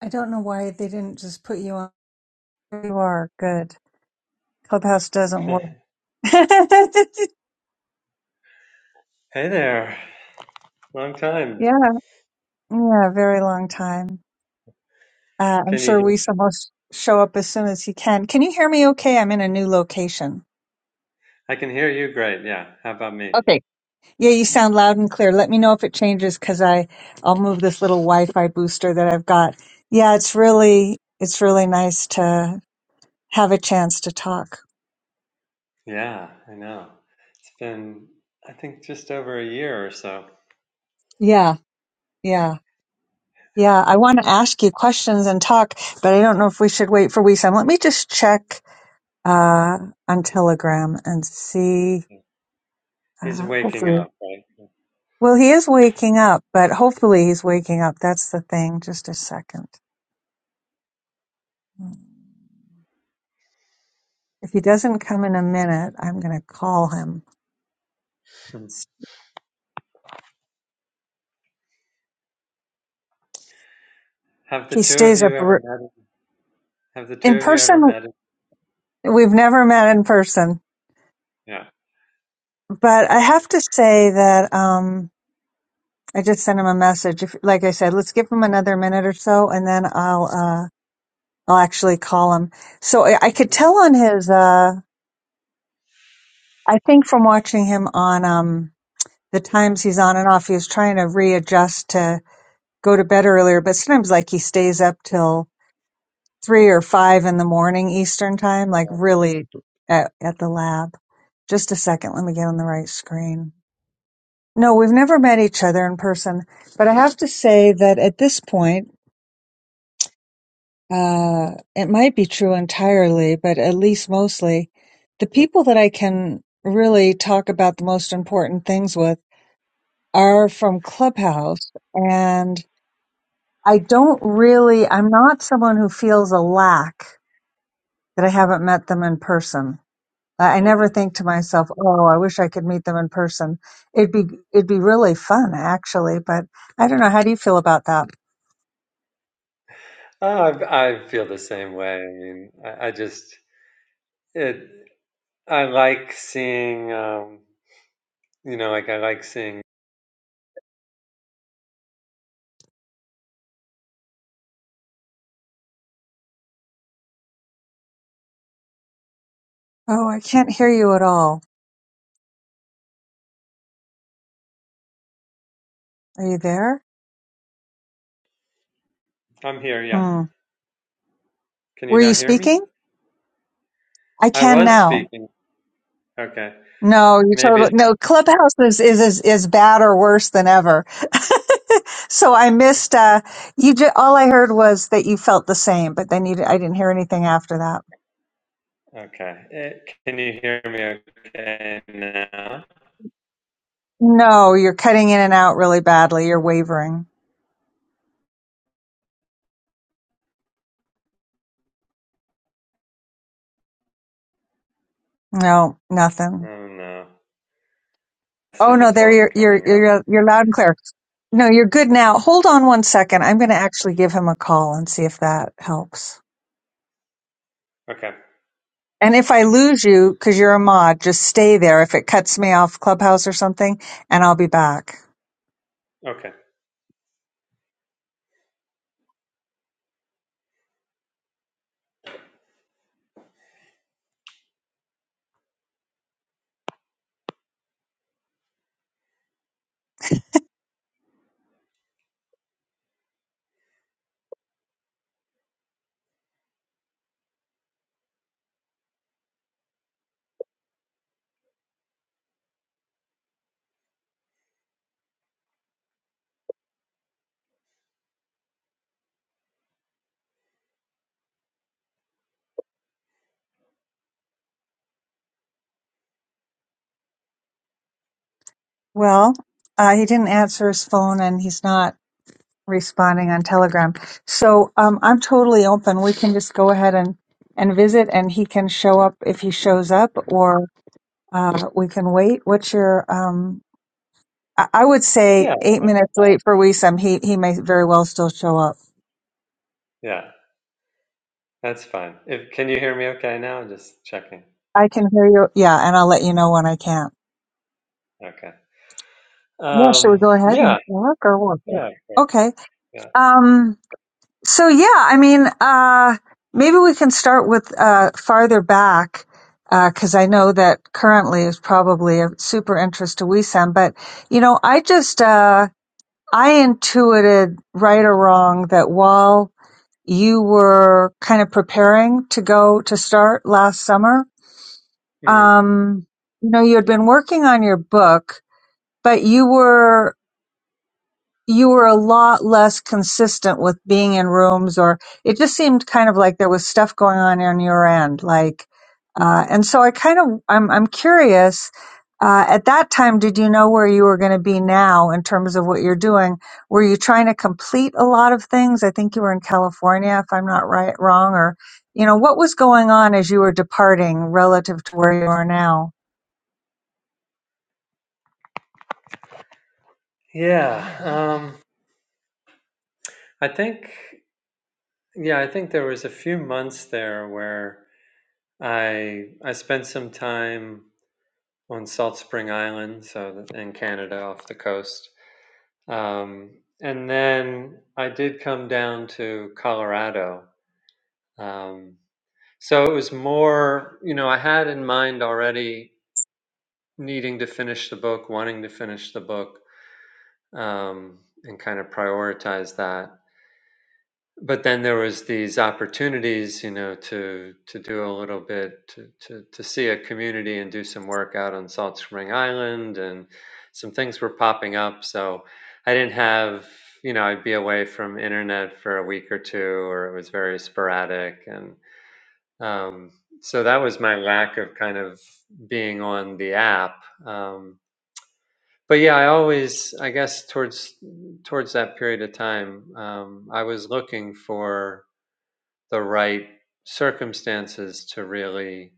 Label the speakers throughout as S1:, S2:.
S1: I don't know why they didn't just put you on. You are good. Clubhouse doesn't work. yeah,
S2: Hey there. Long time.
S1: yeah, very long time. Uh, I'm
S2: Can you
S1: sure
S2: hear?
S1: we almost show up as soon as he can. Can you hear me? Okay, I'm in a new location.
S2: I can hear you great. Yeah. How about me?
S1: Okay. Yeah, you sound loud and clear. Let me know if it changes because I I'll move this little Wi-Fi booster that I've got. Yeah, it's really it's really nice to have a chance to talk.
S2: Yeah, I know. It's been, I think, just over a year or so.
S1: Yeah, yeah. Yeah, I want to ask you questions and talk, but I don't know if we should wait for WeSum. Let me just check uh, on Telegram and see.
S2: He's
S1: Uh,
S2: waking
S1: hopefully,
S2: up, right?
S1: well, he is waking up, but hopefully he's waking up. That's the thing. Just a second. If he doesn't come in a minute, I'm going to call him.
S2: Hmm. Have the
S1: He
S2: two of
S1: stays
S2: you
S1: up
S2: ever
S1: r-
S2: met? Have the two
S1: in
S2: of you ever
S1: person.
S2: met?
S1: We've never met in person,
S2: Yeah.
S1: but I have to say that. Um, I just sent him a message. If, like I said, let's give him another minute or so, and then I'll uh, I'll actually call him. So I, I could
S2: Mhm.
S1: tell on his. Uh, I think from watching him on um, the times he's on and off, he was trying to readjust to go to bed earlier. But sometimes, like he stays up till three or five in the morning Eastern time, like
S2: yeah.
S1: really at, at the lab. Just a second, let me get on the right screen. No, we've never met each other in person, but I have to say that at this point. Uh, it might be true entirely, but at least mostly, the people that I can really talk about the most important things with are from Clubhouse. And I don't really, I'm not someone who feels a lack that I haven't met them in person. I I
S2: hmm
S1: never think to myself, "Oh, I wish I could meet them in person." It'd be it'd be really fun, actually. But I don't know. How do you feel about that?
S2: Oh, I, I feel the same way. I mean, I, I just it. I like seeing, um, you know, like I like seeing.
S1: Oh, I can't hear you at all. Are you there?
S2: I'm here. Yeah.
S1: Hmm.
S2: Can you
S1: Were you
S2: not hear me?
S1: speaking? I
S2: I
S1: can
S2: was
S1: now.
S2: speaking. Okay.
S1: No, you
S2: Maybe
S1: totally
S2: it's
S1: no. Clubhouse is is is, is bad or worse than ever. so I missed. Uh, you ju- all I heard was that you felt the same, but then you I I didn't hear anything after that.
S2: okay. Eh, can you hear me okay now?
S1: No, you're cutting in and out really badly. You're wavering. No, nothing.
S2: Oh no. I see
S1: Oh
S2: the
S1: no, there
S2: porting
S1: you're you're
S2: coming up.
S1: you're you're loud and clear. No, you're good now. Hold on one second. I'm going to actually give him a call and see if that helps.
S2: Okay.
S1: And if I lose you, because you're a mod, just stay there if it cuts me off Clubhouse or something, and I'll be back.
S2: Okay.
S1: Well, uh, he didn't answer his phone and he's not responding on Telegram. So um, I'm totally open. We can just go ahead and, and visit and he can show up if he shows up or uh, we can wait. What's your, um, I, I would say
S2: Yeah.
S1: eight minutes late for Wisam. He, he may very well still show up.
S2: Yeah. That's fine. If can you hear me okay now? Just checking.
S1: I can hear you. Yeah. And I'll let you know when I can.
S2: Okay.
S1: Yeah. Should we
S2: Um
S1: go ahead and
S2: yeah.
S1: talk or what?
S2: Yeah, of course.
S1: Okay.
S2: Yeah.
S1: Um, So yeah, I mean, uh, maybe we can start with uh, farther back because I know that currently is probably of super interest to WeSam. But you know, I just uh, I intuited right or wrong that while you were kind of preparing to go to start last summer,
S2: Mm.
S1: um, you know, you had been working on your book, but you were you were a lot less consistent with being in rooms or it just seemed kind of like there was stuff going on on your end like uh, and so i kind of i'm, I'm curious uh, at that time did you know where you were going to be now in terms of what you're doing were you trying to complete a lot of things i think you were in california if i'm not right wrong or you know what was going on as you were departing relative to where you are now
S2: Yeah. Um I think yeah, I think there was a few months there where I I spent some time on Salt Spring Island, so in Canada off the coast Um, and then I did come down to Colorado. Um, so it was more, you know, I had in mind already needing to finish the book, wanting to finish the book, um, and kind of prioritize that. but then there was these opportunities you know to to do a little bit to, to to see a community and do some work out on salt spring island and some things were popping up so i didn't have you know i'd be away from internet for a week or two or it was very sporadic and um, so that was my lack of kind of being on the app um, but yeah i always i guess towards towards that period of time um, i was looking for the right circumstances to really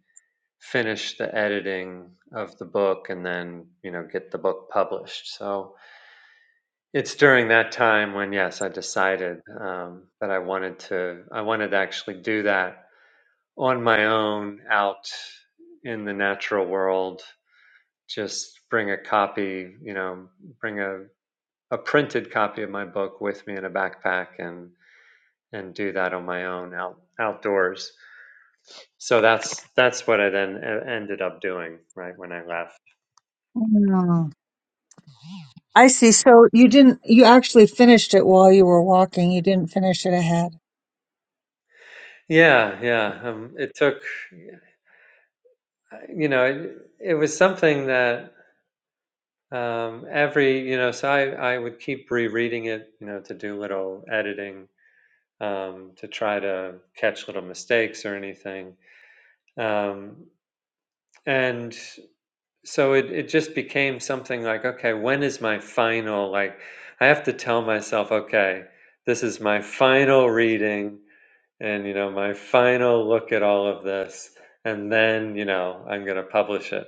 S2: finish the editing of the book and then you know get the book published so it's during that time when yes i decided um, that i wanted to i wanted to actually do that on my own out in the natural world just bring a copy you know bring a, a printed copy of my book with me in a backpack and and do that on my own out outdoors So that's that's what I then e- ended up doing, right when I left.
S1: I see. So you didn't, you actually finished it while you were walking. You didn't finish it ahead.
S2: Yeah, yeah. Um, it took, you know, it, it was something that um, every, you know, so I I would keep rereading it, you know, to do little editing, um, to try to catch little mistakes or anything. Um, and so it it just became something like, okay, when is my final? Like, I have to tell myself, okay, this is my final reading and you know my final look at all of this and then you know i'm going to publish it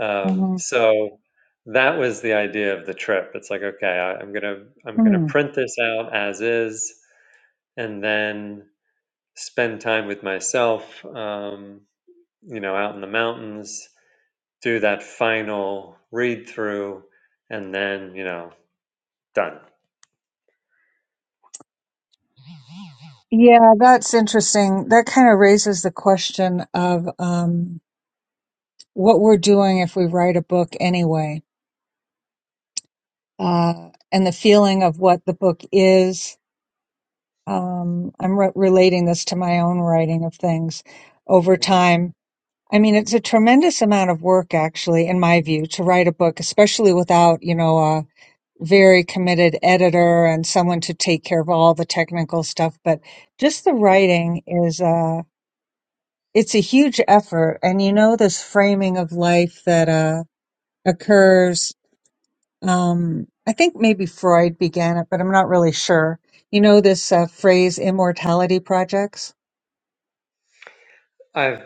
S2: um,
S1: Mhm.
S2: so that was the idea of the trip it's like okay I, i'm going to i'm going to
S1: Hmm.
S2: print this out as is and then spend time with myself um, you know out in the mountains do that final read through and then you know done
S1: Yeah, that's interesting. That kind of raises the question of um, what we're doing if we write a book anyway, uh, and the feeling of what the book is. Um, I'm re- relating this to my own writing of things over
S2: Mhm.
S1: time. I mean, it's a tremendous amount of work, actually, in my view, to write a book, especially without, you know, a very committed editor and someone to take care of all the technical stuff. But just the
S2: Mm.
S1: writing is, uh, it's a huge effort. And you know, this framing of life that, uh, occurs, um, I think maybe Freud began it, but I'm not really sure. You know, this uh, phrase immortality projects?
S2: i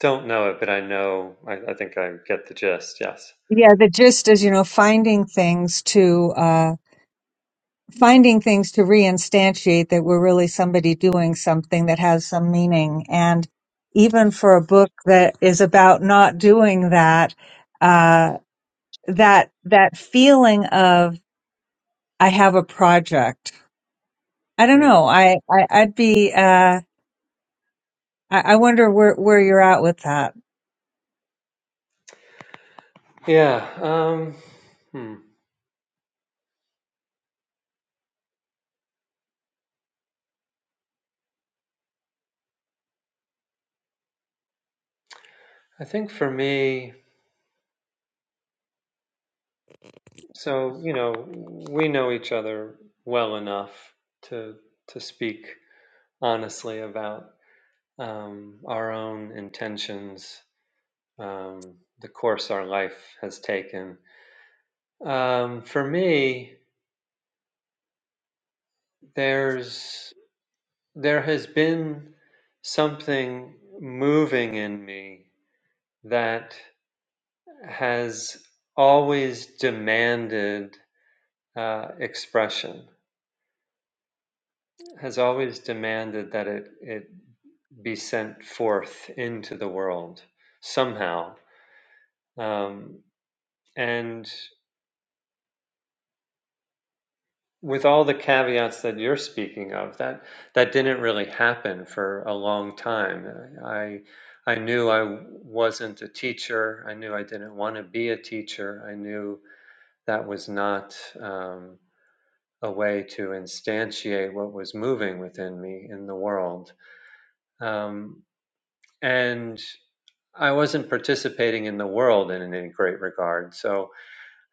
S2: don't know it but i know i, I think i get the gist yes
S1: Yeah, the gist is, you know, finding things to, uh, finding things to reinstantiate that we're really somebody doing something that has some meaning. And even for a book that is about not doing that, uh, that, that feeling of, I have a project. I don't
S2: Hmm.
S1: know. I, I I'd be, uh, I, I wonder where, where you're at with that.
S2: Yeah. Um, hmm. I think for me, so you know, we know each other well enough to to speak honestly about um, our own intentions, um, the course our life has taken. Um, for me, there's there has been something moving in me that has always demanded uh, expression has always demanded that it, it be sent forth into the world somehow. Um, and with all the caveats that you're speaking of, that that didn't really happen for a long time. I I knew I wasn't a teacher. I knew I didn't want to be a teacher. I knew that was not um, a way to instantiate what was moving within me in the world. Um, and I wasn't participating in the world in any great regard. So,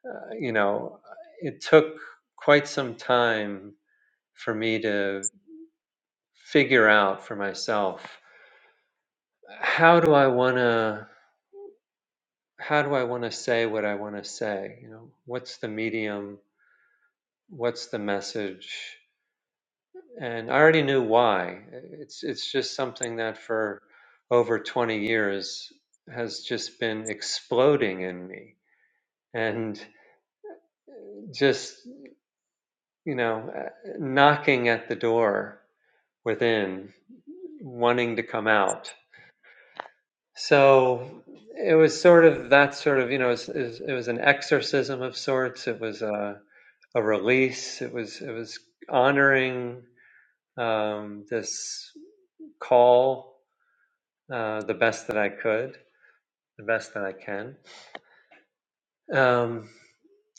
S2: uh, you know, it took quite some time for me to figure out for myself how do I want to how do I want to say what I want to say? You know, what's the medium? What's the message? And I already knew why. It's it's just something that for over 20 years has just been exploding in me. And just you know, uh, knocking at the door within, wanting to come out. So it was sort of that sort of, you know, it was, it was it was an exorcism of sorts. It was a, a release. It was it was honoring um, this call uh, the best that I could, the best that I can. Um,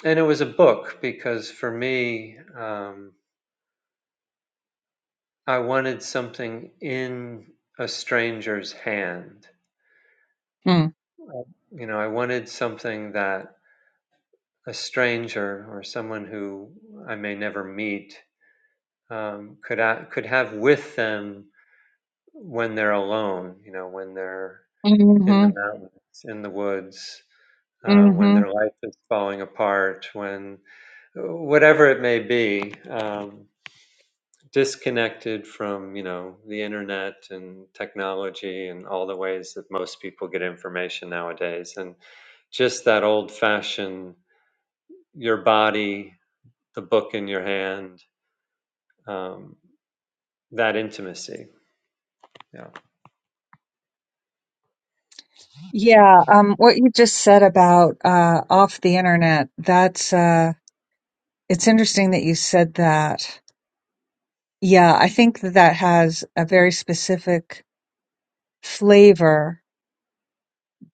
S2: and it was a book because for me, um, I wanted something in a stranger's hand
S1: Hmm.
S2: You know, I wanted something that a stranger or someone who I may never meet um, could a could have with them when they're alone. You know, when they're in
S1: Mm-hmm.
S2: the mountains, in the woods, uh, when
S1: Mm-hmm.
S2: their life is falling apart, when whatever it may be, um, disconnected from you know the internet and technology and all the ways that most people get information nowadays, and just that old fashioned. your body, the book in your hand, um, that intimacy. Yeah.
S1: Yeah. Um, what you just said about, uh, off the internet, that's, uh, it's interesting that you said that Yeah, I think that that has a very specific flavor,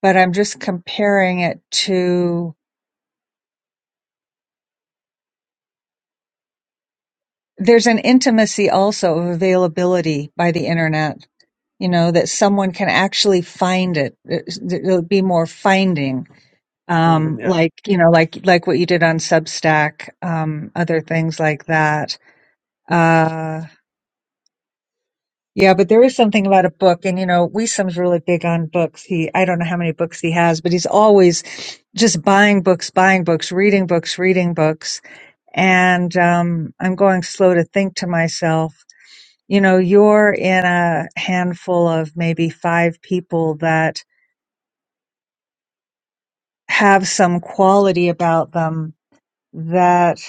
S1: but I'm just comparing it to there's an intimacy also of availability by the internet, you know, that someone can actually find it. There's- There'll be more finding,
S2: Mhm,
S1: um,
S2: yeah.
S1: like, you know, like, like what you did on Substack, um, other things like that. Uh, Yeah, but there is something about a book, and you know, Wisdom's really big on books. He, I don't know how many books he has, but he's always just buying books, buying books, reading books, reading books. And um, I'm going slow to think to myself, you know, you're in a handful of maybe five people that have some quality about them that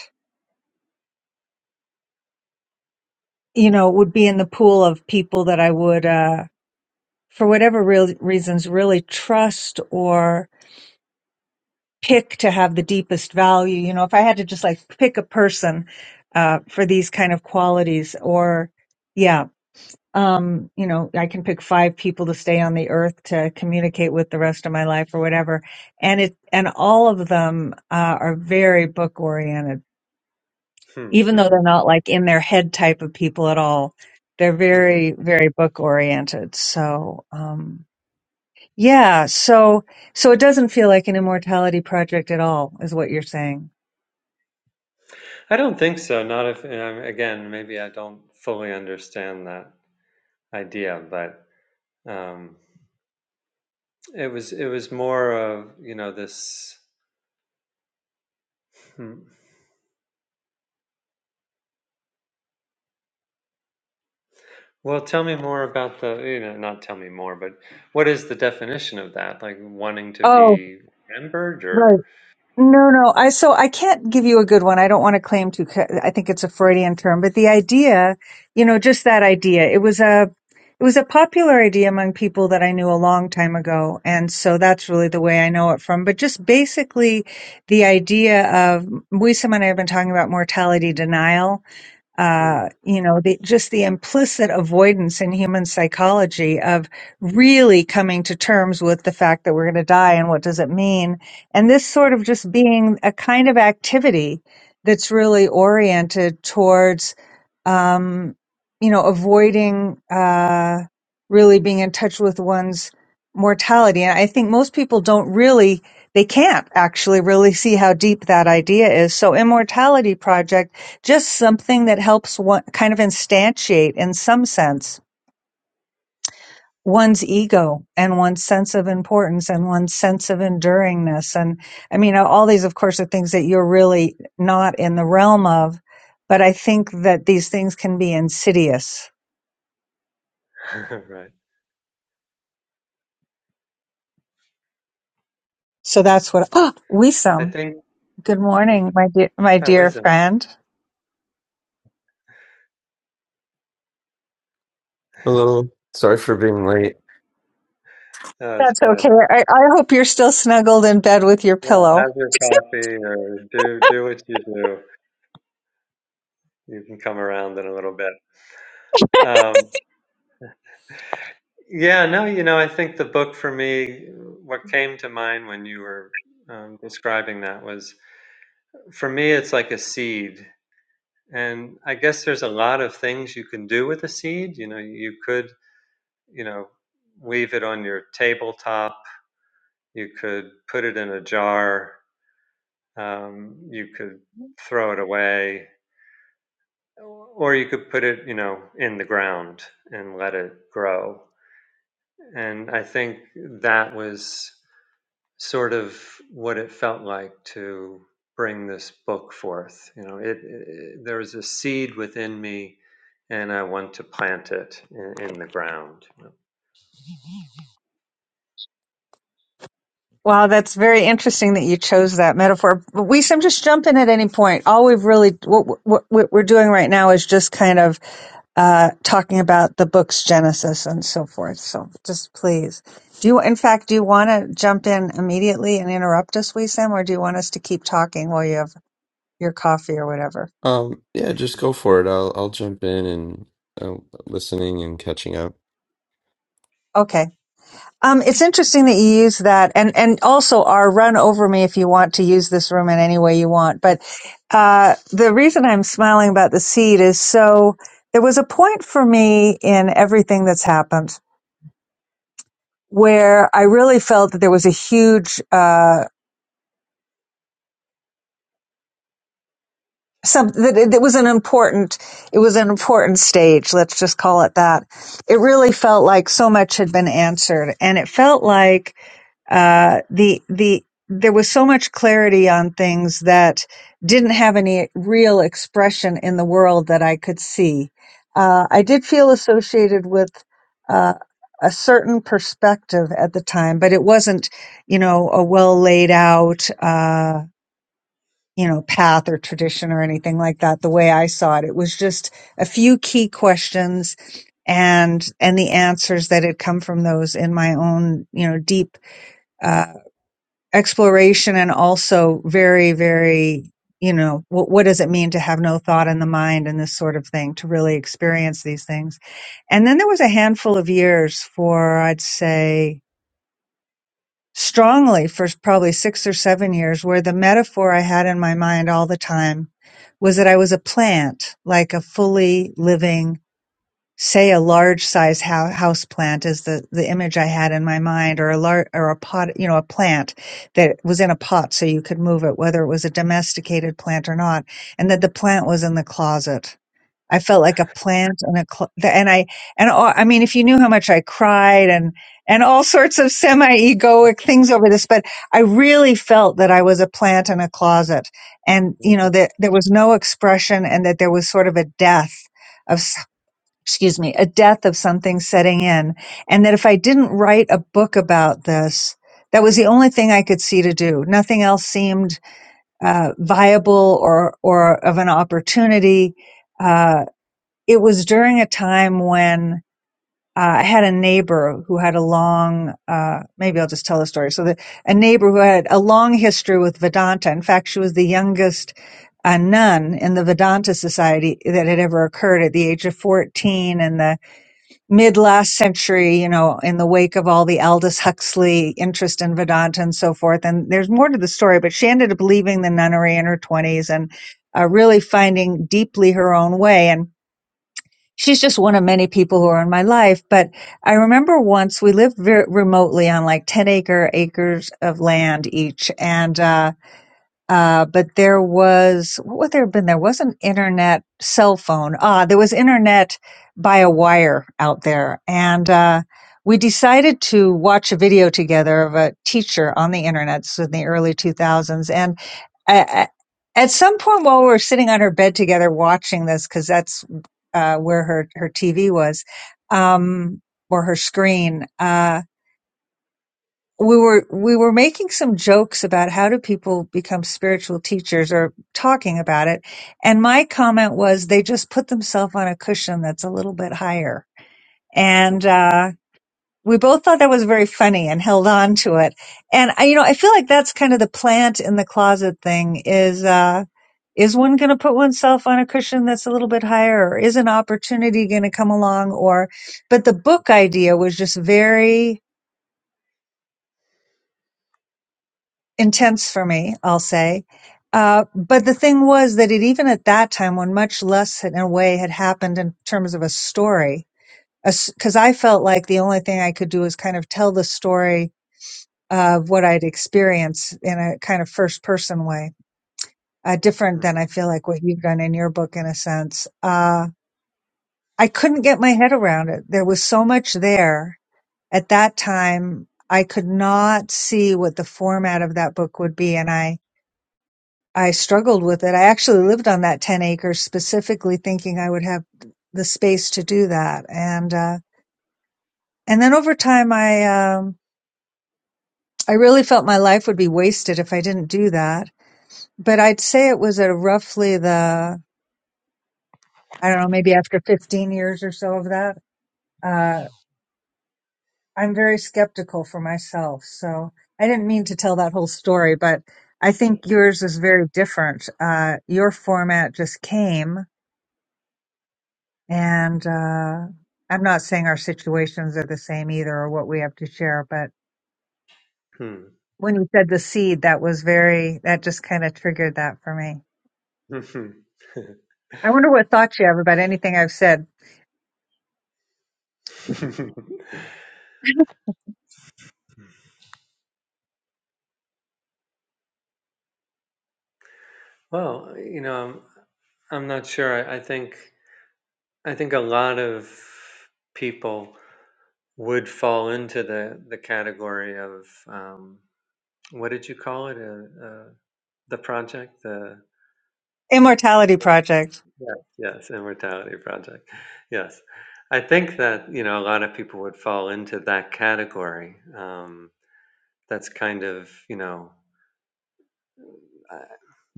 S1: you know would be in the pool of people that I would, uh, for whatever real reasons, really trust or pick to have the deepest value you know if i had to just like pick a person uh for these kind of qualities or yeah um you know i can pick five people to stay on the earth to communicate with the rest of my life or whatever and it and all of them uh, are very book oriented
S2: Hmm,
S1: even though they're
S2: mhm,
S1: not like in their head type of people at all they're
S2: mhm.
S1: very very book oriented so um yeah so so it doesn't feel like an immortality project at all is what you're saying
S2: I don't think so. Not if, and I'm- again, maybe I don't fully understand that idea, but um, it was, it was more of, you know, this. hmm. Well, tell me more about the, you know, not tell me more, but what is the definition of that? Like wanting to
S1: Oh,
S2: be remembered
S1: right.
S2: or?
S1: No, no. I so I can't give you a good one. I don't want to claim to. 'Cause I think it's a Freudian term, but the idea, you know, just that idea. It was a, it was a popular idea among people that I knew a long time ago, and so that's really the way I know it from. But just basically, the idea of Wisam and I have been talking about mortality denial,
S2: Hmm,
S1: uh, you know, the, just the implicit avoidance in human psychology of really coming to terms with the fact that we're going to die and what does it mean. And this sort of just being a kind of activity that's really oriented towards, um, you know, avoiding uh, really being in touch with one's mortality. And I think most people don't really, they can't actually really see how deep that idea is. So, Immortality Project just something that helps one kind of instantiate in some sense one's ego and one's sense of importance and one's sense of enduringness and i mean all these of course are things that you're really not in the realm of but i think that these things can be insidious
S2: right.
S1: so that's what oh we
S2: I
S1: some
S2: think,
S1: good
S2: Hmm.
S1: morning my dear my
S2: oh,
S1: dear
S2: wisdom.
S1: friend
S3: Hello. Sorry for being late.
S2: No, it's
S1: that's okay
S2: fine.
S1: I, I hope you're still snuggled in bed with your
S2: Yeah,
S1: pillow
S2: have your coffee or do do what you do. You can come around in a little bit. Um, yeah, no, you know, I think the book for me, what came to mind when you were um, describing that was, for me, it's like a seed, and I guess there's a lot of things you can do with a seed. You know, you could, you know, leave it on your tabletop. You could put it in a jar. Um, you could throw it away or you could put it, you know, in the ground and let it grow. And I think that was sort of what it felt like to bring this book forth. You know, it, it there was a seed within me, and I want to plant it in, in the ground. you
S1: Wow, that's very interesting that you chose that metaphor. But we seem just jump in at any point. All we've really what, what, what we're doing right now is just kind of uh, talking about the book's genesis and so forth. So just please, do you in fact do you want to jump in immediately and interrupt us, Wisam, or do you want us to keep talking while you have your coffee or whatever?
S3: Um, yeah, just go for it. I'll I'll jump in and uh, listening and catching up.
S1: Okay. Um, it's interesting that you use that, and and also our run over me if you want to use this room in any way you want. But uh, the reason I'm smiling about the seed is so there was a point for me in everything that's happened where I really felt that there was a huge uh, some that it, it was an important it was an important stage. Let's just call it that. It really felt like so much had been answered, and it felt like uh, the the there was so much clarity on things that didn't have any real expression in the world that I could see. Uh, I
S2: know.
S1: did feel associated with uh, a certain perspective at the time, but it wasn't, you know, a well laid out, uh, you know, path or tradition or anything like that. The way I saw it, it was just a few key questions and and the answers that had come from those in my own, you know, deep uh, exploration and also very very you know what, what does it mean to have no thought in the mind and this sort of thing to really experience these things and then there was a handful of years for i'd say strongly for probably six or seven years where the metaphor i had in my mind all the time was that i was a plant like a fully living say a large size hou- house plant is the the image I had in my mind, or a lar- or a pot, you know, a plant that was in a pot so you could move it, whether it was a domesticated plant or not, and that the plant was in the closet. I felt like a plant in a cl- the- and I and all, I mean, if you knew how much I cried and and all sorts of semi egoic things over this, but I really felt that I was a plant in a closet, and you know that there was no expression, and that there was sort of a death of excuse me, a death of something setting in. And that if I didn't write a book about this, that was the only thing I could see to do. Nothing else seemed uh, viable or, or of an opportunity. Uh, it was during a time when uh, I had a neighbor who had a long, uh, maybe I'll just tell the story. So the, a neighbor who had a long history with Vedanta. In fact, she was the youngest a nun in the Vedanta Society that had ever occurred at the age of 14. And the mid last century, you know, in the wake of all the Aldous Huxley interest in Vedanta and so forth. And there's more to the story, but she ended up leaving the nunnery in her 20s and uh, really finding deeply her own way. And she's just one of many people who are in my life. But I remember once we lived very remotely on like 10 acre acres of land each. And, uh, uh, but there was, what would there have been? There was an internet cell phone. Ah, there was internet by a wire out there. And, uh, we decided to watch a video together of a teacher on the internet so in the early 2000s. And uh, at some point while we were sitting on her bed together watching this, cause that's, uh, where her, her TV was, um, or her screen, uh, we were we were making some jokes about how do people become spiritual teachers or talking about it and my comment was they just put themselves on a cushion that's a little bit higher and uh we both thought that was very funny and held on to it and I, you know i feel like that's kind of the plant in the closet thing is uh is one going to put oneself on a cushion that's a little bit higher or is an opportunity going to come along or but the book idea was just very intense for me, I'll say. Uh, but the thing was that it, even at that time, when much less in a way had happened in terms of a story, because I felt like the only thing I could do was kind of tell the story of what I'd experienced in a kind of first person way, uh, different than I feel like what you've done in your book, in a sense. Uh, I couldn't get my head around it. There was so much there at that time. I could not see what the format of that book would be. And I, I struggled with it. I actually lived on that 10 acres specifically thinking I would have the space to do that. And, uh, and then over time, I, um, I really felt my life would be wasted if I didn't do that. But I'd say it was at roughly the, I don't know, maybe after 15 years or so of that, uh, I'm very skeptical for myself. So I didn't mean to tell that whole story, but I think yours is very different. Uh, your format just came And uh, I'm not saying our situations are the same either or what we have to share, but when you said the seed, that was very, that just kind of triggered that for me. I wonder what thoughts you have about anything I've said.
S2: Well, you know, I'm, I'm not sure. I, I think I think a lot of people would fall into the the category of um, what did you call it? Uh, uh, the project, the
S1: Immortality Project.
S2: yes, yes, immortality project. Yes, I think that you know a lot of people would fall into that category. Um, that's kind of you know uh,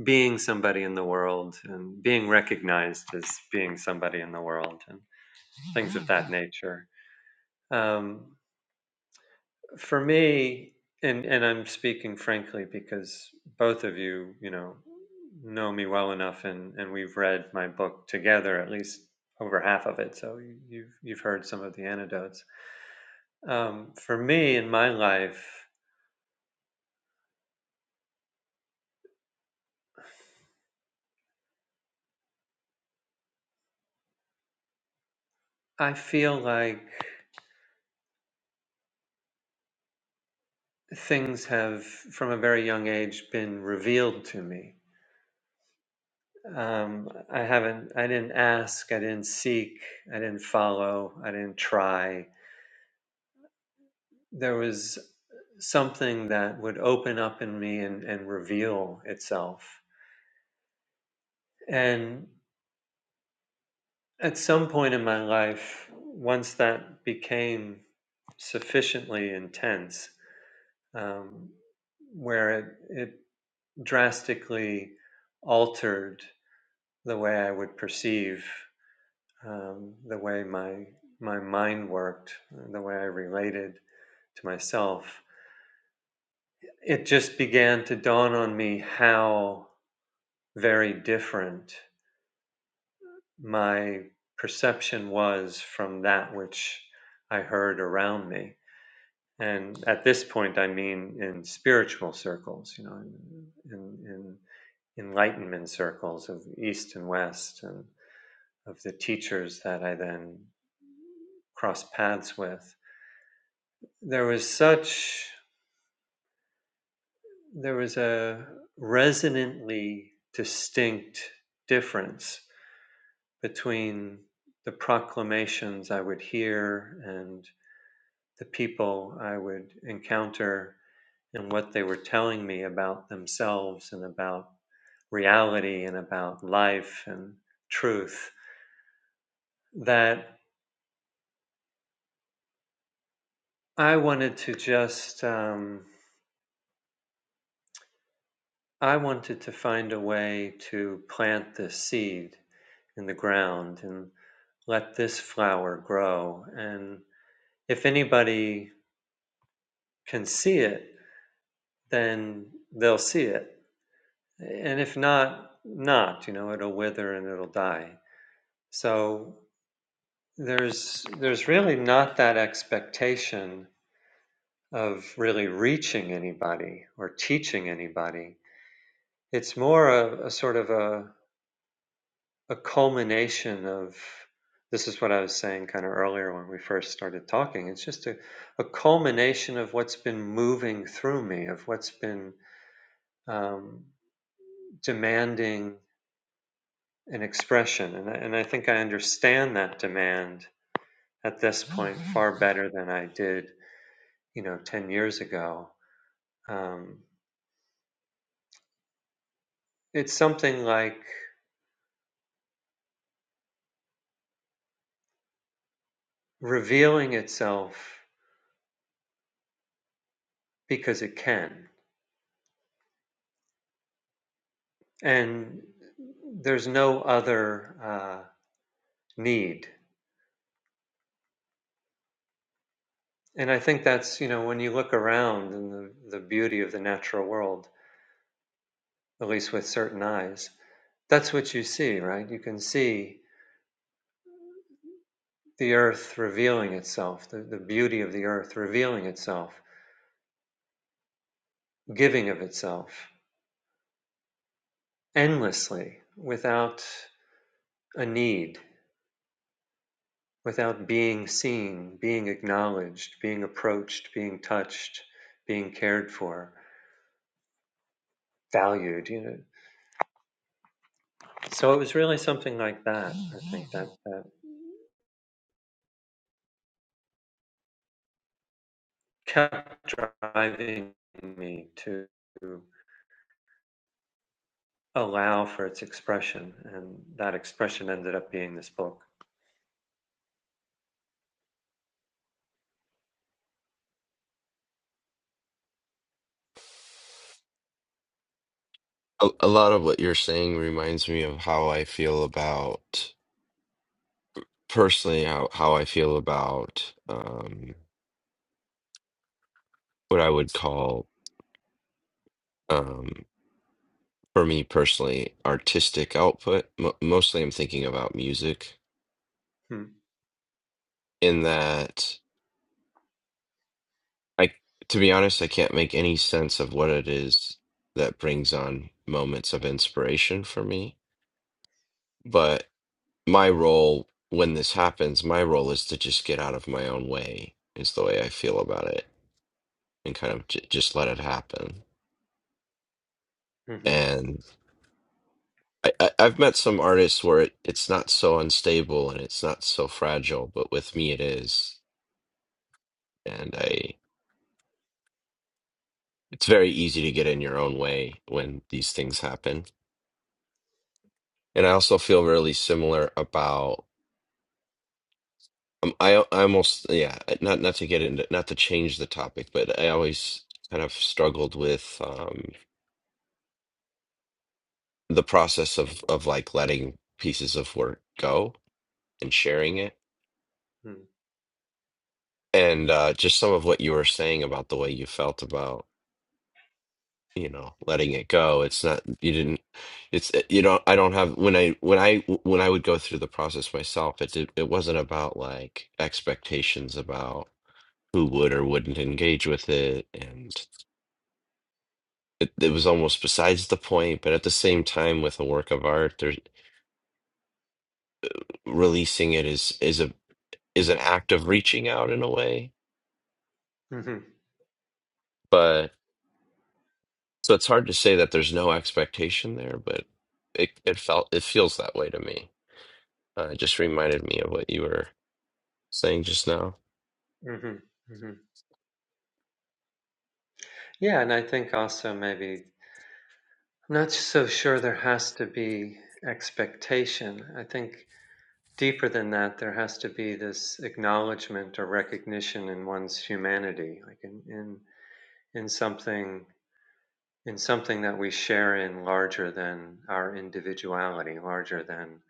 S2: being somebody in the world and being recognized as being somebody in the world and things of that nature. Um, For me, and and I'm speaking frankly because both of you, you know, know me well enough, and and we've read my book together, at least over half of it. So you- you've you've heard some of the anecdotes. Um, for me, in my life, I feel like things have, from a very young age, been revealed to me. Um, I haven't, I didn't ask, I didn't seek, I didn't follow, I didn't try. there was something that would open up in me and, and reveal itself. And at some point in my life, once that became sufficiently intense, um, where it, it drastically altered the way I would perceive, um, the way my my mind worked, the way I related to myself, it just began to dawn on me how very different my perception was from that which I heard around me. And at this point, I mean in spiritual circles, you know, in, in, enlightenment circles of East and West and of the teachers that I then crossed paths with. There was such, there was a resonantly distinct difference between the proclamations I would hear and the people I would encounter and what they were telling me about themselves and about reality and about life and truth that I wanted to just, um, I wanted to find a way to plant this seed in the ground and let this flower grow. And if anybody can see it, then they'll see it And if not, not, you know, it'll wither and it'll die. So there's there's really not that expectation of really reaching anybody or teaching anybody. It's more a, a sort of a, a culmination of this is what I was saying kind of earlier when we first started talking. It's just a, a culmination of what's been moving through me, of what's been um, demanding an expression. And I, and I think I understand that demand at this point far better than I did, you know, 10 years ago. Um, it's something like revealing itself because it can. And there's no other uh, need. And I think that's, you know, when you look around in the, the beauty of the natural world, at least with certain eyes, that's what you see, right? You can see the earth revealing itself, the, the beauty of the earth revealing itself, giving of itself endlessly without a need, without being seen, being acknowledged, being approached, being touched, being cared for, valued. You know. So it was really something like that, I think, that, that kept driving me to allow for its expression. And that expression ended up being this book.
S3: A, a lot of what you're saying reminds me of how I feel about personally how how I feel about um what I would call um for me personally artistic output. M mostly I'm thinking about music
S2: Mm-hmm.
S3: in that I to be honest, I can't make any sense of what it is that brings on moments of inspiration for me But my role when this happens, my role is to just get out of my own way, is the way I feel about it, and kind of j just let it happen.
S2: Mm-hmm.
S3: And I, I, I've met some artists where it, it's not so unstable and it's not so fragile, but with me it is. And I, it's very easy to get in your own way when these things happen. And I also feel really similar about. Um, I I almost yeah, uh, not not to get into not to change the topic, but I always kind of struggled with um the process of of like letting pieces of work go and sharing it. And uh just some of what you were saying about the way you felt about, you know, letting it go. It's not you didn't it's uh, you don't I don't have when I when I when I would go through the process myself, it did, it wasn't about like expectations about who would or wouldn't engage with it and it, it was almost besides the point, but at the same time, with a work of art, there's releasing it is is a is an act of reaching out in a way.
S2: Mm-hmm.
S3: But so it's hard to say that there's no expectation there, but it it felt it feels that way to me. Uh, it just reminded me of what you were saying just now.
S2: hmm hmm Yeah, and I think also maybe I'm not so sure there has to be expectation. I think deeper than that, there has to be this acknowledgement or recognition in one's humanity, like in in in something in something that we share in larger than our individuality, larger than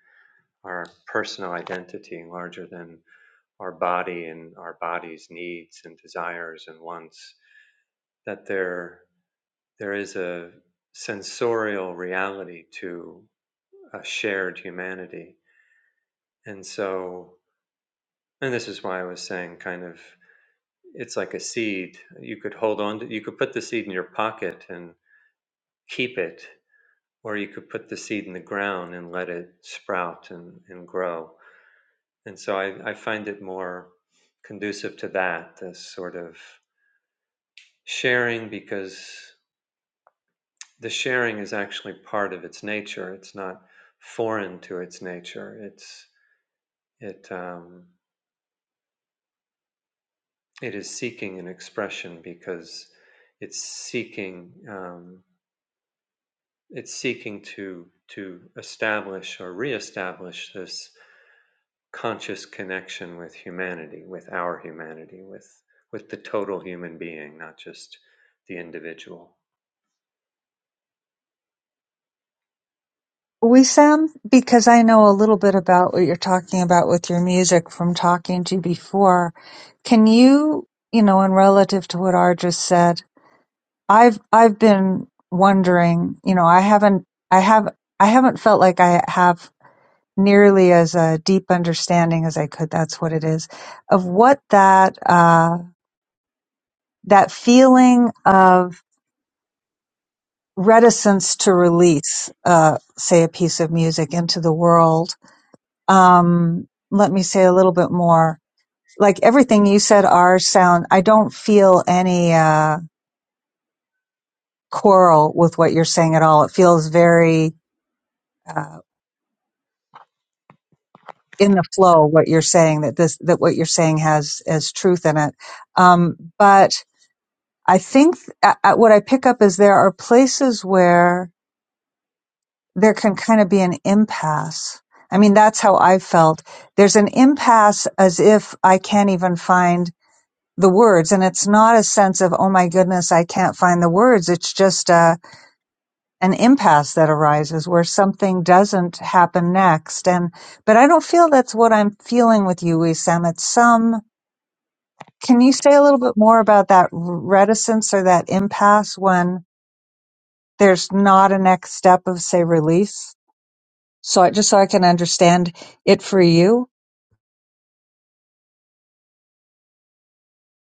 S2: our personal identity, larger than our body and our body's needs and desires and wants. That there There is a sensorial reality to a shared humanity. And so, and this is why I was saying kind of it's like a seed. You could hold on to, you could put the seed in your pocket and keep it, or you could put the seed in the ground and let it sprout and, and grow. And so I, I find it more conducive to that, this sort of sharing, because The sharing is actually part of its nature. It's not foreign to its nature. It's it um, it is seeking an expression because it's seeking um, it's seeking to to establish or reestablish this conscious connection with humanity, with our humanity, with with the total human being, not just the individual.
S1: We Sam, because I know a little bit about what you're talking about with your music from talking to you before. Can you, you know, and relative to what R just said, I've I've been wondering, you know, I haven't I have I haven't felt like I have nearly as a deep understanding as I could. That's what it is of what that uh, that feeling of reticence to release, uh, say, a piece of music into the world. Um, let me say a little bit more. Like everything you said, our sound. I don't feel any uh, quarrel with what you're saying at all. It feels very. Uh, in the flow, what you're saying that this that what you're saying has has truth in it, um, but I think uh, uh, what I pick up is there are places where there can kind of be an impasse. I mean, that's how I felt. There's an impasse as if I can't even find the words. And it's not a sense of, oh my goodness, I can't find the words. It's just uh, an impasse that arises where something doesn't happen next. And, but I don't feel that's what I'm feeling with you, Wissam. It's some, can you say a little bit more about that reticence or that impasse when there's not a next step of say release. So I, just so I can understand it for you.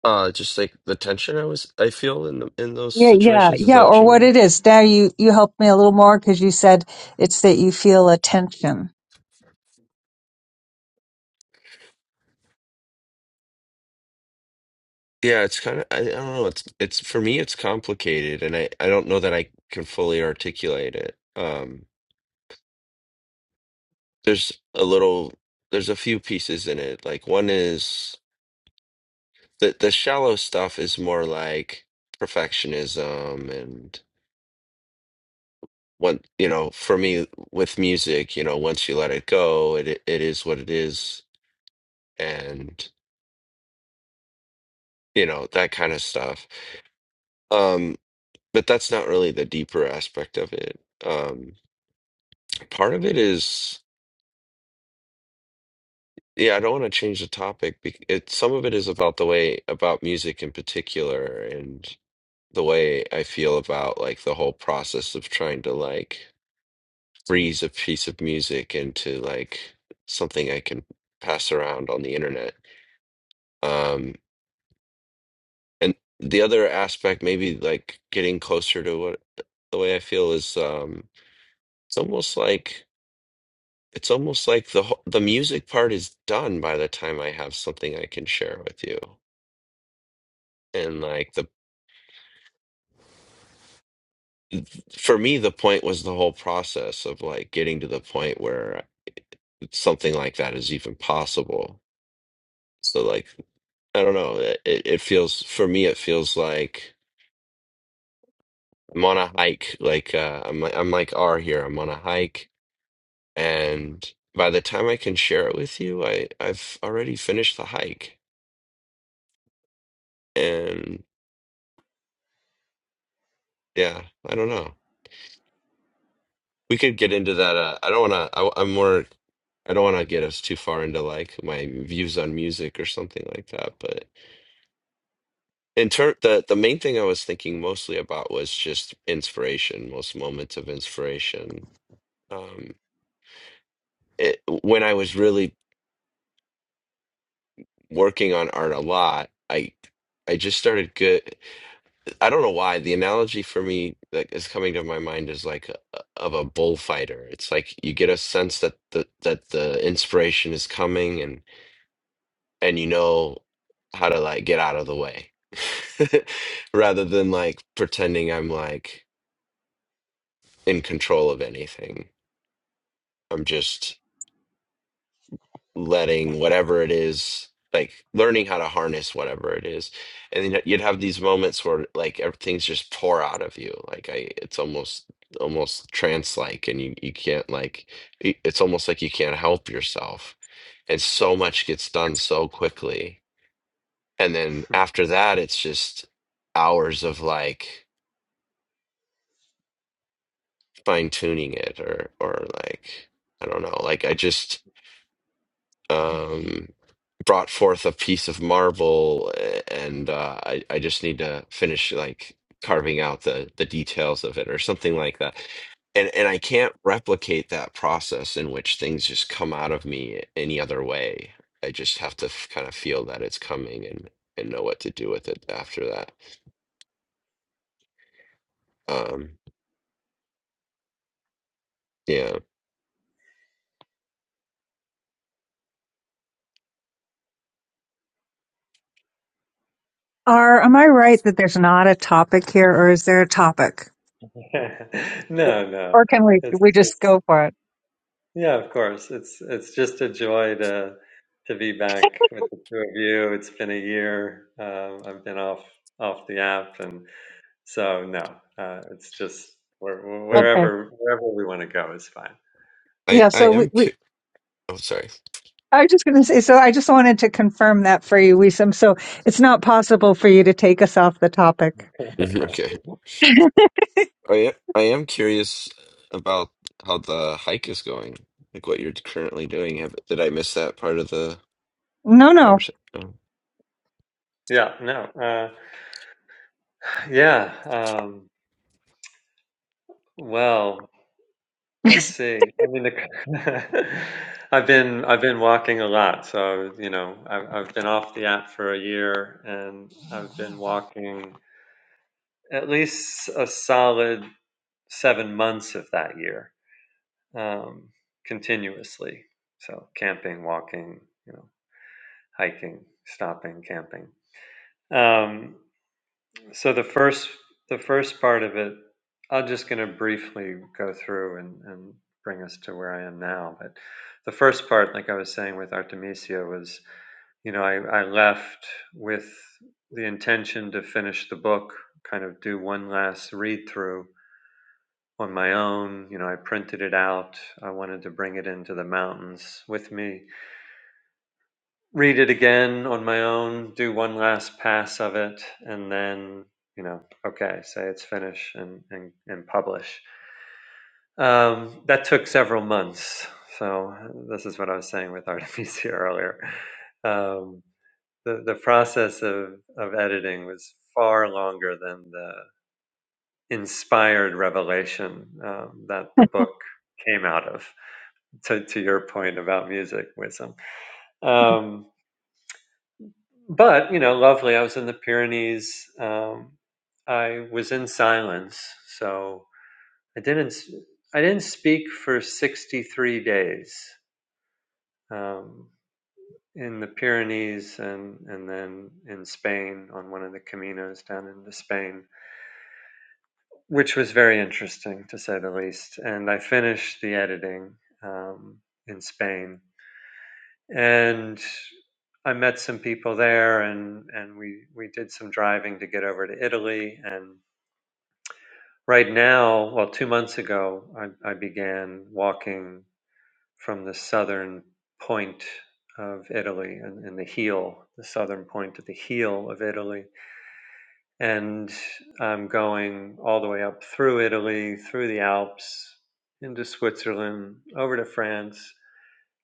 S3: Uh, just like the tension I was I feel in the in those
S1: Yeah, yeah,
S3: situations. Is
S1: yeah.
S3: that what
S1: Or
S3: you
S1: what
S3: mean?
S1: it is. Now you you helped me a little more because you said it's that you feel a tension.
S3: Yeah, it's kind of I, I don't know. It's it's for me, it's complicated, and I I don't know that I can fully articulate it. Um there's a little there's a few pieces in it like one is the the shallow stuff is more like perfectionism and one you know for me with music you know once you let it go it it is what it is and you know that kind of stuff um but that's not really the deeper aspect of it um part of it is yeah i don't want to change the topic bec- it some of it is about the way about music in particular and. the way I feel about like the whole process of trying to like freeze a piece of music into like something I can pass around on the internet. Um, and the other aspect, maybe like getting closer to what the way I feel is, um, it's almost like it's almost like the whole, the music part is done by the time I have something I can share with you. And like the for me, the point was the whole process of like getting to the point where something like that is even possible. So like I don't know. It, it it feels for me it feels like I'm on a hike. Like uh, I'm I'm like R here. I'm on a hike, and by the time I can share it with you, I I've already finished the hike. And yeah, I don't know. We could get into that. Uh, I don't want to. I, I'm more. I don't want to get us too far into like my views on music or something like that. but. In turn, the the main thing I was thinking mostly about was just inspiration, most moments of inspiration. Um, it, when I was really working on art a lot, I I just started good. I don't know why the analogy for me that is coming to my mind is like a, of a bullfighter. It's like you get a sense that the that the inspiration is coming, and and you know how to like get out of the way rather than like pretending I'm like. in control of anything. I'm just letting whatever it is, like learning how to harness whatever it is. And then you'd have these moments where like everything's just pour out of you. Like I, it's almost almost trance like, and you you can't like, it- it's almost like you can't help yourself. And so much gets done so quickly. And then after that, it's just hours of like fine tuning it or or like I don't know. Like I just um, brought forth a piece of marble, a- and uh, I I just need to finish like carving out the the details of it or something like that. And and I can't replicate that process in which things just come out of me any other way. I just have to f- kind of feel that it's coming and and know what to do with it after that. Um, yeah,
S1: Are am I right that there's not a topic here, or is there a topic?
S2: no, no,
S1: Or can we
S2: it's,
S1: we just
S2: it's
S1: go for it?
S2: Yeah, of course. It's it's just a joy to to be back with the two of you. It's been a year. Um, I've been off off the app, and so no, uh, it's just where,
S3: I'm,
S1: Okay.
S2: wherever wherever we want to go is fine.
S3: I
S1: Yeah.
S3: I
S1: So we.
S3: am.
S1: we
S3: Cu- oh, sorry.
S1: I was just going to say, so I just wanted to confirm that for you, Wisam. So it's not possible for you to take us off the topic.
S3: Mhm, Okay. I am, I am curious about how the hike is going, like what you're currently doing. Have, did I miss that part of the
S1: No, no.
S3: conversation? Oh.
S2: Yeah, no, uh, yeah. Um, well, Let's see. I mean, the, I've been I've been walking a lot, so you know I've I've been off the app for a year, and I've been walking at least a solid seven months of that year, um, continuously. So camping, walking, you know, hiking, stopping, camping. Um, So the first the first part of it, I'm just going to briefly go through and, and bring us to where I am now. But the first part, like I was saying with Artemisia, was you know I, I left with the intention to finish the book, kind of do one last read through on my own. You know, I printed it out. I wanted to bring it into the mountains with me read it again on my own, do one last pass of it, and then you know, okay, say it's finished and and, and publish. Um, that took several months. So this is what I was saying with Artemisia earlier. Um, the the process of of editing was far longer than the inspired revelation um, that the book came out of. To to your point about music wisdom, Um, but you know, lovely. I was in the Pyrenees. Um, I was in silence, so I didn't. I I didn't speak for sixty-three days um, in the Pyrenees, and and then in Spain on one of the caminos down into Spain, which was very interesting to say the least. And I finished the editing um, in Spain, and I met some people there, and and we we did some driving to get over to Italy. And right now, well, two months ago, I, I began walking from the southern point of Italy and in, the heel, the southern point of the heel of Italy, and I'm going all the way up through Italy, through the Alps, into Switzerland, over to France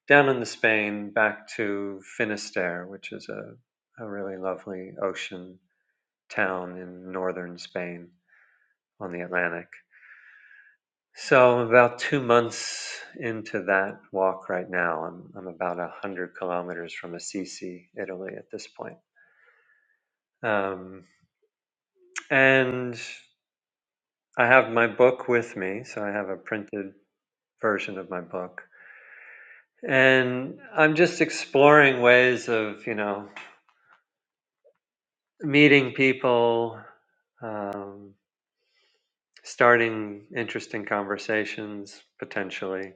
S2: down in the Spain, back to Finisterre, which is a, a really lovely ocean town in northern Spain on the Atlantic. So I'm about two months into that walk right now. I'm, I'm about 100 kilometers from Assisi, Italy at this point. Um, and I have my book with me, so I have a printed version of my book. And I'm just exploring ways of, you know, meeting people, um, starting interesting conversations potentially,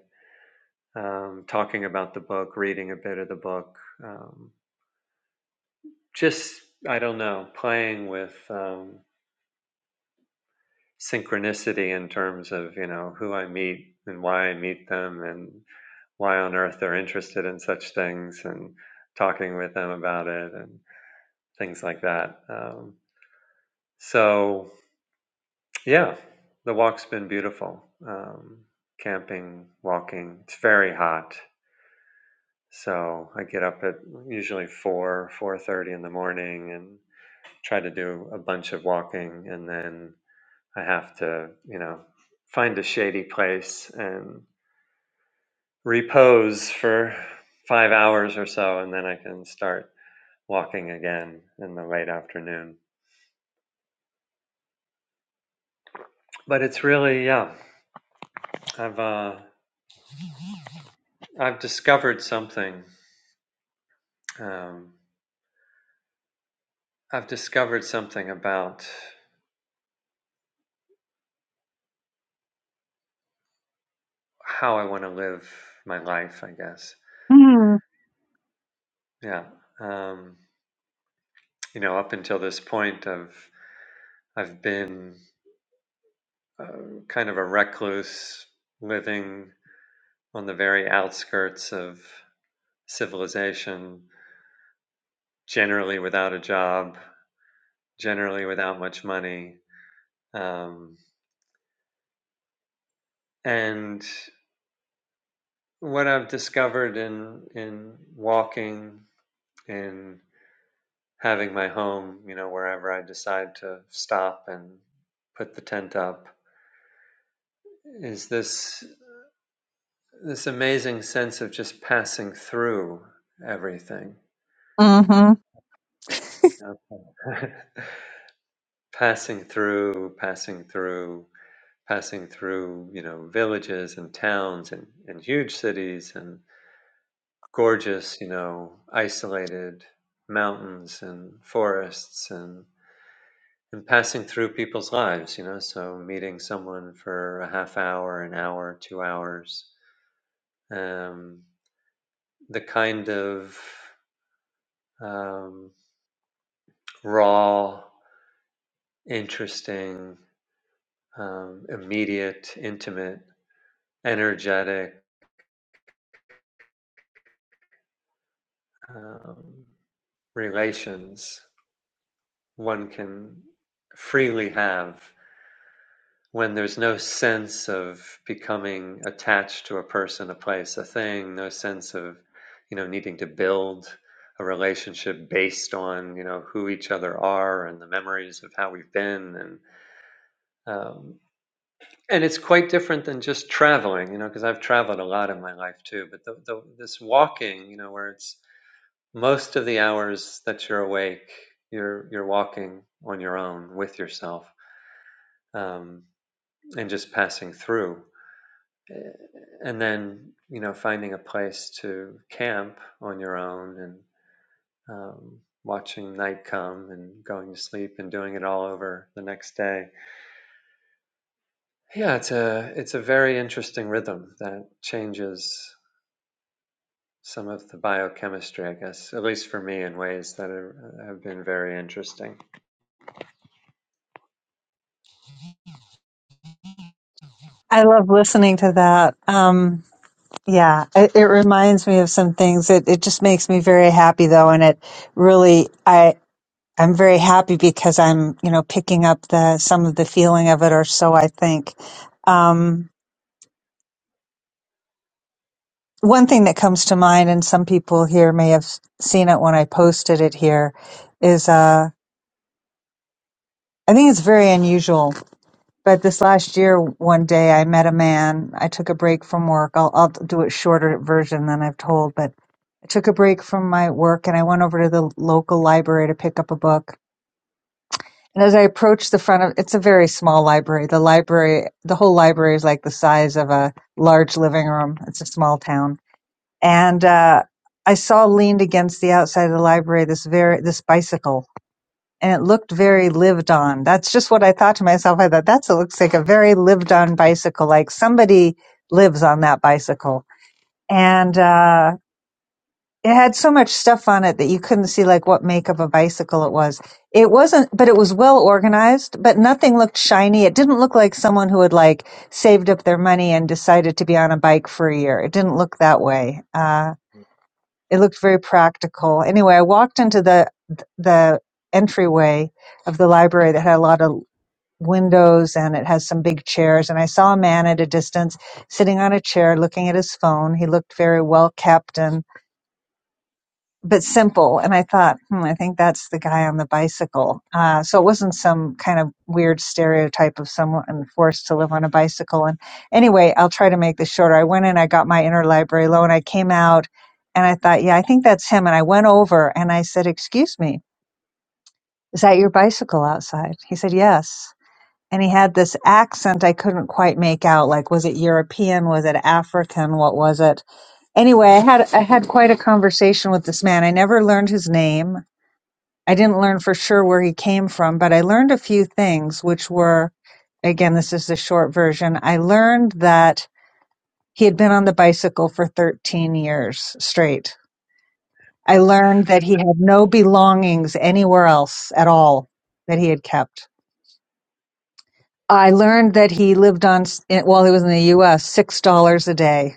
S2: um, talking about the book, reading a bit of the book, um, just I don't know, playing with um, synchronicity in terms of you know who I meet and why I meet them and why on earth they're interested in such things and talking with them about it and things like that. Um, so yeah, the walk's been beautiful. Um, camping, walking. It's very hot. So I get up at usually four, four thirty in the morning, and try to do a bunch of walking, and then I have to, you know, find a shady place and repose for five hours or so, and then I can start walking again in the late afternoon. But it's really, yeah, I've uh, I've discovered something. Um, I've discovered something about how I want to live my life, I guess. Yeah. Um, you know, up until this point, I've I've been uh, kind of a recluse, living on the very outskirts of civilization, generally without a job, generally without much money, um, and what I've discovered in in walking in having my home, you know, wherever I decide to stop and put the tent up, is this this amazing sense of just passing through everything.
S1: Mm-hmm.
S2: Okay. passing through, passing through, passing through, you know, villages and towns and, and huge cities and gorgeous, you know, isolated mountains and forests and and passing through people's lives, you know, so meeting someone for a half hour, an hour, two hours. Um, the kind of um, raw interesting, um, immediate, intimate, energetic um, relations one can freely have when there's no sense of becoming attached to a person, a place, a thing, no sense of, you know, needing to build a relationship based on, you know, who each other are and the memories of how we've been and um, And it's quite different than just traveling, you know, because I've traveled a lot in my life too. But the, the, this walking, you know, where it's most of the hours that you're awake, you're you're walking on your own with yourself um, and just passing through, Eh, and then you know finding a place to camp on your own and um, watching night come and going to sleep and doing it all over the next day. Yeah, it's a it's a very interesting rhythm that changes some of the biochemistry, I guess, at least for me, in ways that are, have been very interesting.
S1: I love listening to that. Um, yeah, it, it reminds me of some things. It it just makes me very happy though, and it really I I'm very happy because I'm you know picking up the some of the feeling of it, or so I think. Um, one thing that comes to mind, and some people here may have seen it when I posted it here, is uh, I think it's very unusual. But this last year, one day I met a man. I took a break from work. I'll I'll do a shorter version than I've told, but I took a break from my work and I went over to the local library to pick up a book. And as I approached the front of it's a very small library. The library, the whole library is like the size of a large living room. It's a small town. And uh, I saw leaned against the outside of the library this very this bicycle and it looked very lived on. That's just what I thought to myself. I thought that looks like a very lived on bicycle. Like somebody lives on that bicycle. And uh it had so much stuff on it that you couldn't see like what make of a bicycle it was. It wasn't, but it was well organized, but nothing looked shiny. It didn't look like someone who had like saved up their money and decided to be on a bike for a year. It didn't look that way. Uh, it looked very practical. Anyway, I walked into the, the entryway of the library that had a lot of windows and it has some big chairs and I saw a man at a distance sitting on a chair looking at his phone. He looked very well kept and but simple. And I thought, hmm, I think that's the guy on the bicycle. Uh, so it wasn't some kind of weird stereotype of someone forced to live on a bicycle. And anyway, I'll try to make this shorter. I went in, I got my interlibrary loan, I came out, and I thought, yeah, I think that's him. And I went over and I said, Excuse me, is that your bicycle outside? He said, Yes. And he had this accent I couldn't quite make out. Like, was it European? Was it African? What was it? Anyway, I had I had quite a conversation with this man. I never learned his name I didn't learn for sure where he came from, but I learned a few things, which were again, this is the short version. I learned that he had been on the bicycle for 13 years straight. I learned that he had no belongings anywhere else at all that he had kept. I learned that he lived on, while he was in the US, $6 a day.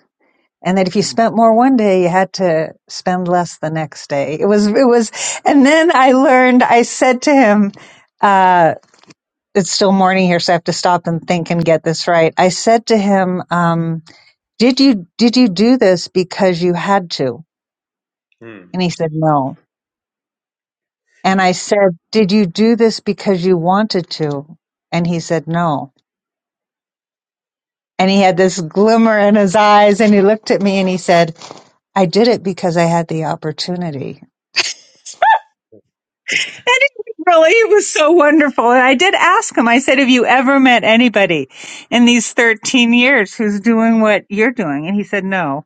S1: And that if you spent more one day, you had to spend less the next day. It was, it was, and then I learned, I said to him, uh, it's still morning here, so I have to stop and think and get this right. I said to him, um, "Did you did you do this because you had to?"
S2: Mm.
S1: And he said, "No." And I said, "Did you do this because you wanted to?" And he said, "No." And he had this glimmer in his eyes, and he looked at me and he said, "I did it because I had the opportunity." And it really, it was so wonderful. And I did ask him. I said, "Have you ever met anybody in these thirteen years who's doing what you're doing?" And he said, "No."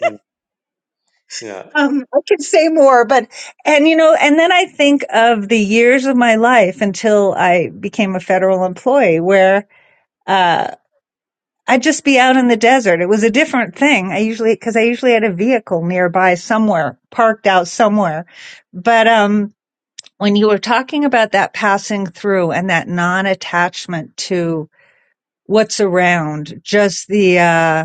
S2: yeah.
S1: Um, I could say more, but and you know, and then I think of the years of my life until I became a federal employee, where uh, I'd just be out in the desert. It was a different thing. I usually because I usually had a vehicle nearby somewhere, parked out somewhere. But um, when you were talking about that passing through and that non-attachment to what's around, just the uh,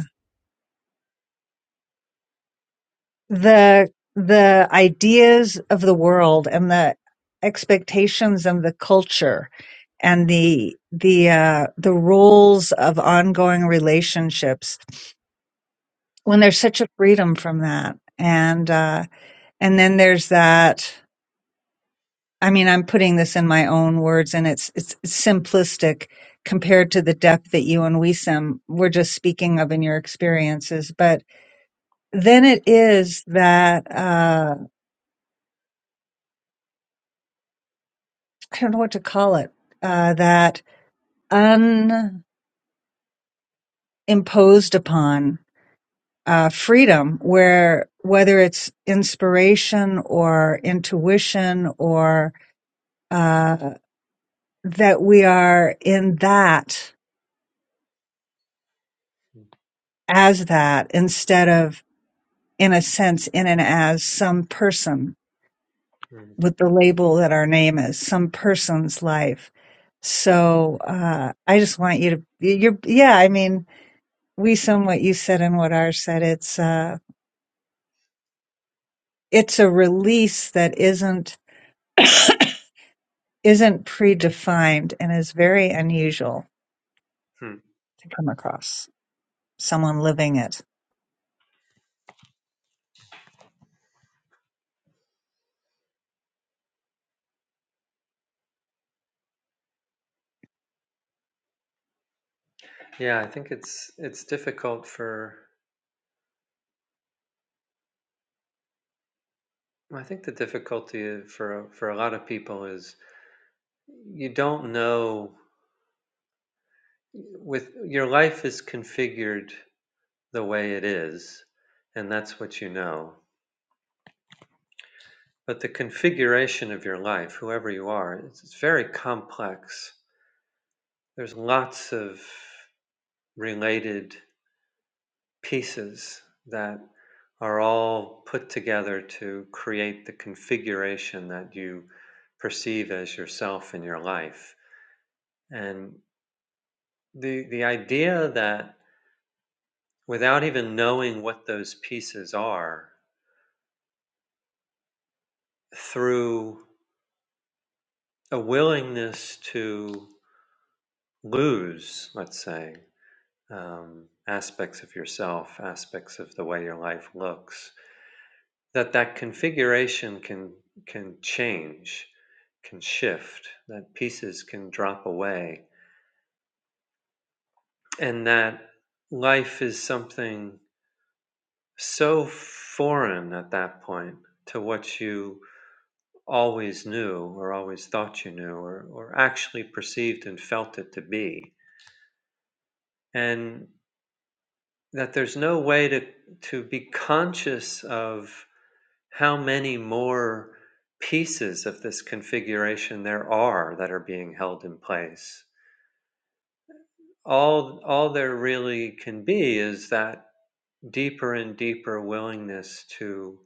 S1: the the ideas of the world and the expectations and the culture and the the uh, the rules of ongoing relationships when there's such a freedom from that and uh, and then there's that I mean I'm putting this in my own words and it's it's simplistic compared to the depth that you and Wisam were just speaking of in your experiences but then it is that Uh, I don't know what to call it, uh, that unimposed upon uh, freedom, where whether it's inspiration or intuition or uh, that we are in that as that instead of in a sense in and as some person with the label that our name is, some person's life. So uh, I just want you to, you're, yeah, I mean, we sum what you said and what ours said. It's uh, it's a release that isn't isn't predefined and is very unusual to come across someone living it.
S2: Yeah, I think it's it's difficult for I think the difficulty for for a lot of people is you don't know with your life is configured the way it is and that's what you know. But the configuration of your life, whoever you are, it's, it's very complex. There's lots of related pieces that are all put together to create the configuration that you perceive as yourself in your life. And the, the idea that without even knowing what those pieces are, through a willingness to lose, let's say, um, aspects of yourself, aspects of the way your life looks, that that configuration can can change can shift that pieces can drop away and that life is something so foreign at that point to what you always knew or always thought you knew or, or actually perceived and felt it to be and that there's no way to to be conscious of how many more pieces of this configuration there are that are being held in place. All, all there really can be is that deeper and deeper willingness to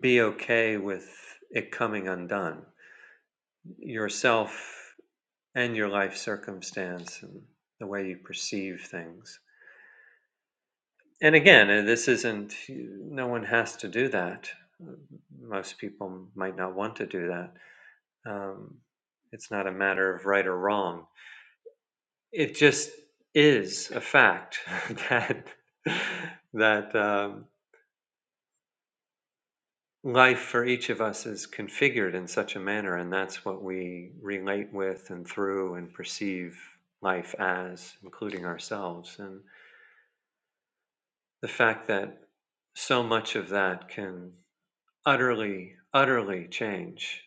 S2: be okay with it coming undone, yourself and your life circumstance and the way you perceive things. And again, uh, this isn't, no one has to do that. Most people might not want to do that Um, it's not a matter of right or wrong. It just is a fact that that um, life for each of us is configured in such a manner, and that's what we relate with and through and perceive life as, including ourselves. And the fact that so much of that can utterly, utterly change.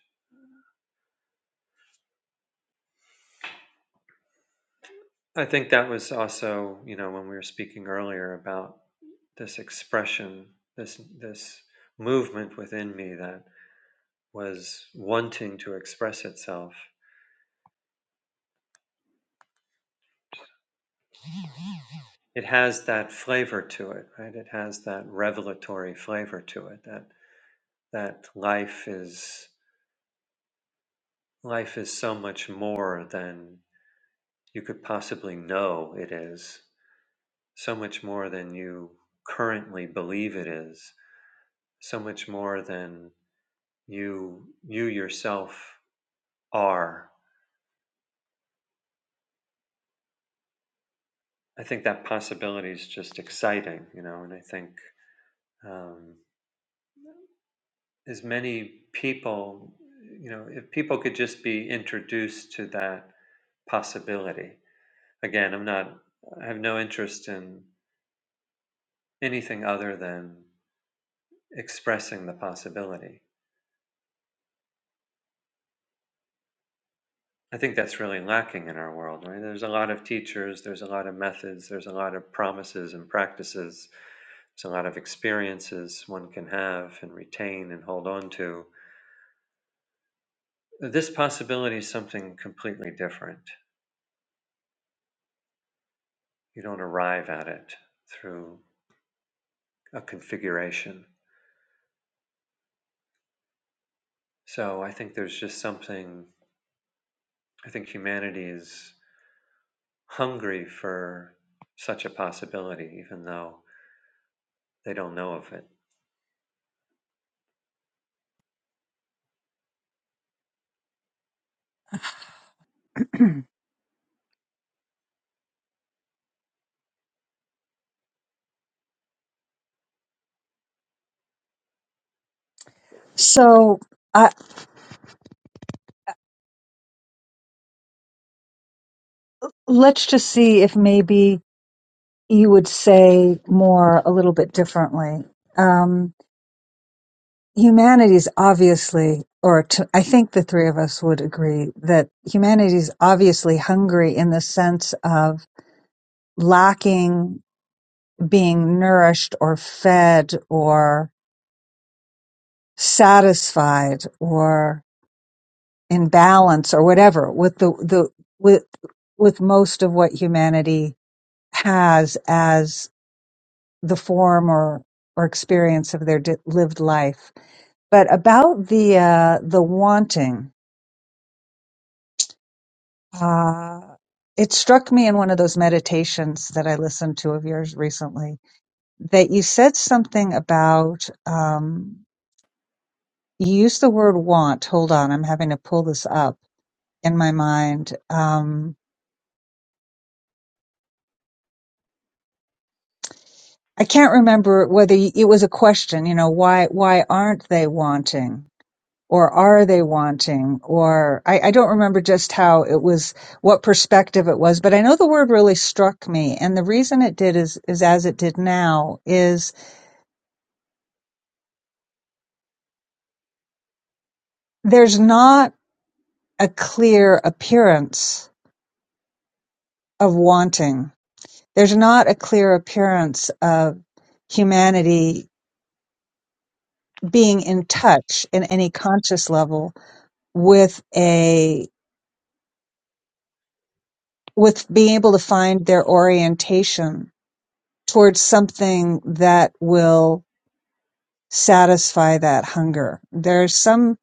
S2: I think that was also, you know, when we were speaking earlier about this expression, this this movement within me that was wanting to express itself. It has that flavor to it, right? It has that revelatory flavor to it. That that life is life is so much more than you could possibly know it is. So much more than you currently believe it is. So much more than you you yourself are I think that possibility is just exciting, you know, and I think um, as many people, you know, if people could just be introduced to that possibility. Again, I'm not, I have no interest in anything other than expressing the possibility. I think that's really lacking in our world, right? There's a lot of teachers, there's a lot of methods, there's a lot of promises and practices, there's a lot of experiences one can have and retain and hold on to This possibility is something completely different. You don't arrive at it through a configuration. So I think there's just something, I think humanity is hungry for such a possibility, even though they don't know of it.
S1: so uh, let's just see if maybe you would say more a little bit differently. Um, humanity's obviously, or t I I think the three of us would agree that humanity's obviously hungry in the sense of lacking being nourished or fed or satisfied or in balance or whatever with the, the, with, with most of what humanity has as the form or, or experience of their di- lived life. But about the, uh, the wanting, Uh, it struck me in one of those meditations that I listened to of yours recently that you said something about, um, you used the word want. Hold on, I'm having to pull this up in my mind. Um, I can't remember whether y- it was a question, you know, why, why aren't they wanting? Or are they wanting? Or I, I don't remember just how it was, what perspective it was, but I know the word really struck me. And the reason it did is, is as it did now is there's not a clear appearance of wanting. There's not a clear appearance of humanity being in touch in any conscious level with a with being able to find their orientation towards something that will satisfy that hunger. There's some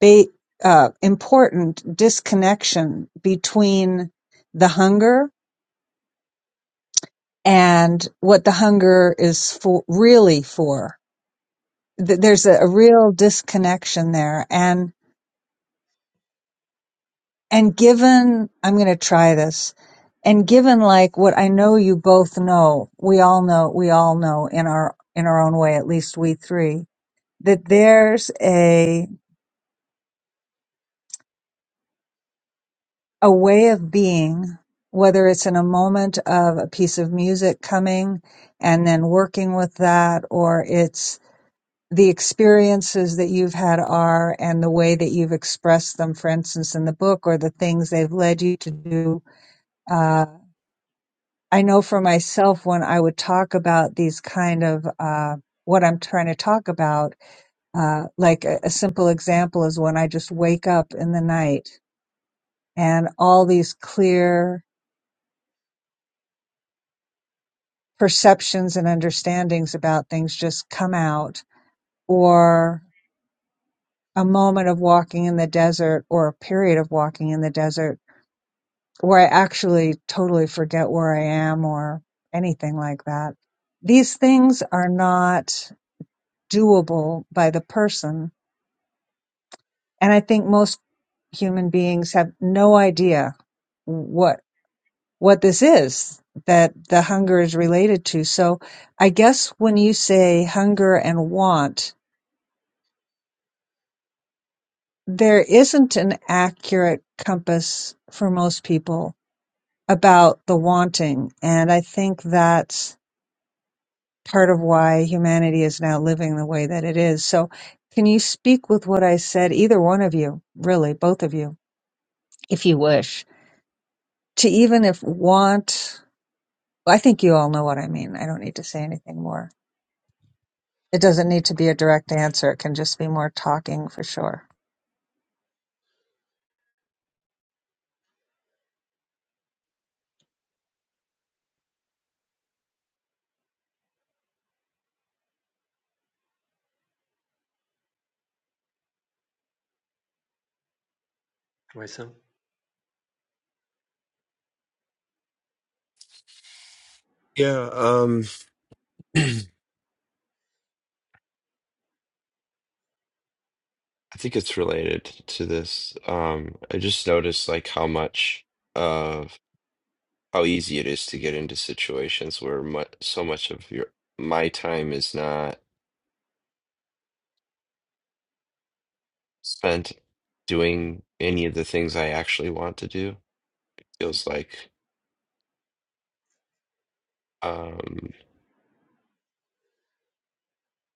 S1: ba- uh, important disconnection between the hunger and what the hunger is for really for Th- there's a,
S2: hmm
S1: a real disconnection there and and given i'm going to try this and given like what i know you both know we all know we all know in our in our own way at least we three that there's a a way of being whether it's in a moment of a piece of music coming and then working with that or it's the experiences that you've had are and the way that you've expressed them, for instance, in the book or the things they've led you to do. Uh, I know for myself, when I would talk about these kind of, uh, what I'm trying to talk about, uh, like a, a simple example is when I just wake up in the night and all these clear perceptions and understandings about things just come out or a moment of walking in the desert or a period of walking in the desert where I actually totally forget where I am or anything like that. These things are not doable by the person. And I think most human beings have no idea what, what this is that the hunger is related to. So I guess when you say hunger and want, there isn't an accurate compass for most people about the wanting. And I think that's part of why humanity is now living the way that it is. So, can you speak with what I said, either one of you, really, both of you, if you wish, to even if want? I think you all know what I mean. I don't need to say anything more. It doesn't need to be a direct answer, it can just be more talking for sure.
S2: Wait, some?
S3: Yeah, um I think it's related to this. Um, I just noticed like how much of how easy it is to get into situations where mu so much of your my time is not spent doing any of the things I actually want to do. Feels like. um.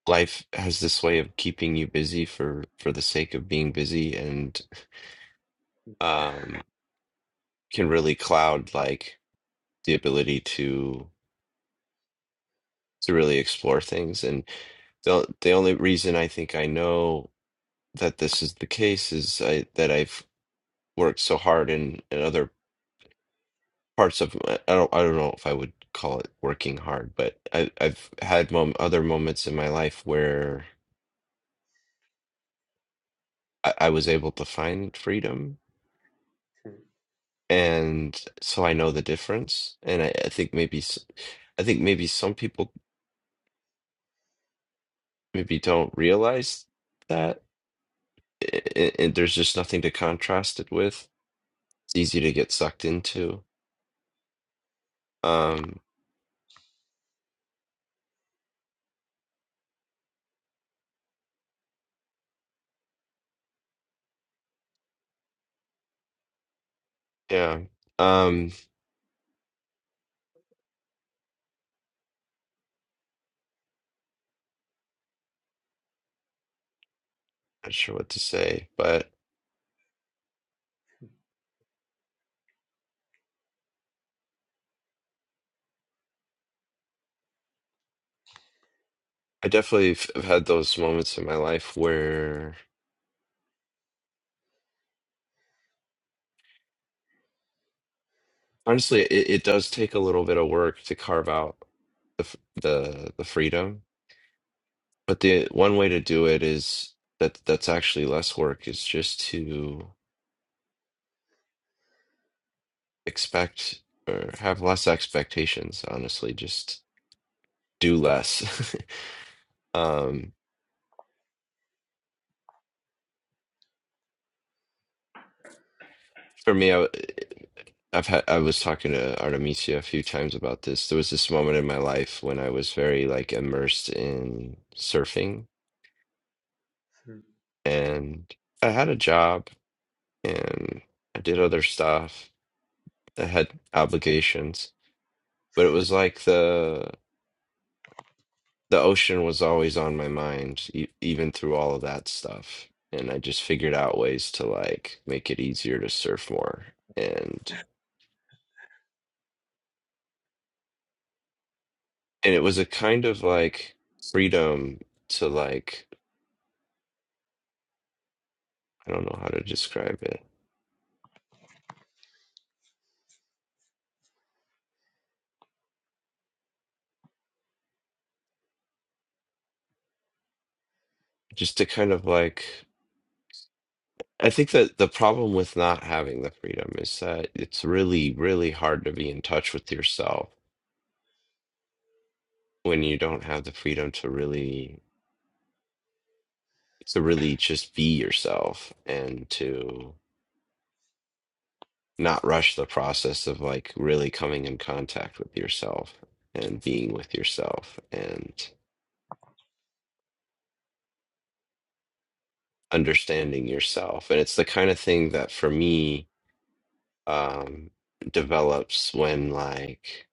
S3: life has this way of keeping you busy for for the sake of being busy and um can really cloud like the ability to to really explore things and the the only reason I think I know that this is the case is I that I've worked so hard in, in other parts of my, I don't I don't know if I would call it working hard but I I've had mom, other moments in my life where I, I was able to find freedom and so I know the difference. And I, I think maybe, s- I think maybe some people maybe don't realize that, and, and there's just nothing to contrast it with. It's easy to get sucked into. Um, yeah. Um, not sure what to say, but I definitely f- have had those moments in my life where, honestly, it, it does take a little bit of work to carve out the f- the the freedom But the one way to do it is that that's actually less work is just to expect or have less expectations, honestly, just do less. Um, for me, I, I've had I was talking to Artemisia a few times about this. There was this moment in my life when I was very like immersed in surfing and I had a job and I did other stuff. I had obligations, but it was like the the ocean was always on my mind, e even through all of that stuff. And I just figured out ways to like make it easier to surf more. And and it was a kind of like freedom to like I don't know how to describe it. Just to kind of like I think that the problem with not having the freedom is that it's really, really hard to be in touch with yourself when you don't have the freedom to really to really just be yourself and to not rush the process of like really coming in contact with yourself and being with yourself and understanding yourself. And it's the kind of thing that for me um, develops when like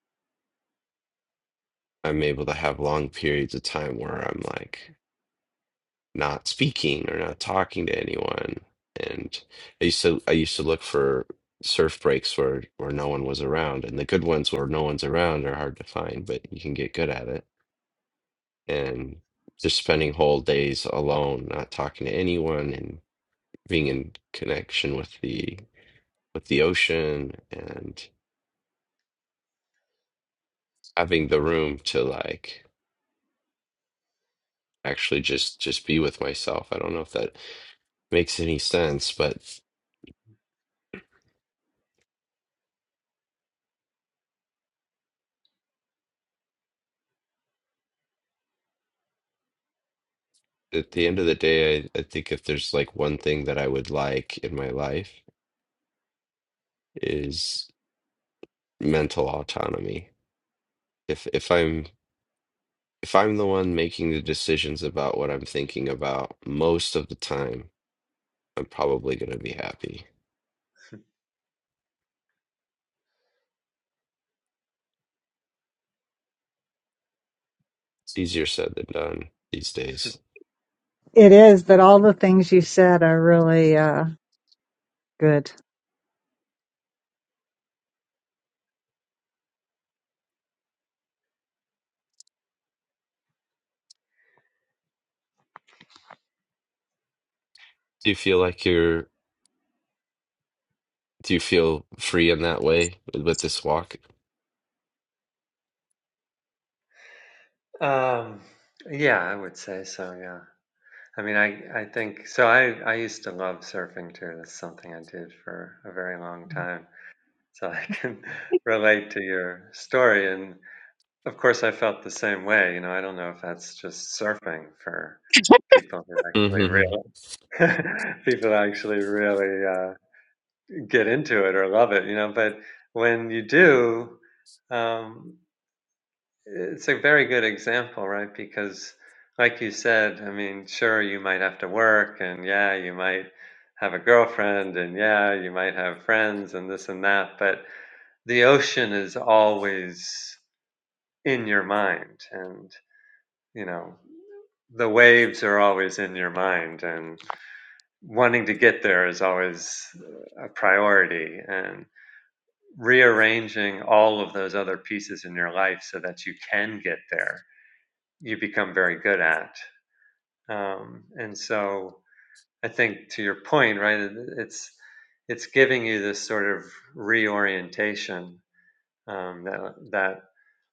S3: I'm able to have long periods of time where I'm like not speaking or not talking to anyone. And I used to I used to look for surf breaks where where no one was around, and the good ones where no one's around are hard to find, but you can get good at it and just spending whole days alone, not talking to anyone, and being in connection with the with the ocean and having the room to like actually just just be with myself. I don't know if that makes any sense, but at the end of the day, I, I think if there's like one thing that I would like in my life is mental autonomy. If if I'm if I'm the one making the decisions about what I'm thinking about most of the time, I'm probably going to be happy. It's easier said than done these days.
S1: It is, but all the things you said are really uh, good.
S3: Do you feel like you're, do you feel free in that way with, with this walk?
S2: Um, yeah, I would say so. Yeah, I mean, I I think so. I I used to love surfing too. That's something I did for a very long time. So I can relate to your story, and Of course, I felt the same way. You know, I don't know if that's just surfing for people who actually
S3: hmm
S2: really, people who actually really uh, get into it or love it. You know, but when you do, um, it's a very good example, right? Because, like you said, I mean, sure, you might have to work, and yeah, you might have a girlfriend, and yeah, you might have friends, and this and that. But the ocean is always in your mind, and you know, the waves are always in your mind and wanting to get there is always a priority and rearranging all of those other pieces in your life so that you can get there you become very good at um, and so i think to your point right it's it's giving you this sort of reorientation um, that that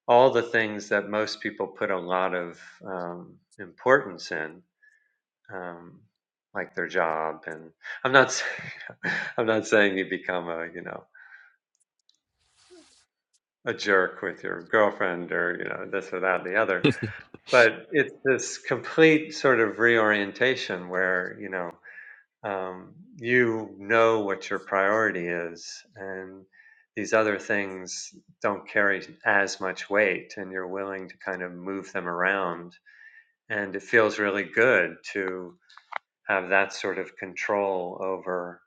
S2: all the things that most people put a lot of um, importance in um, like their job. And I'm not, s- I'm not saying you become a, you know, a jerk with your girlfriend or you know this or that and the other. But it's this complete sort of reorientation where you know um, you know what your priority is and these other things don't carry as much weight and you're willing to kind of move them around and it feels really good to have that sort of control over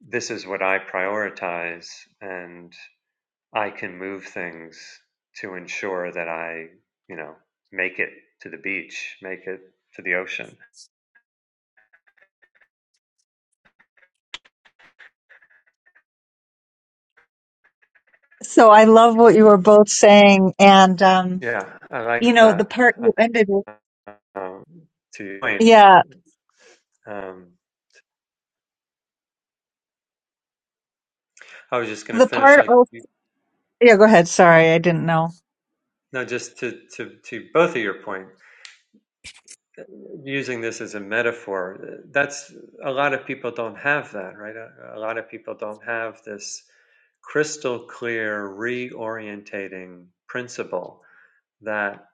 S2: this is what I prioritize and I can move things to ensure that I, you know, make it to the beach, make it to the ocean.
S1: So, I love what you were both saying. And, um,
S2: Yeah, I
S1: you
S2: like
S1: know, the
S2: that.
S1: part you ended with,
S2: Uh, um, to your point,
S1: yeah,
S2: um, I was just going to
S1: the
S2: finish
S1: part,
S2: like
S1: oh,
S2: you-
S1: yeah, go ahead. Sorry, I didn't know.
S2: no, just to to to both of your point using this as a metaphor, that's a lot of people don't have that, right? A, a lot of people don't have this crystal clear reorientating principle that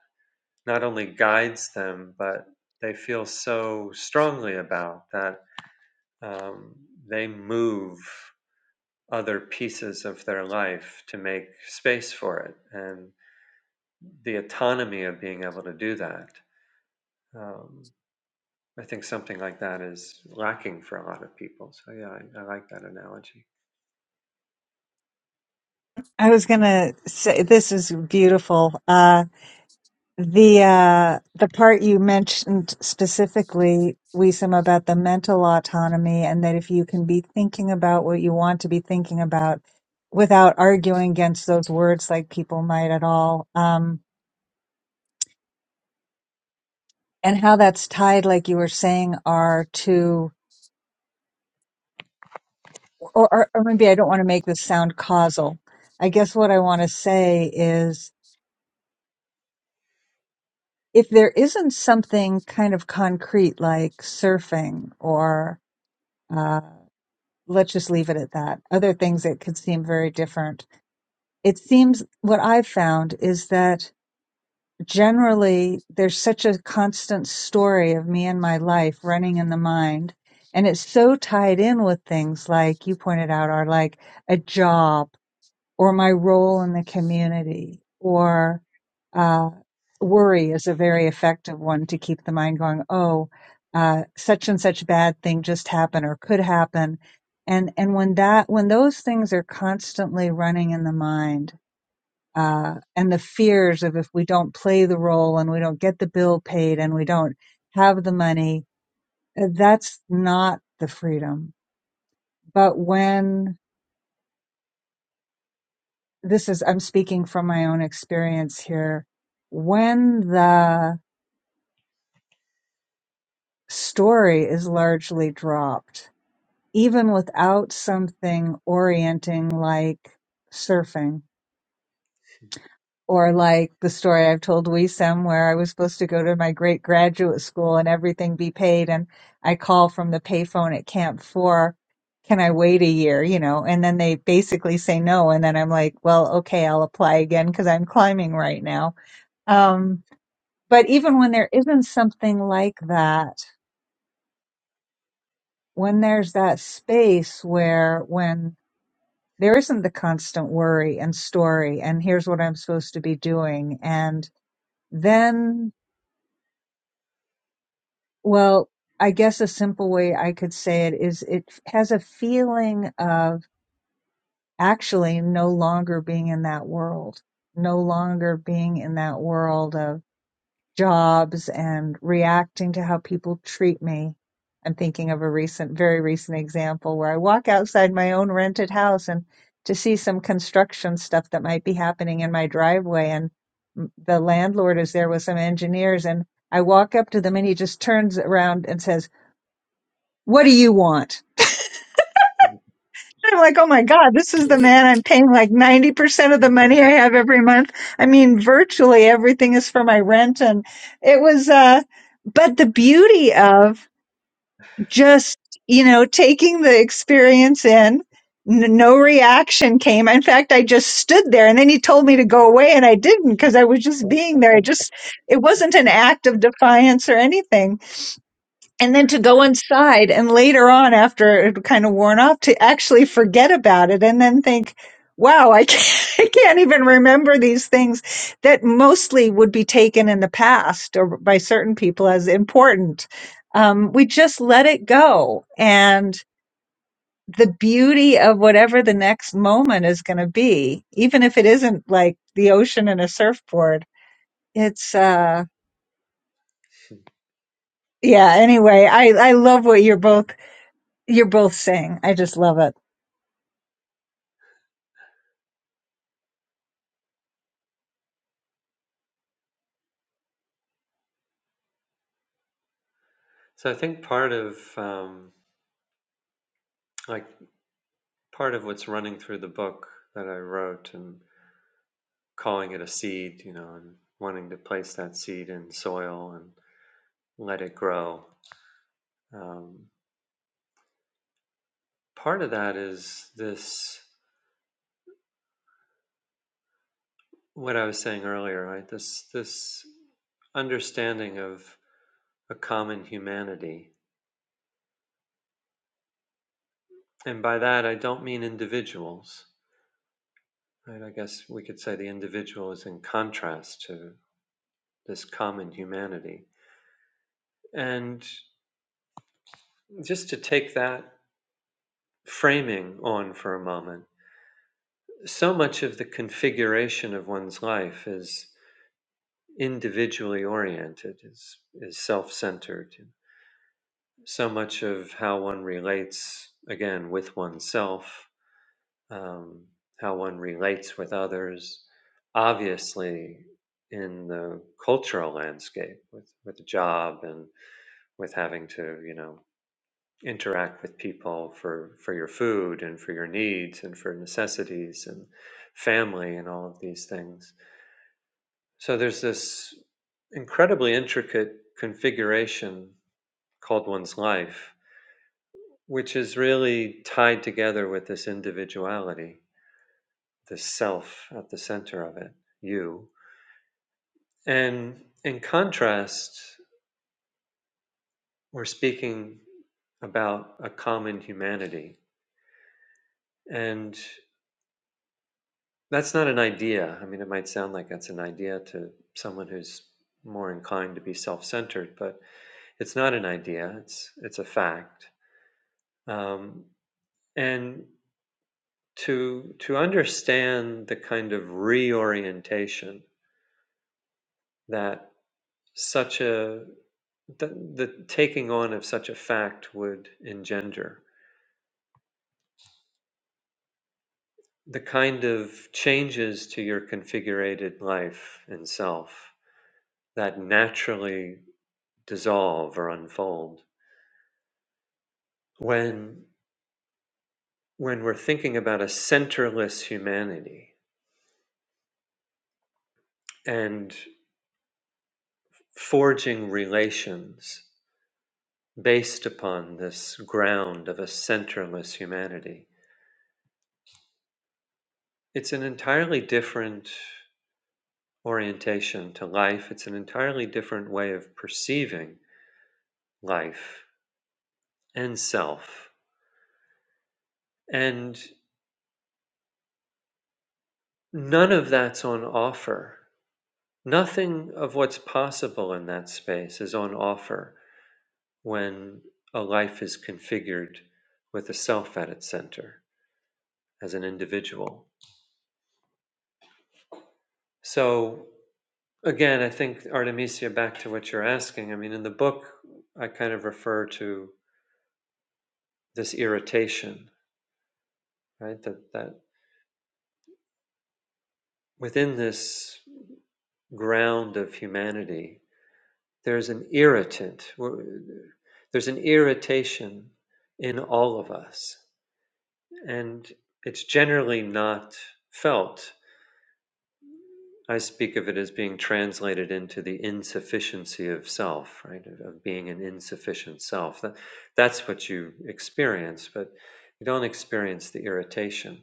S2: not only guides them, but they feel so strongly about that um, they move other pieces of their life to make space for it and the autonomy of being able to do that. Um, I think something like that is lacking for a lot of people. So yeah, I, I like that analogy.
S1: I was gonna say this is beautiful. Uh, the uh, the part you mentioned specifically, Wisam, about the mental autonomy, and that if you can be thinking about what you want to be thinking about without arguing against those words, like people might at all, um, and how that's tied, like you were saying, are to, or, or, or maybe I don't want to make this sound causal. I guess what I want to say is if there isn't something kind of concrete like surfing or uh, let's just leave it at that other things that could seem very different it seems what i've found is that generally there's such a constant story of me and my life running in the mind and it's so tied in with things like you pointed out are like a job or my role in the community or uh, worry is a very effective one to keep the mind going oh uh, such and such bad thing just happened or could happen and and when that when those things are constantly running in the mind uh, and the fears of if we don't play the role and we don't get the bill paid and we don't have the money uh, that's not the freedom but when this is i'm speaking from my own experience here when the story is largely dropped even without something orienting like surfing or like the story i've told wisem where i was supposed to go to my great graduate school and everything be paid and i call from the payphone at camp four can i wait a year you know and then they basically say no and then i'm like well okay i'll apply again because i'm climbing right now um but even when there isn't something like that, when there's that space where when there isn't the constant worry and story and here's what I'm supposed to be doing and then well, I guess a simple way I could say it is it has a feeling of actually no longer being in that world, no longer being in that world of. jobs and reacting to how people treat me. I'm thinking of a recent, very recent example where I walk outside my own rented house and to see some construction stuff that might be happening in my driveway. And m- the landlord is there with some engineers. And I walk up to them and he just turns around and says, What do you want?
S2: Mhm.
S1: I'm like, oh my God, this is the man I'm paying like 90% of the money I have every month. I mean, virtually everything is for my rent. And it was, uh, but the beauty of just, you know, taking the experience in, n- no reaction came. In fact, I just stood there and then he told me to go away and I didn't because I was just being there. I just, it wasn't an act of defiance or anything and then to go inside and later on after it had kind of worn off to actually forget about it and then think wow I can't, I can't even remember these things that mostly would be taken in the past or by certain people as important um, we just let it go and the beauty of whatever the next moment is going to be even if it isn't like the ocean and a surfboard it's uh yeah anyway i i love what you're both You're both saying. I just love it.
S2: So I think part of um, like part of what's running through the book that I wrote and calling it a seed, you know, and wanting to place that seed in soil and let it grow. Um, part of that is this what I was saying earlier, right? This this understanding of a common humanity, and by that I don't mean individuals. Right, I guess we could say the individual is in contrast to this common humanity. And just to take that framing on for a moment, so much of the configuration of one's life is individually oriented, is, is self centered. So much of how one relates, again, with oneself, um, how one relates with others, obviously in the cultural landscape with, with a job and with having to, you know, interact with people for for your food and for your needs and for necessities and family and all of these things. So there's this incredibly intricate configuration called one's life, which is really tied together with this individuality, the self at the center of it, you. And in contrast, we're speaking about a common humanity. And That's not an idea. I mean, it might sound like that's an idea to someone who's more inclined to be self-centered, but it's not an idea. It's it's a fact. Um, and to to understand the kind of reorientation that such a the, the taking on of such a fact would engender, the kind of changes to your configurated life and self that naturally dissolve or unfold when when we're thinking about a centerless humanity and forging relations based upon this ground of a centerless humanity it's an entirely different orientation to life it's an entirely different way of perceiving life and self and none of that's on offer nothing of what's possible in that space is on offer when a life is configured with a self at its center as an individual. So, again, I think Artemisia, back to what you're asking, I mean, in the book, I kind of refer to this irritation, right? That, that within this ground of humanity, there's an irritant, there's an irritation in all of us. And it's generally not felt I speak of it as being translated into the insufficiency of self, right? Of, being an insufficient self. That, that's what you experience, but you don't experience the irritation.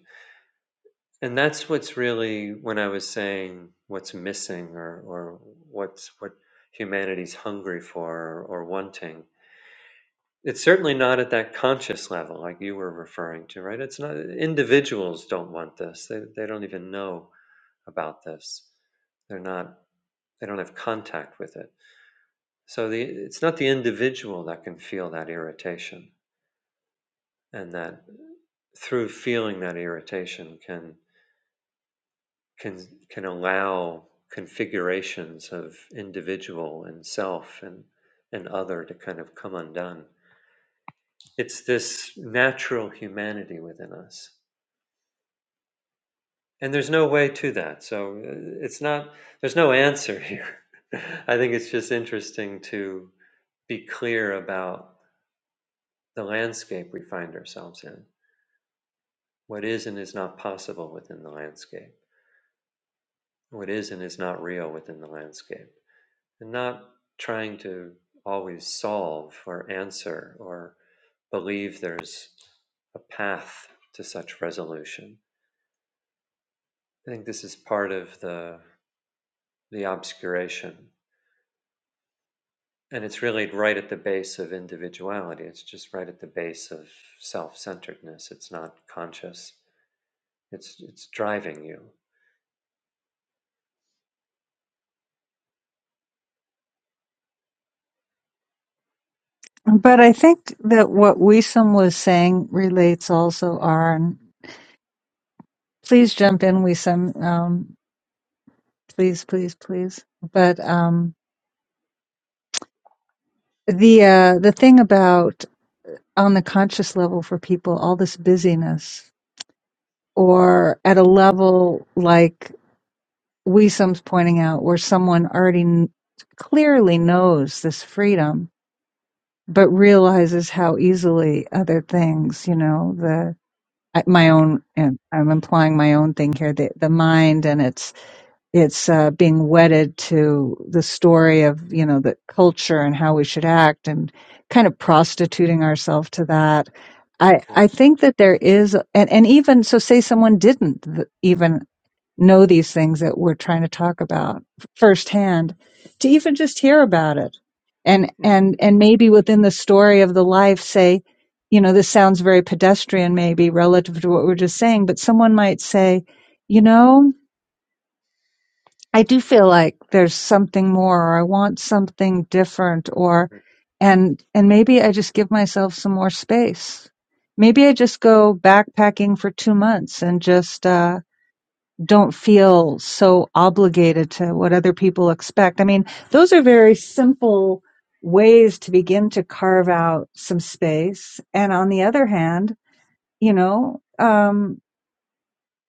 S2: And that's what's really when I was saying what's missing or, or what's what humanity's hungry for or, or wanting. It's certainly not at that conscious level like you were referring to, right? It's not individuals don't want this. They, they don't even know about this. They're not they don't have contact with it. So the, it's not the individual that can feel that irritation, and that through feeling that irritation can can can allow configurations of individual and self and and other to kind of come undone. It's this natural humanity within us, and there's no way to that. So uh, it's not there's no answer here. I think it's just interesting to be clear about the landscape we find ourselves in. What is and is not possible within the landscape. What is and is not real within the landscape. And not trying to always solve or answer or believe there's a path to such resolution. I think this is part of the, the obscuration. And it's really right at the base of individuality. It's just right at the base of self centeredness. It's not conscious, it's, it's driving you.
S1: But I think that what Wisam was saying relates also on. Please jump in, Wisam. Um, please, please, please. But um, the uh, the thing about on the conscious level for people, all this busyness, or at a level like Wisam's pointing out, where someone already kn- clearly knows this freedom, but realizes how easily other things, you know, the I, my own and I'm implying my own thing here the the mind and it's it's uh, being wedded to the story of you know the culture and how we should act and kind of prostituting ourselves to that I I think that there is and and even so say someone didn't th- even know these things that we're trying to talk about firsthand to even just hear about it and
S2: hmm
S1: and and maybe within the story of the life say you know this sounds very pedestrian maybe relative to what we're just saying but someone might say you know i do feel like there's something more or i want something different or and and maybe i just give myself some more space maybe i just go backpacking for 2 months and just uh don't feel so obligated to what other people expect. I mean, those are very simple ways to begin to carve out some space. And on the other hand, you know, um,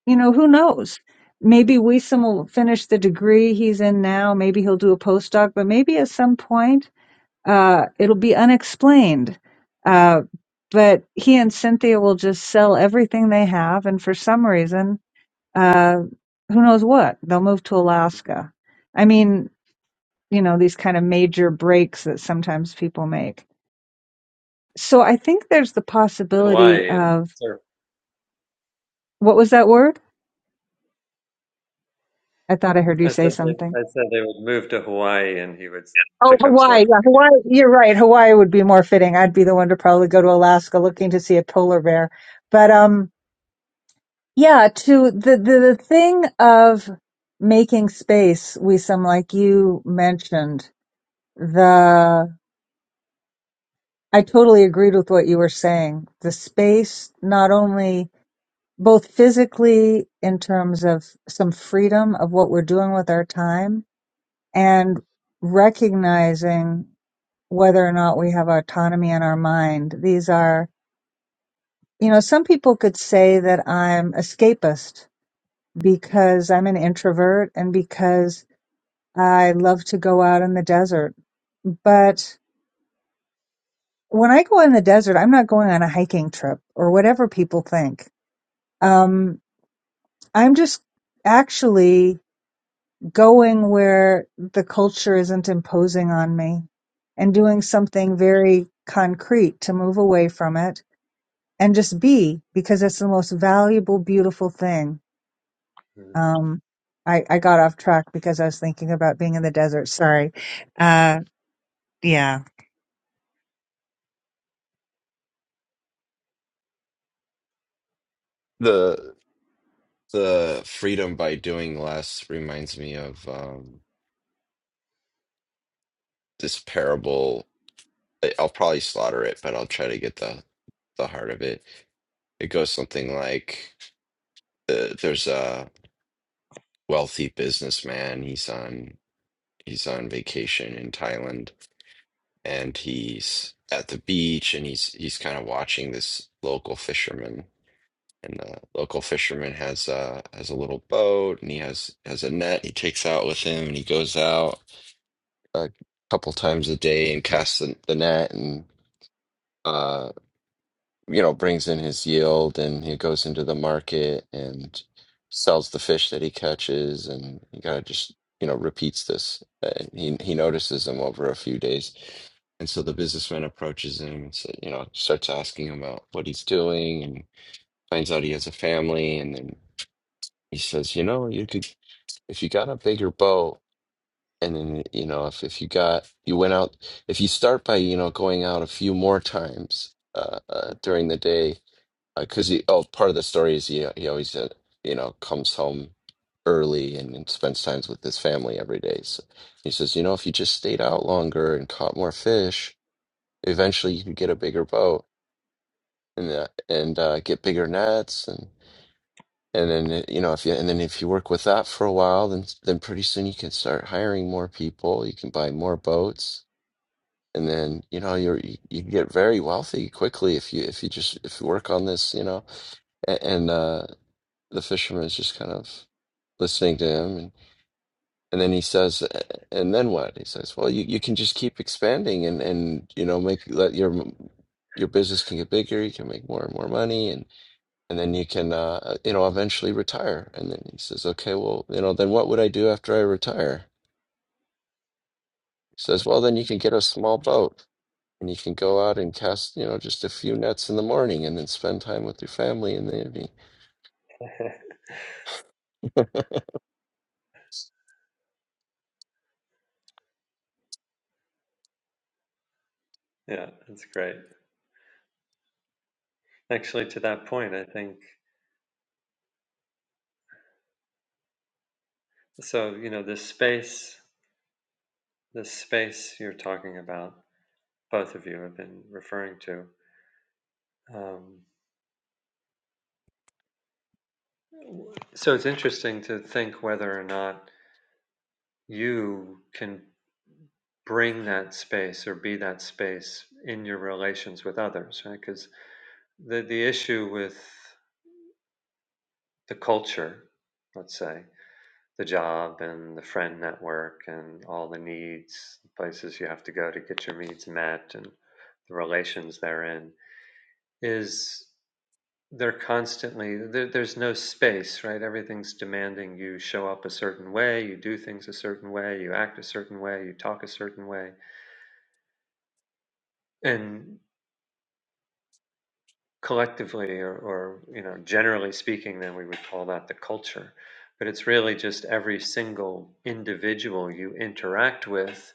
S1: you know, who knows? Maybe Wiesem will finish the degree he's in now. Maybe he'll do a postdoc, but maybe at some point, uh, it'll be unexplained. Uh, but he and Cynthia will just sell everything they have. And for some reason, uh, who knows what? They'll move to Alaska. I mean, you know, these kind of major breaks that sometimes people make. So I think there's the possibility
S2: Hawaii and
S1: of
S2: surf.
S1: what was that word? I thought I heard you
S2: I said
S1: say
S2: they,
S1: something.
S2: I said they would move to Hawaii and he would s-
S1: Oh,
S2: pick up
S1: Hawaii.
S2: surfing.
S1: Yeah, Hawaii. You're right. Hawaii would be more fitting. I'd be the one to probably go to Alaska looking to see a polar bear. But um, yeah, to the the, the thing of making space, we some like you mentioned the I totally agreed with what you were saying. The space, not only both physically in terms of some freedom of what we're doing with our time and recognizing whether or not we have autonomy in our mind. These are, you know, some people could say that I'm escapist because I'm an introvert and because I love to go out in the desert. But when I go in the desert, I'm not going on a hiking trip or whatever people think. Um, I'm just actually going where the culture isn't imposing on me and doing something very concrete to move away from it and just be because it's the most valuable, beautiful thing.
S2: again.
S1: Um, I, I got off track because I was thinking about being in the desert. Sorry. Uh, yeah.
S3: The the freedom by doing less reminds me of um, this parable. I- I'll probably slaughter it, but I'll try to get the the heart of it. It goes something like uh, there's a wealthy businessman. He's on he's on vacation in Thailand and he's at the beach and he's he's kind of watching this local fisherman and the local fisherman has uh has a little boat and he has has a net he takes out with him and he goes out a couple times a day and casts the, the net and uh you know brings in his yield and he goes into the market and sells the fish that he catches and he kind of just you know repeats this and he he notices him over a few days And so the businessman approaches him and say, you know, starts asking him about what he's doing and finds out he has a family. And then he says, you know, you could, if you got a bigger boat and then, you know, if, if you got, you went out, if you start by, you know, going out a few more times uh, uh, during the day, because he, oh, part of the story is he, he always, uh, you know, comes home early and, and spends time with his family every day. So he says, you know, if you just stayed out longer and caught more fish, eventually you could get a bigger boat and uh, and uh, get bigger nets and and then uh, you know if you and then if you work with that for a while then then pretty soon you can start hiring more people you can buy more boats and then you know you're you, you can get very wealthy quickly if you if you just if you work on this you know and, and uh the fisherman is just kind of listening to him And then he says, and then what? He says, well, you, you can just keep expanding and, and, you know, make, let your, your business can get bigger. You can make more and more money and, and then you can, uh, you know, eventually retire. And then he says, okay, well, you know, then what would I do after I retire? He says, well, then you can get a small boat and you can go out and cast, you know, just a few nets in the morning and then spend time with your family in the evening.
S2: yeah, that's great. Actually, to that point, I think so. You know, this space, this space you're talking about, both of you have been referring to. Um, so it's interesting to think whether or not you can bring that space or be that space in your relations with others, right? Because the the issue with the culture, let's say, the job and the friend network and all the needs, the places you have to go to get your needs met and the relations therein is they're constantly there, there's no space right everything's demanding you show up a certain way you do things a certain way you act a certain way you talk a certain way and collectively or, or you know generally speaking then we would call that the culture but it's really just every single individual you interact with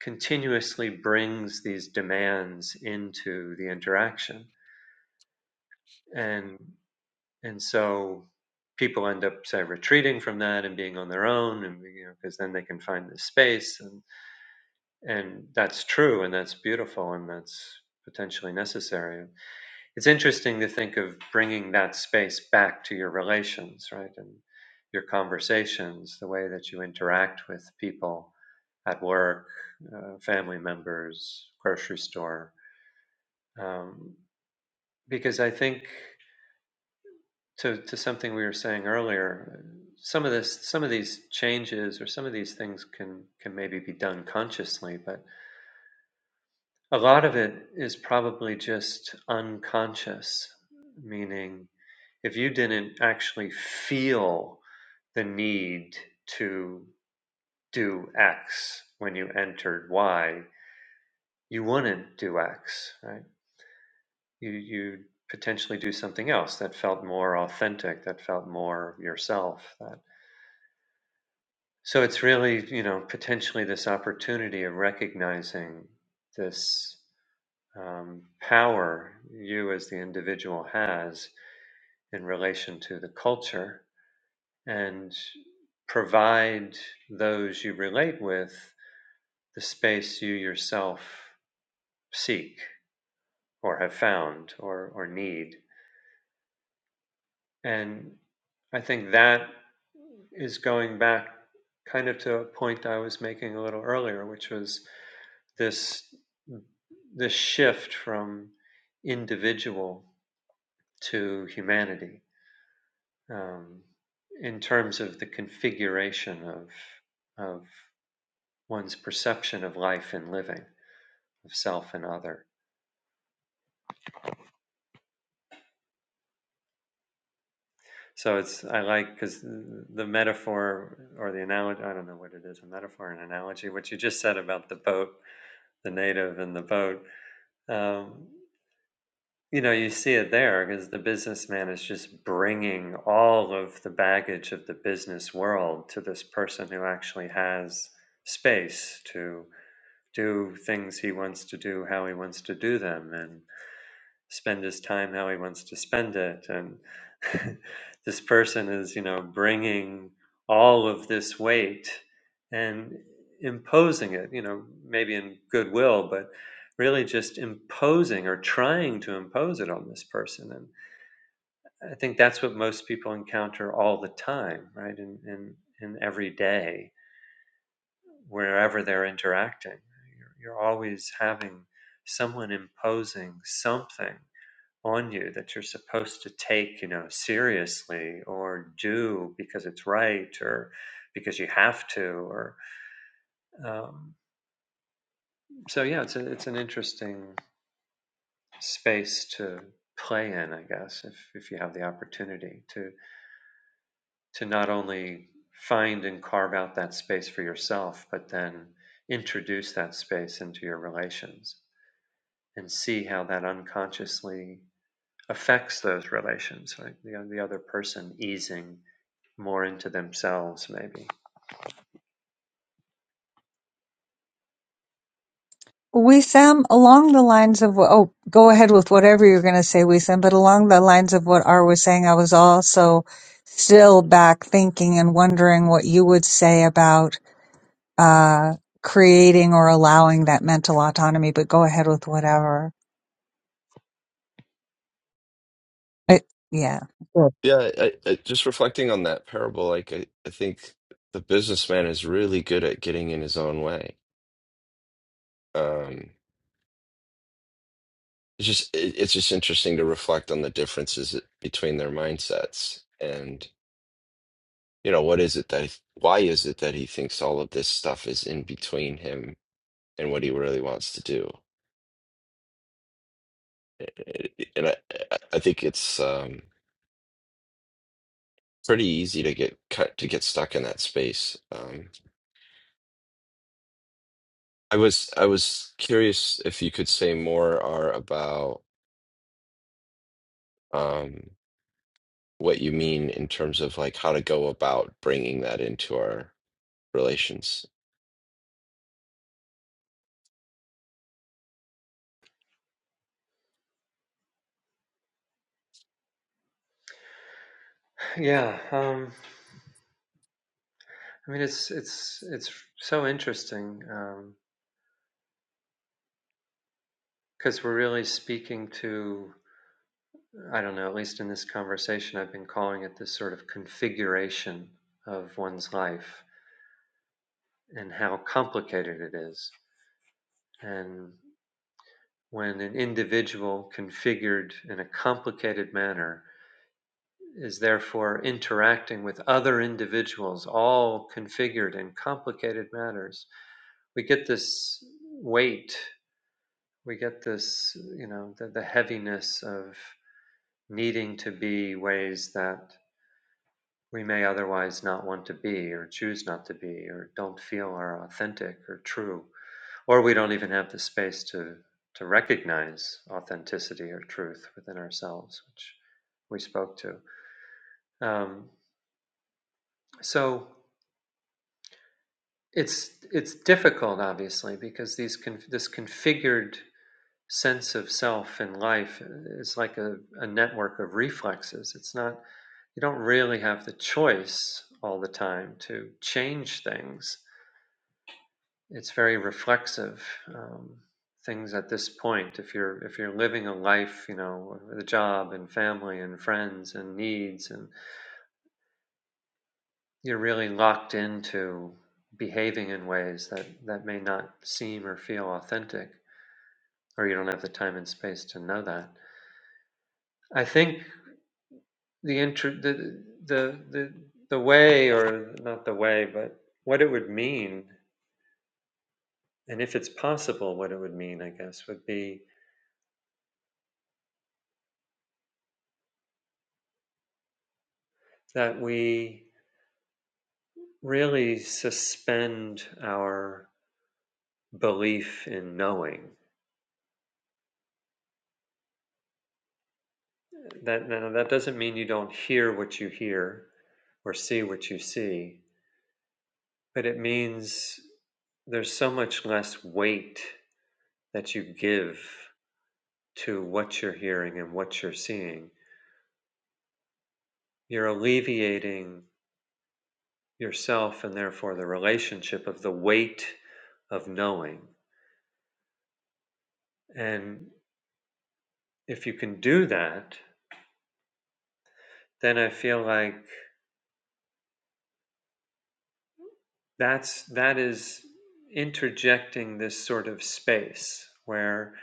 S2: continuously brings these demands into the interaction and and so people end up say retreating from that and being on their own and you know because then they can find the space and and that's true and that's beautiful and that's potentially necessary it's interesting to think of bringing that space back to your relations, right? And your conversations, the way that you interact with people at work, uh, family members, grocery store. Um, because I think to, to something we were saying earlier, some of this, some of these changes or some of these things can, can maybe be done consciously, but a lot of it is probably just unconscious, meaning if you didn't actually feel the need to do X when you entered Y, you wouldn't do X, right? You you potentially do something else that felt more authentic, that felt more yourself. That so it's really you know potentially this opportunity of recognizing this um, power you as the individual has in relation to the culture, and provide those you relate with the space you yourself seek or have found or, or need. And I think that is going back kind of to a point I was making a little earlier, which was this this shift from individual to humanity um, in terms of the configuration of of one's perception of life and living, of self and other. So it's I like because the metaphor or the analogy I don't know what it is a metaphor an analogy what you just said about the boat the native and the boat um, you know you see it there because the businessman is just bringing all of the baggage of the business world to this person who actually has space to do things he wants to do how he wants to do them and spend his time how he wants to spend it and this person is you know bringing all of this weight and imposing it you know maybe in goodwill but really just imposing or trying to impose it on this person and i think that's what most people encounter all the time right in in, in every day wherever they're interacting you're, you're always having someone imposing something on you that you're supposed to take, you know, seriously or do because it's right or because you have to. Or um, so, yeah, it's a, it's an interesting space to play in, I guess, if if you have the opportunity to to not only find and carve out that space for yourself, but then introduce that space into your relations and see how that unconsciously affects those relations, right? The, the other person easing more into themselves maybe
S1: Wissam, along the lines of what, oh, go ahead with whatever you're going to say, Wissam, but along the lines of what R was saying, I was also still back thinking and wondering what you would say about uh, creating or allowing that mental autonomy, but go ahead with whatever. It, yeah. Sure.
S3: Yeah, I, I, just reflecting on that parable, like I, I think the businessman is really good at getting in his own way um it's just it, it's just interesting to reflect on the differences between their mindsets and you know what is it that he, why is it that he thinks all of this stuff is in between him and what he really wants to do Eh, eh, and i i I think it's um pretty easy to get cut to get stuck in that space um i was i was curious if you could say more are about um what you mean in terms of like how to go about bringing that into our relations
S2: yeah um i mean it's it's it's so interesting um because we're really speaking to i don't know at least in this conversation i've been calling it this sort of configuration of one's life and how complicated it is and when an individual configured in a complicated manner is therefore interacting with other individuals all configured in complicated manners we get this weight, we get this, you know, the, the heaviness of needing to be ways that we may otherwise not want to be, or choose not to be, or don't feel are authentic or true, or we don't even have the space to to recognize authenticity or truth within ourselves, which we spoke to. Um, so it's it's difficult, obviously, because these con- this configured sense of self in life is like a, a network of reflexes. It's not, you don't really have the choice all the time to change things. It's very reflexive. Um, things at this point if you're if you're living a life you know with a job and family and friends and needs and you're really locked into behaving in ways that that may not seem or feel authentic or you don't have the time and space to know that i think the inter the the the the way or not the way but what it would mean and if it's possible what it would mean i guess would be that we really suspend our belief in knowing that now that doesn't mean you don't hear what you hear or see what you see but it means there's so much less weight that you give to what you're hearing and what you're seeing you're alleviating yourself and therefore the relationship of the weight of knowing. And if you can do that, then I feel like that's that is interjecting this sort of space where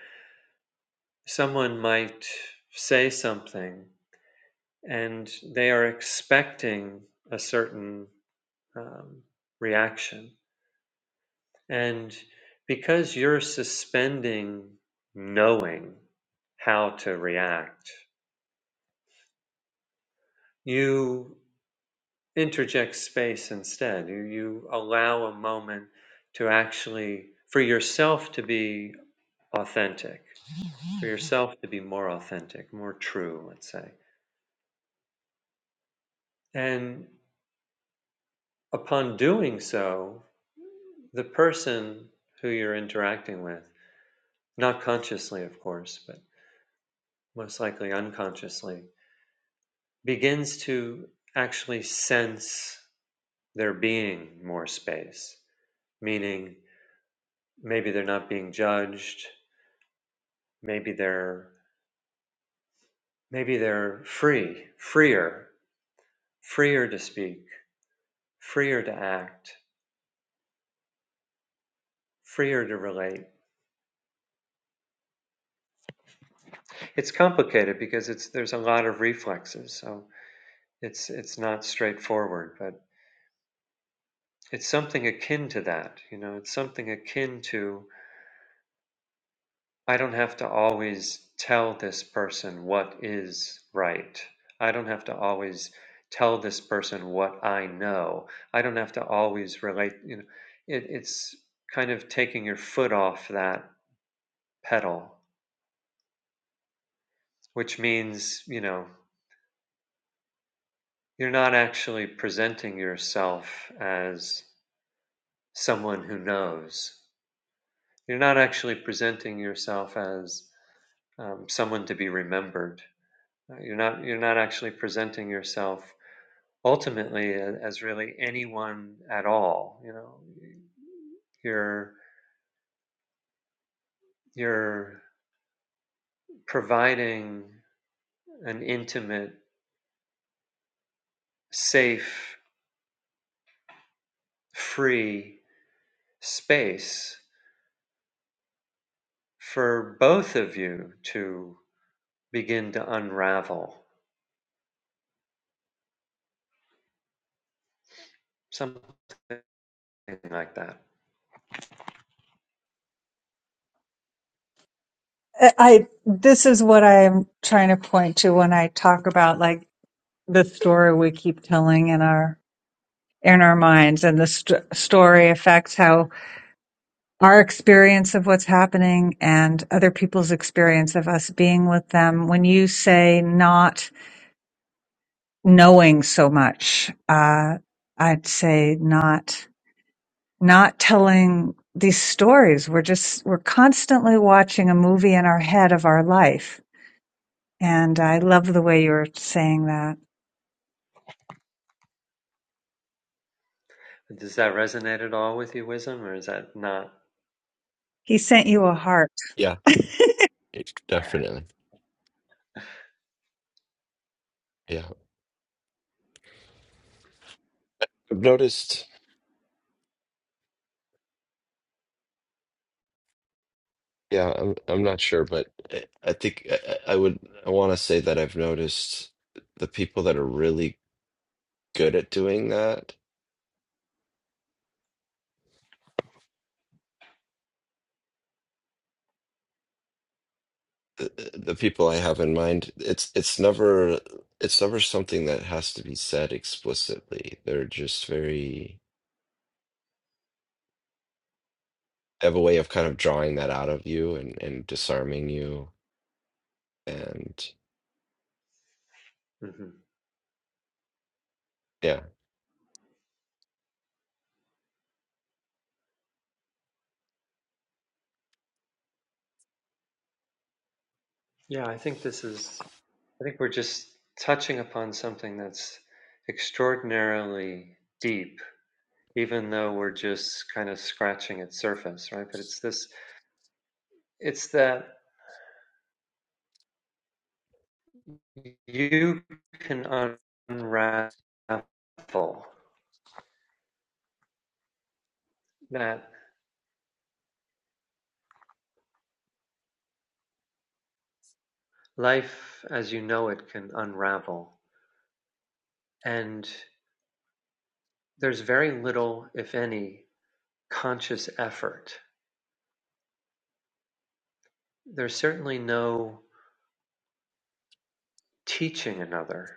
S2: someone might say something and they are expecting a certain um, reaction And because you're suspending knowing how to react, you interject space instead. You, you allow a moment to actually, for yourself to be authentic, for yourself to be more authentic, more true, let's say. And upon doing so, the person who you're interacting with, not consciously, of course, but most likely unconsciously, begins to actually sense there being more space meaning maybe they're not being judged maybe they're maybe they're free freer freer to speak freer to act freer to relate it's complicated because it's there's a lot of reflexes so it's it's not straightforward but it's something akin to that you know it's something akin to I don't have to always tell this person what is right. I don't have to always tell this person what I know. I don't have to always relate. You know, it, it's kind of taking your foot off that pedal, which means, you know, you're not actually presenting yourself as someone who knows. You're not actually presenting yourself as um, someone to be remembered. Uh, You're not, you're not actually presenting yourself ultimately as really anyone at all you know you're you're providing an intimate safe free space for both of you to begin to unravel something like that
S1: I, I- this is what I'm trying to point to when I talk about like the story we keep telling in our in our minds and the st- story affects how our experience of what's happening and other people's experience of us being with them. When you say not knowing so much, uh, I'd say not, not telling these stories. We're just, we're constantly watching a movie in our head of our life. And I love the way you're saying that.
S2: does that resonate at all with you wisdom or is that not
S1: He sent you a heart.
S3: Yeah. It, definitely. Yeah. I've noticed, yeah, I'm I'm not sure, but I I think I, I would I want to say that I've noticed the people that are really good at doing that, the, eh, the people I have in mind, it's it's never it's never something that has to be said explicitly. They're just very they have a way of kind of drawing that out of you and and disarming you and
S2: hmm
S3: yeah.
S2: yeah i think this is i think we're just touching upon something that's extraordinarily deep even though we're just kind of scratching its surface, right? But it's this, it's that you can unravel that life as you know it can unravel. And there's very little, if any, conscious effort. There's certainly no teaching another.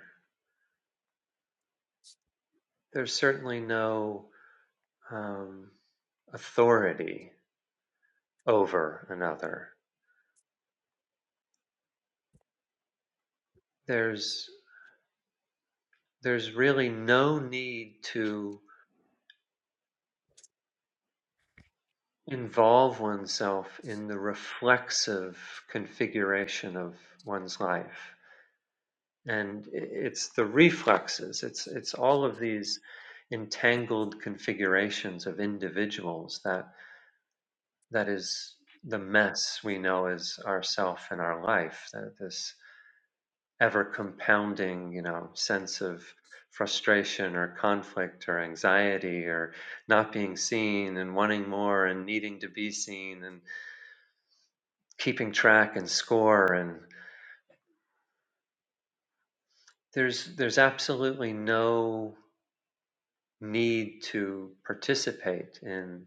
S2: There's certainly no um, authority over another. There's there's really no need to involve oneself in the reflexive configuration of one's life. And i- it's the reflexes, it's, it's all of these entangled configurations of individuals that, that is the mess we know as ourself and our life, that this ever compounding, you know, sense of frustration or conflict or anxiety or not being seen and wanting more and needing to be seen and keeping track and score and there's there's absolutely no need to participate in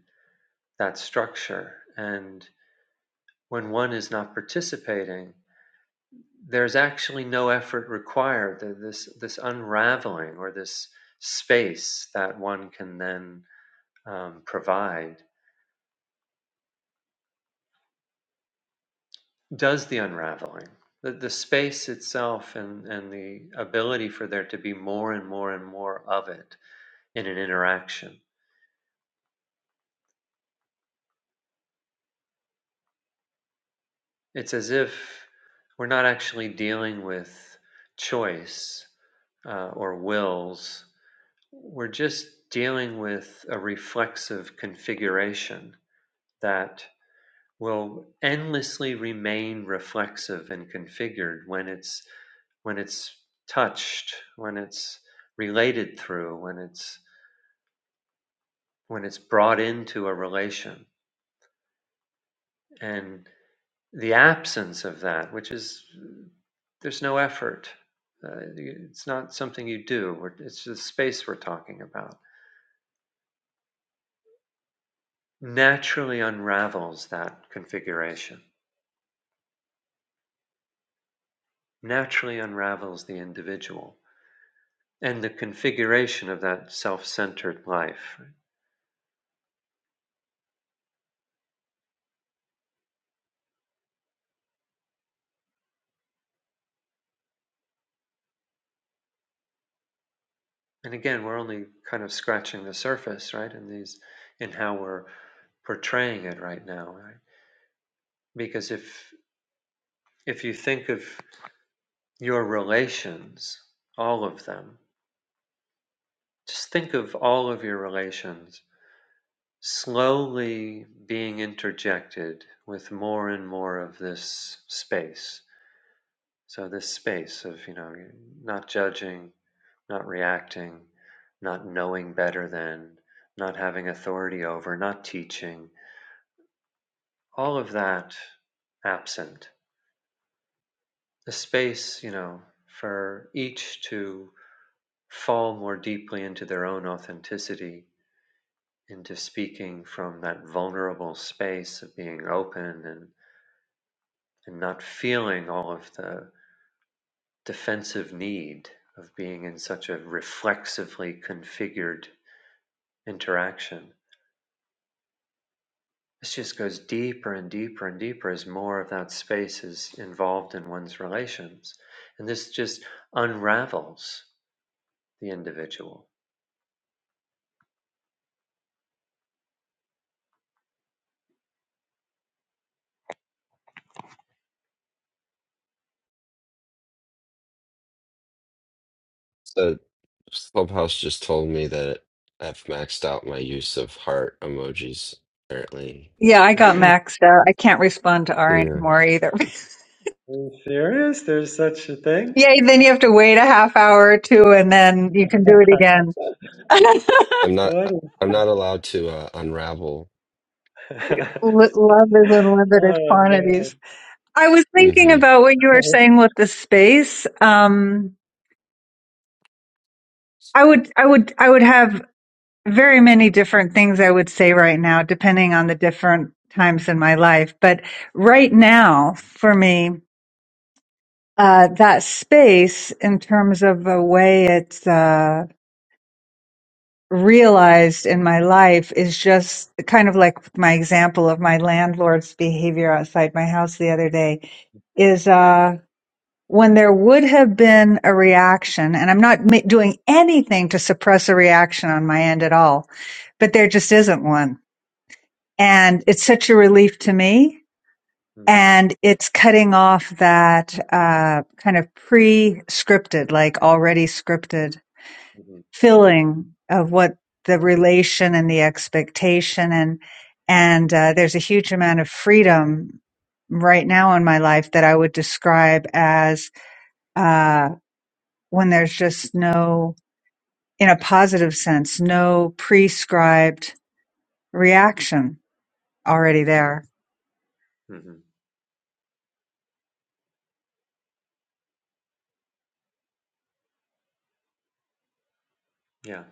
S2: that structure and when one is not participating there's actually no effort required Th- this this unraveling or this space that one can then um, provide does the unraveling the, the space itself and, and the ability for there to be more and more and more of it in an interaction It's as if we're not actually dealing with choice uh, or wills. We're just dealing with a reflexive configuration that will endlessly remain reflexive and configured when it's when it's touched, when it's related through, when it's when it's brought into a relation. And the absence of that, which is there's no effort. Uh, it's not something you do. it's the space we're talking about. Naturally unravels that configuration, naturally unravels the individual and the configuration of that self centered life. And again, we're only kind of scratching the surface, right? In these, in how we're portraying it right now, right? Because if, if you think of your relations, all of them, just think of all of your relations slowly being interjected with more and more of this space. So this space of, you know, not judging, not reacting, not knowing better than, not having authority over, not teaching, all of that absent. The space, you know, for each to fall more deeply into their own authenticity, into speaking from that vulnerable space of being open and. and not feeling all of the defensive need of being in such a reflexively configured interaction. This just goes deeper and deeper and deeper as more of that space is involved in one's relations. And this just unravels the individual.
S3: so. Clubhouse just told me that I've maxed out my use of heart emojis, apparently.
S1: Yeah, I got
S2: Are
S1: maxed out. I can't respond to R
S3: Yeah.
S1: anymore either.
S2: you serious? There's such a thing?
S1: Yay, then you have to wait a half hour or two and then you can do it again. L-
S3: I'm not
S2: What
S3: uh,
S2: is
S3: I'm not
S2: this?
S3: allowed to uh, unravel.
S1: Love is in limited
S2: oh man.
S1: quantities. I was thinking
S3: hmm
S1: about what you were saying with the space. Um, I would, I would, I would have very many different things I would say right now, depending on the different times in my life. But right now, for me, uh, that space in terms of the way it's, uh, realized in my life is just kind of like my example of my landlord's behavior outside my house the other day is
S2: yeah.
S1: uh when there would have been a reaction and I'm not ma- doing anything to suppress a reaction on my end at all but there just isn't one and it's such a relief to me
S2: hmm
S1: and it's cutting off that uh kind of pre-scripted like already scripted
S2: hmm
S1: filling of what the relation and the expectation and and uh, there's a huge amount of freedom right now in my life that I would describe as uh, when there's just no, in a positive sense, no prescribed reaction already
S2: hmm
S1: there.
S2: hmm Yeah.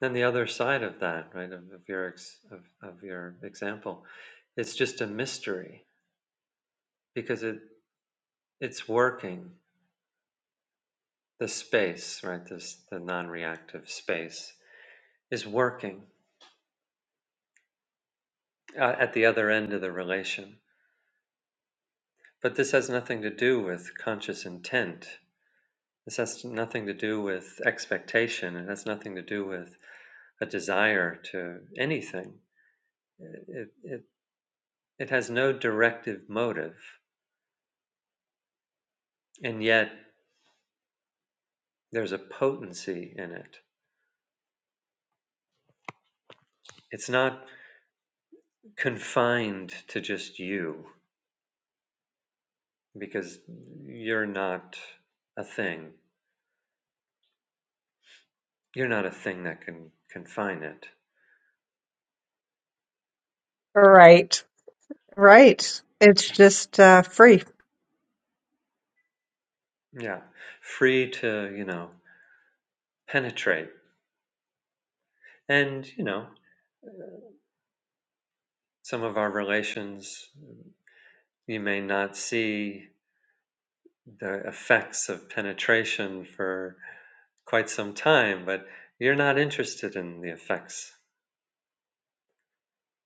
S2: Then the other side of that, right, of, of your ex, of, of your example, it's just a mystery because it it's working. The space, right, this the non-reactive space is working uh, at the other end of the relation. But this has nothing to do with conscious intent. This has nothing to do with expectation. It has nothing to do with a desire to anything. It, it, it has no directive motive. And yet There's a potency in it. It's not confined to just you because you're not a thing. You're not a thing that can confine it.
S1: Right. Right. It's just uh, free.
S2: Yeah. Free to, you know, penetrate. And, you know, some of our relations, you may not see the effects of penetration for quite some time, but you're not interested in the effects.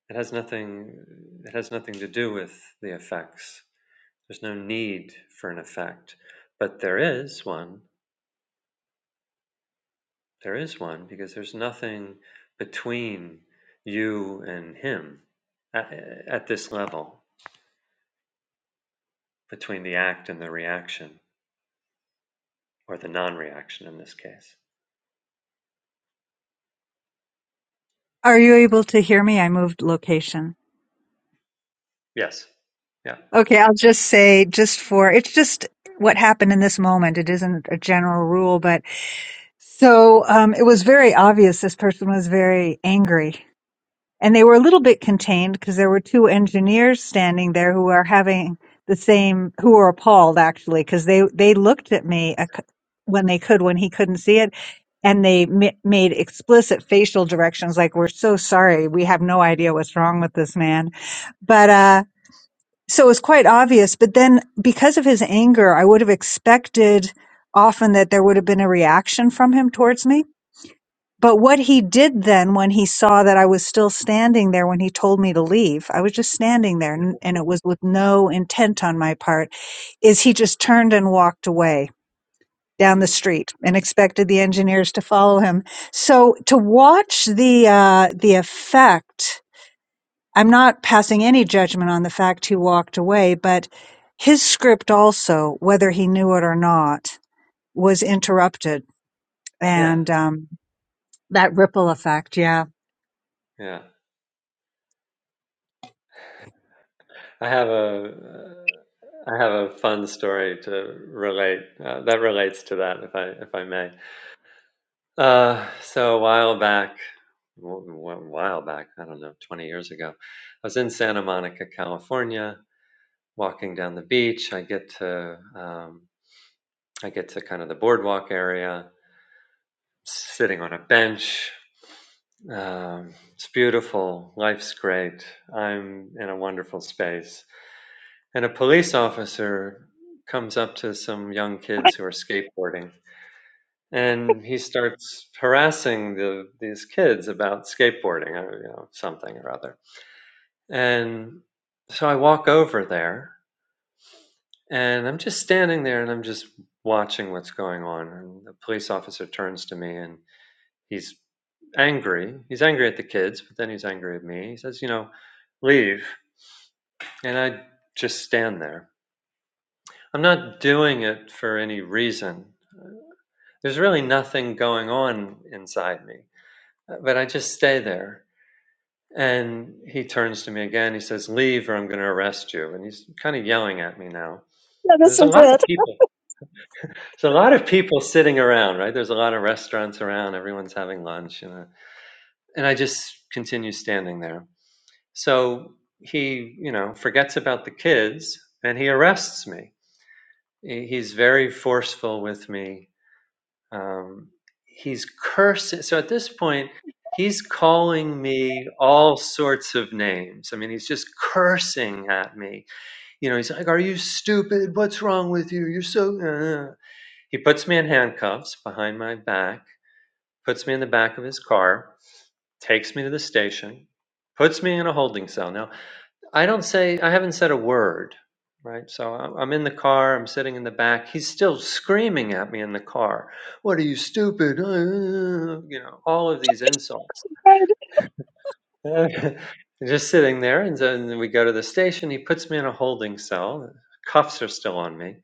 S2: It has nothing it has nothing to do with the effects. There's no need for an effect, but there is one. There is one because there's nothing between you and him at, at this level, between the act and the reaction, or the non reaction in this case.
S1: Are you able to hear me? I moved location.
S2: Yes. Yeah.
S1: Okay, I'll just say, just for it's just what happened in this moment. It isn't a general rule, but so um, it was very obvious this person was very angry. And they were a little bit contained because there were two engineers standing there who are having the same, who were appalled actually, because they, they looked at me a c- when they could, when he couldn't see it. And they ma- made explicit facial directions like, we're so sorry. We have no idea what's wrong with this man. But, uh, so it's quite obvious. But then because of his anger, I would have expected often that there would have been a reaction from him towards me. But what he did then when he saw that I was still standing there when he told me to leave, I was just standing there
S2: Yeah.
S1: n- and it was with no intent on my part, is he just turned and walked away down the
S2: hmm
S1: street and expected the engineers to follow him. So to watch the, uh, the effect I'm not passing any judgment on the fact he walked away, but his script also, whether he knew it or not, was interrupted.
S2: Yeah.
S1: And um, that ripple effect, yeah.
S2: Yeah. I have a. Uh, I have a fun story to relate uh, that relates to that, if I if I may. Uh, so a while back, w- w- a while back, I don't know, 20 years ago, I was in Santa Monica, California, walking down the beach. I get to um, I get to kind of the boardwalk area, sitting on a bench. Um, it's beautiful. Life's great. I'm in a wonderful space. And a police officer comes up to some young kids who are skateboarding and he starts harassing the these kids about skateboarding or you know something or other and so i walk over there and i'm just standing there and i'm just watching what's going on and the police officer turns to me and he's angry he's angry at the kids but then he's angry at me he says you know leave and i just stand there i'm not doing it for any reason there's really nothing going on inside me but i just stay there And he turns to me again. He says, Leave or I'm going to arrest you. And he's kind of yelling at me now.
S1: Yeah, this
S2: There's a
S1: is
S2: lot of
S1: it.
S2: people. There's a lot of people sitting around, right? There's a lot of restaurants around. Everyone's having lunch. you know. and I just continue standing there. So he, you know, forgets about the kids and he arrests me. He's very forceful with me Um, he's cursing. So at this point, he's calling me all sorts of names. I mean, he's just cursing at me. You know, he's like, Are you stupid? What's wrong with you? You're so. uh." uh." He puts me in handcuffs behind my back, puts me in the back of his car, takes me to the station, puts me in a holding cell. Now, I don't say, I haven't said a word, right? So I'm I'm in the car, I'm sitting in the back. He's still screaming at me in the car. What are you, stupid? Uh, You know, all of these insults. Just sitting there. And so- and then we go to the station. He puts me in a holding cell. Cuffs are still on me.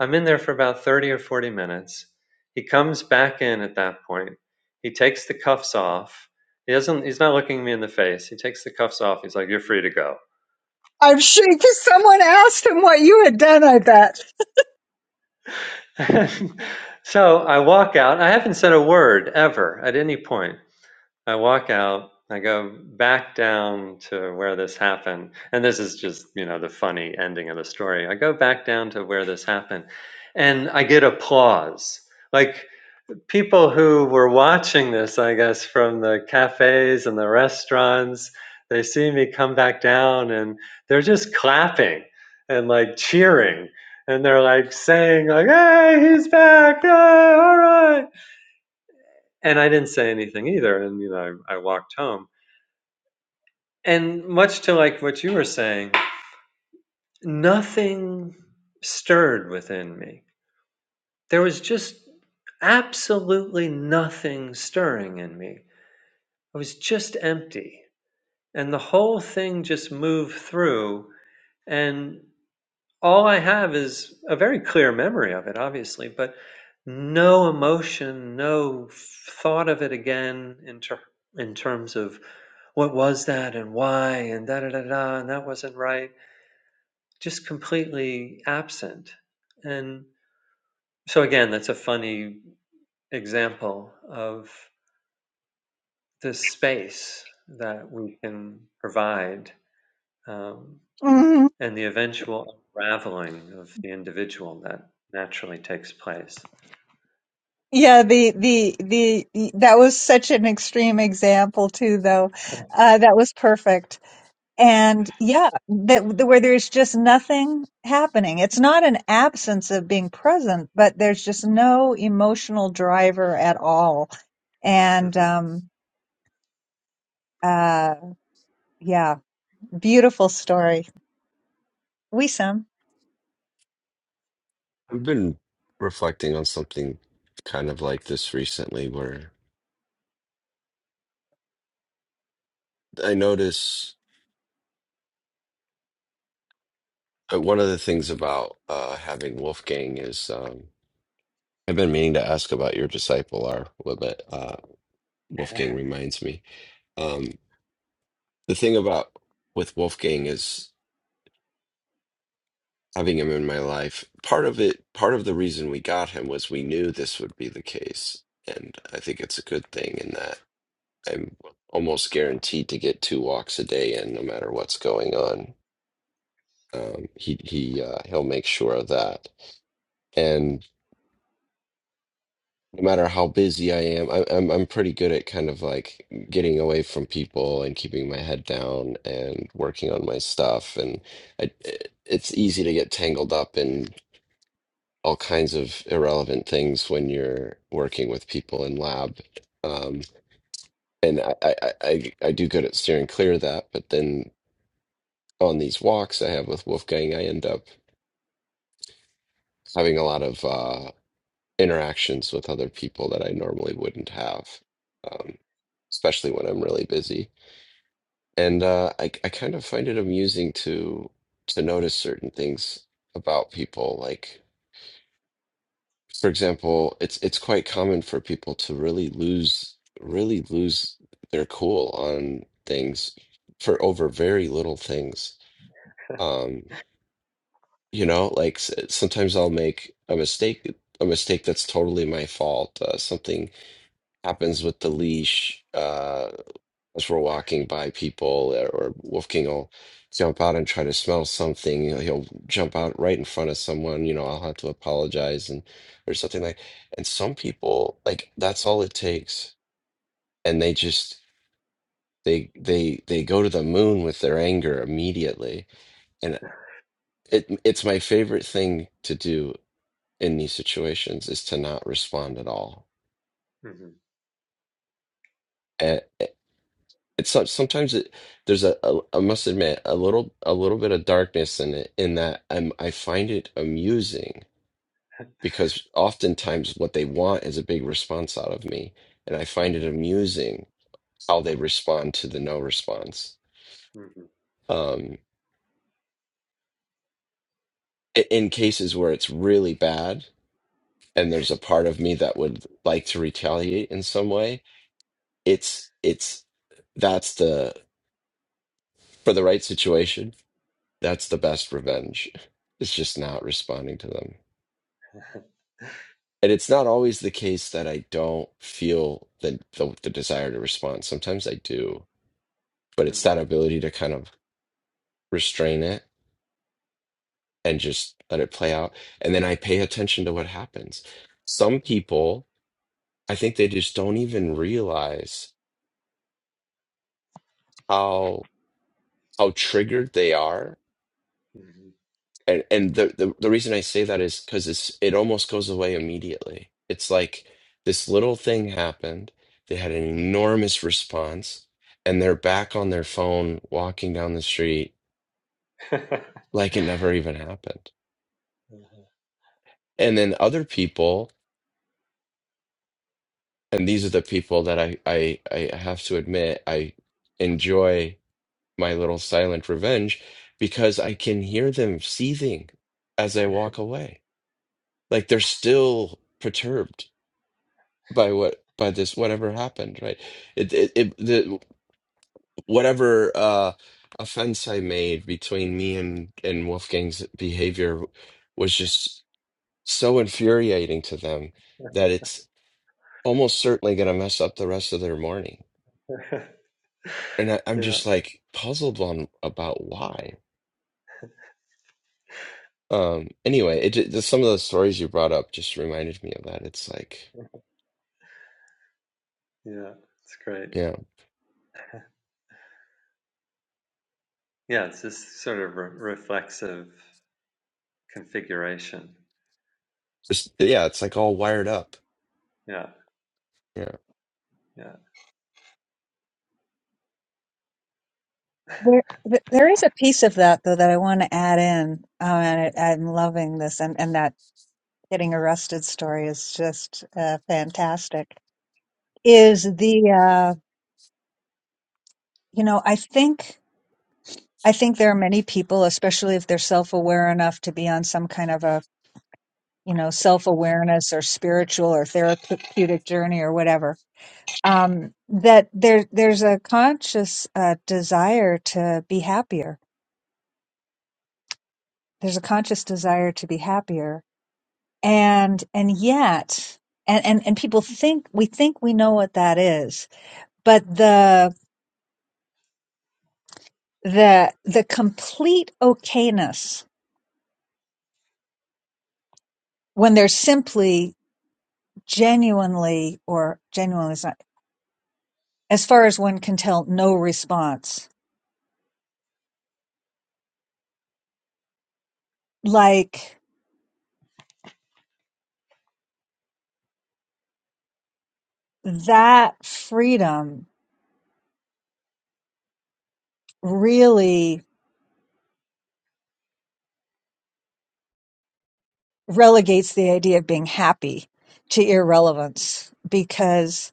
S2: I'm in there for about 30 or 40 minutes. He comes back in at that point. He takes the cuffs off. He doesn't, he's not looking me in the face. He takes the cuffs off. He's like, You're free to go
S1: I'm shaking. Someone asked him what you had done, I bet.
S2: So I walk out. I haven't said a word ever at any point. I walk out. I go back down to where this happened. And this is just, you know, the funny ending of the story. I go back down to where this happened and I get applause. Like people who were watching this, I guess, from the cafes and the restaurants, they see me come back down and they're just clapping and like cheering. And they're like saying, like, hey, he's back. Hey, all right. And I didn't say anything either. And, you know, I, I walked home. And much to like what you were saying, nothing stirred within me. There was just absolutely nothing stirring in me. I was just empty. and the whole thing just moved through and all i have is a very clear memory of it obviously but no emotion no thought of it again in, ter- in terms of what was that and why and da da da da and that wasn't right just completely absent and so again that's a funny example of this space that we can provide um, and the eventual unraveling of the individual that naturally takes place.
S1: Yeah, the, the, the, that was such an extreme example too, though. Uh, that was perfect. And yeah, that, that where there's just nothing happening. It's not an absence of being present, but there's just no emotional driver at all. And,
S2: Mhm,
S1: um, uh, yeah, beautiful story. We some.
S3: I've been reflecting on something kind of like this recently where I notice uh, one of the things about uh, having Wolfgang is um, I've been meaning to ask about your disciple R, but uh, Wolfgang reminds me. Um, the thing about with Wolfgang is. having him in my life. Part of it, part of the reason we got him was we knew this would be the case. And I think it's a good thing in that I'm almost guaranteed to get two walks a day in no matter what's going on. Um, he he uh, he'll make sure of that. And no matter how busy I am, I, I'm I'm pretty good at kind of like getting away from people and keeping my head down and working on my stuff. And I, it- it's easy to get tangled up in all kinds of irrelevant things when you're working with people in lab. Um, and I, I, I, I I do good at steering clear of that, but then on these walks I have with Wolfgang, I end up having a lot of uh, interactions with other people that I normally wouldn't have, um, especially when I'm really busy. And uh, I, I kind of find it amusing to to notice certain things about people, like. for example, it's it's quite common for people to really lose really lose their cool on things for over very little things. Um, you know, like s- sometimes I'll make a mistake, a mistake that's totally my fault. Uh, something happens with the leash. Uh, as we're walking by people, or Wolfgang will jump out and try to smell something. You know, he'll jump out right in front of someone. You know, I'll have to apologize and or something like. And some people like that's all it takes, and they just they they they go to the moon with their anger immediately. And it it's my favorite thing to do in these situations is to not respond at all.
S2: mhm,
S3: eh, it's so, sometimes it there's a, a I must admit a little a little bit of darkness in it in that I'm, I find it amusing because oftentimes what they want is a big response out of me and I find it
S2: mhm,
S3: amusing how they respond to the no response
S2: mhm,
S3: um i- in cases where it's really bad and there's a part of me that would like to retaliate in some way it's it's that's the for the right situation that's the best revenge it's just not responding to them and it's not always the case that I don't feel the, the the desire to respond. Sometimes I do, but it's that
S2: mhm,
S3: ability to kind of restrain it and just let it play out, and then I pay attention to what happens. Some people, I think they just don't even realize how how triggered they are
S2: mhm.
S3: And and the the, the reason I say that is because it's it almost goes away immediately. It's like this little thing happened. They had an enormous response, and they're back on their phone walking down the street like it never even happened. And then other people, and these are the people that I I, I have to admit I enjoy my little silent revenge because I can hear them seething as I walk away. Like they're still perturbed by what by this whatever happened right it it, it the whatever uh offense i made between me and and wolfgang's behavior was just so infuriating to them that it's almost certainly going to mess up the rest of their morning and I, i'm
S2: yeah,
S3: just like puzzled on about why um anyway it ju- just some of the stories you brought up just reminded me of that it's like
S2: yeah, it's great.
S3: yeah
S2: Yeah, it's this sort of re- reflexive configuration.
S3: just yeah it's like all wired up
S2: Yeah,
S3: Yeah.
S2: yeah.
S1: There, th- there is a piece of that though that I want to add in. Oh, and I, I'm loving this and, and that. getting arrested story is just uh, fantastic. Is the uh, you know I think I think there are many people, especially if they're self aware enough to be on some kind of a you know self awareness or spiritual or therapeutic journey or whatever, um, that there there's a conscious uh, desire to be happier. There's a conscious desire to be happier, and and yet. And, and, and people think we think we know what that is, but the the the complete okayness when there's simply genuinely or genuinely is not, as far as one can tell no response like that freedom really relegates the idea of being happy to irrelevance because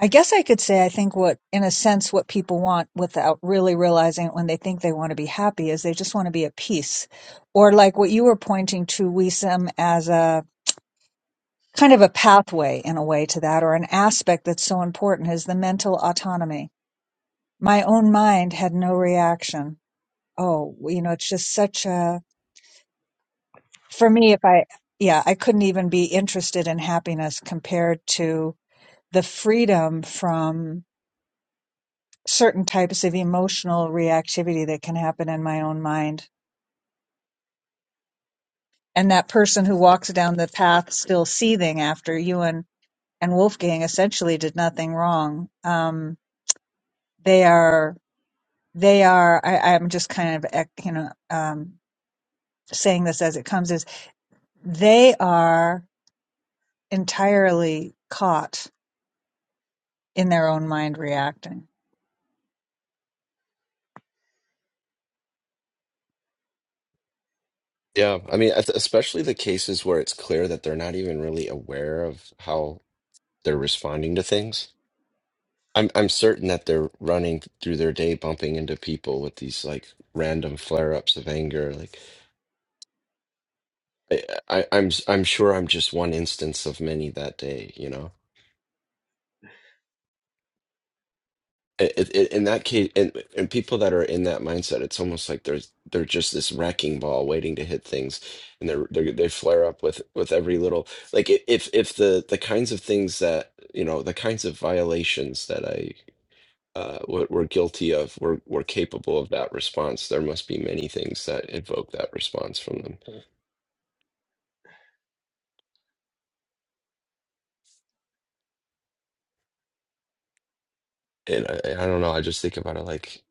S1: i guess i could say i think what in a sense what people want without really realizing it when they think they want to be happy is they just want to be at peace or like what you were pointing to wisdom as a kind of a pathway in a way to that, or an aspect that's so important is the mental autonomy. My own mind had no reaction. Oh, you know, it's just such a, for me, if I, yeah, I couldn't even be interested in happiness compared to the freedom from certain types of emotional reactivity that can happen in my own mind. And that person who walks down the path still seething after you and, and Wolfgang essentially did nothing wrong. Um, they are they are I, i'm just kind of eh, you know um, saying this as it comes is they are entirely caught in their own mind reacting
S3: Yeah, I mean, es- especially the cases where it's clear that they're not even really aware of how they're responding to things. I'm I'm certain that they're running through their day bumping into people with these like random flare-ups of anger. Like I, I I'm I'm sure I'm just one instance of many that day, you know. it, it, in that case, and and people that are in that mindset, it's almost like there's they're just this wrecking ball waiting to hit things, and they're, they're they flare up with with every little like i- if if the the kinds of things that you know the kinds of violations that I uh were, were guilty of were were capable of that response, there must be many things that evoke that response from
S2: Mm,
S3: them. And I, I don't know, I just think about it like.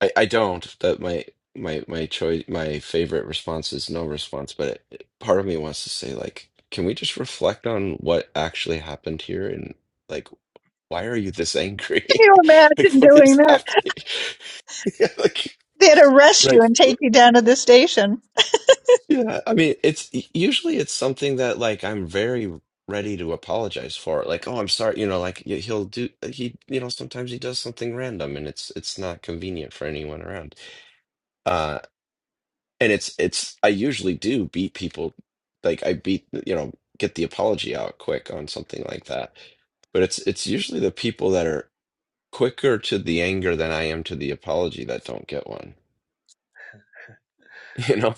S3: I, I don't. That my my my choice, my favorite response is no response. But it, it- part of me wants to say, like, can we just reflect on what actually happened here and like, why are you this
S1: can
S3: angry?
S1: you
S3: like,
S1: imagine
S3: what
S1: doing
S3: is
S1: that
S3: happening? Yeah, like,
S1: they'd arrest you
S3: like,
S1: and take you down to the station
S3: yeah. I mean, it's usually it's something that like I'm very ready to apologize for. Like, oh, I'm sorry. You know, like y- he'll do. He, you know, sometimes he does something random and it's it's not convenient for anyone around. Uh, and it's it's I usually do beat people like I beat you know get the apology out quick on something like that but it's it's usually the people that are quicker to the anger than I am to the apology that don't get one you know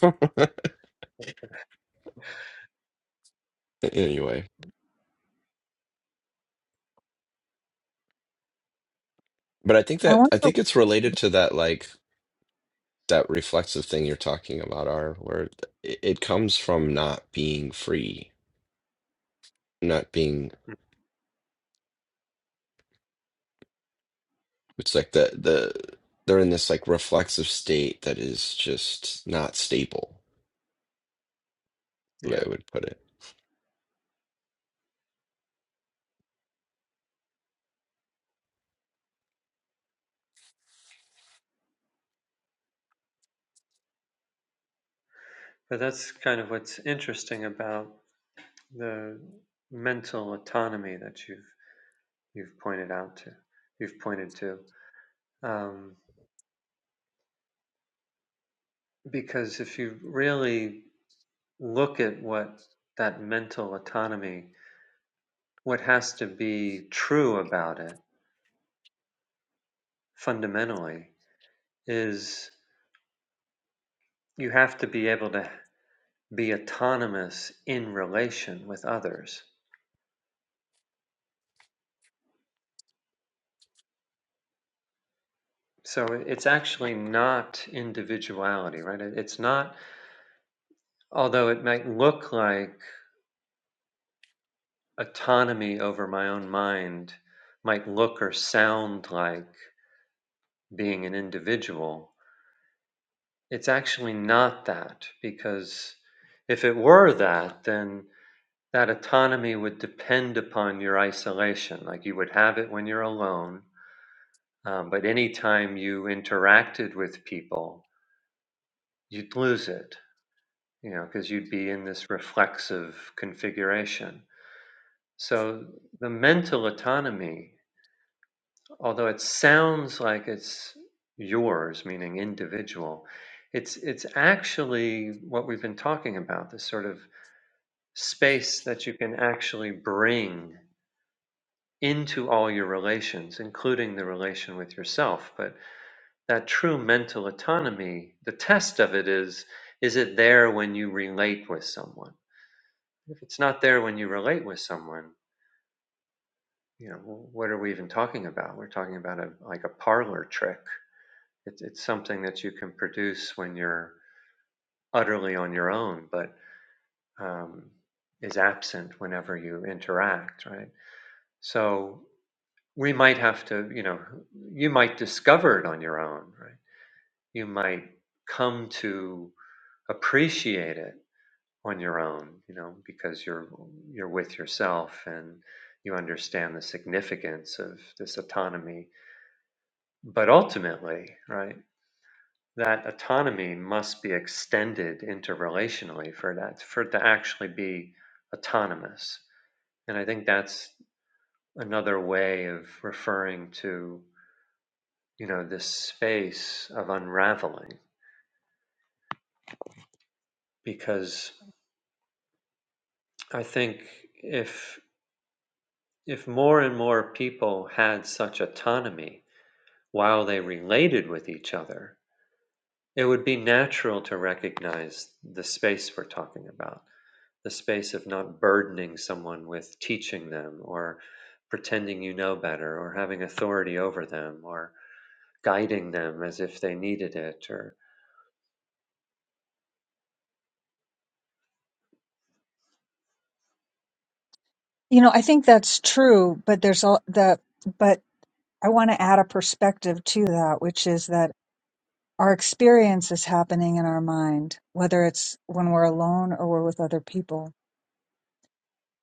S3: anyway but I think
S1: i
S3: that
S1: want
S3: I
S1: to
S3: think it's related to that like that reflexive thing you're talking about are where it, it comes from not being free not being it's like the the they're in this like reflexive state that is just not stable the way
S2: Yeah,
S3: I would put it.
S2: but that's kind of what's interesting about the mental autonomy that you've you've pointed out to, you've pointed to. Um, Because if you really look at what that mental autonomy, what has to be true about it fundamentally is you have to be able to be autonomous in relation with others. So it's actually not individuality, right? It's not, although it might look like autonomy over my own mind might look or sound like being an individual, It's actually not that, because if it were that, then that autonomy would depend upon your isolation. Like you would have it when you're alone, um, but anytime you interacted with people, you'd lose it, you know, because you'd be in this reflexive configuration. So the mental autonomy, although it sounds like it's yours, meaning individual, it's it's actually what we've been talking about, this sort of space that you can actually bring into all your relations, including the relation with yourself. But that true mental autonomy, the test of it is is it there when you relate with someone? If it's not there when you relate with someone, you know, what are we even talking about? We're talking about a like a parlor trick. It's it's something that you can produce when you're utterly on your own, but um, is absent whenever you interact, right? So we might have to, you know, you might discover it on your own, right? You might come to appreciate it on your own, you know, because you're you're with yourself and you understand the significance of this autonomy. But ultimately, right, that autonomy must be extended interrelationally for that for it to actually be autonomous. And I think that's another way of referring to you know, this space of unraveling because I think if if more and more people had such autonomy while they related with each other, it would be natural to recognize the space we're talking about, the space of not burdening someone with teaching them or pretending you know better or having authority over them or guiding them as if they needed it or
S1: you know i think that's true but there's all the but I want to add a perspective to that, which is that our experience is happening in our mind, whether it's when we're alone or we're with other people.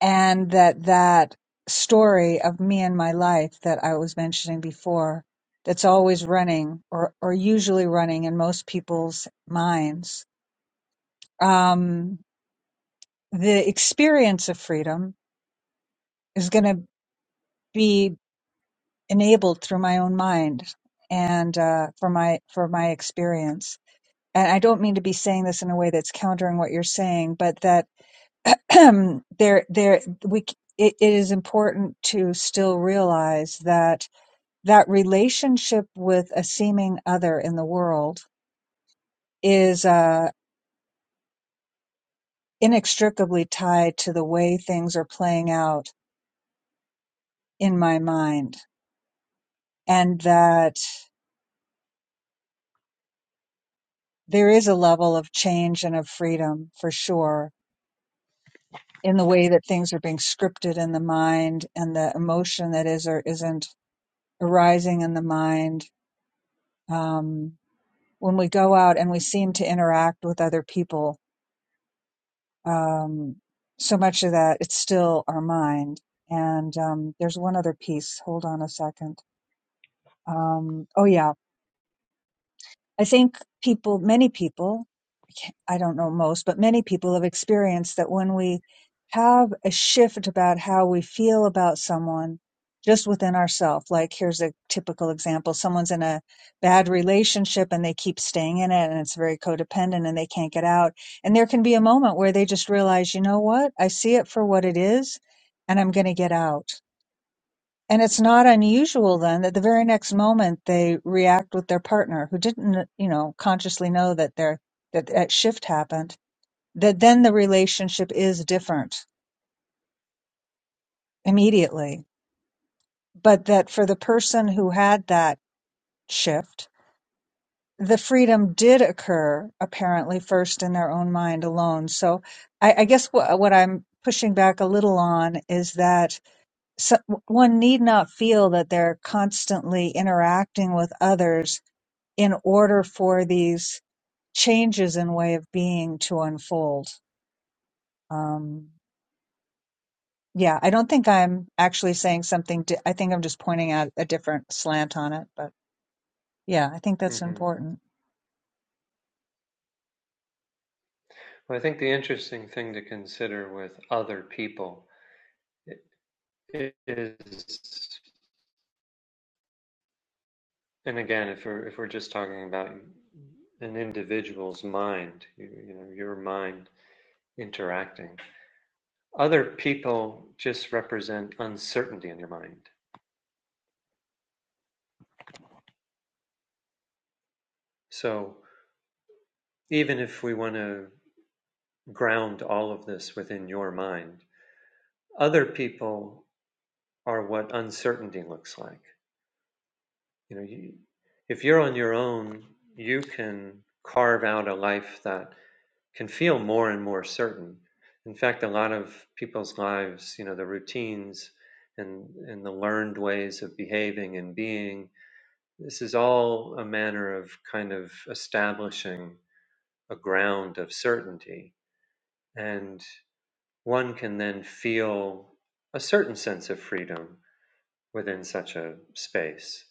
S1: And that that story of me and my life that I was mentioning before, that's always running or, or usually running in most people's minds. Um, the experience of freedom is going to be enabled through my own mind and uh, for my for my experience and I don't mean to be saying this in a way that's countering what you're saying, but that there, there, we, it, it is important to still realize that that relationship with a seeming other in the world is uh, inextricably tied to the way things are playing out in my mind, and that there is a level of change and of freedom for sure in the way that things are being scripted in the mind and the emotion that is or isn't arising in the mind um, when we go out and we seem to interact with other people. Um, so much of that, it's still our mind. And um, there's one other piece. Hold on a second. Um, oh yeah, I think people, many people, I don't know most, but many people have experienced that when we have a shift about how we feel about someone just within ourselves, like here's a typical example someone's in a bad relationship and they keep staying in it and it's very codependent and they can't get out. And there can be a moment where they just realize, you know what? I see it for what it is and I'm going to get out and it's not unusual then that the very next moment they react with their partner who didn't, you know, consciously know that their that that shift happened, that then the relationship is different immediately. But that for the person who had that shift, the freedom did occur apparently first in their own mind alone. So I, I guess what, what I'm pushing back a little on is that so, one need not feel that they're constantly interacting with others in order for these changes in way of being to unfold. Um, yeah, I don't think I'm actually saying something. Di- I think I'm just pointing out a different slant on it. But yeah, I think that's
S2: Mhm.
S1: important.
S2: Well, I think the interesting thing to consider with other people Is and again, if we're if we're just talking about an individual's mind, you, you know, your mind interacting, other people just represent uncertainty in your mind. So even if we want to ground all of this within your mind, other people are what uncertainty looks like. You know, you, if you're on your own, you can carve out a life that can feel more and more certain. In fact, a lot of people's lives, you know, the routines and, and the learned ways of behaving and being, this is all a manner of kind of establishing a ground of certainty. And one can then feel a certain sense of freedom within such a space.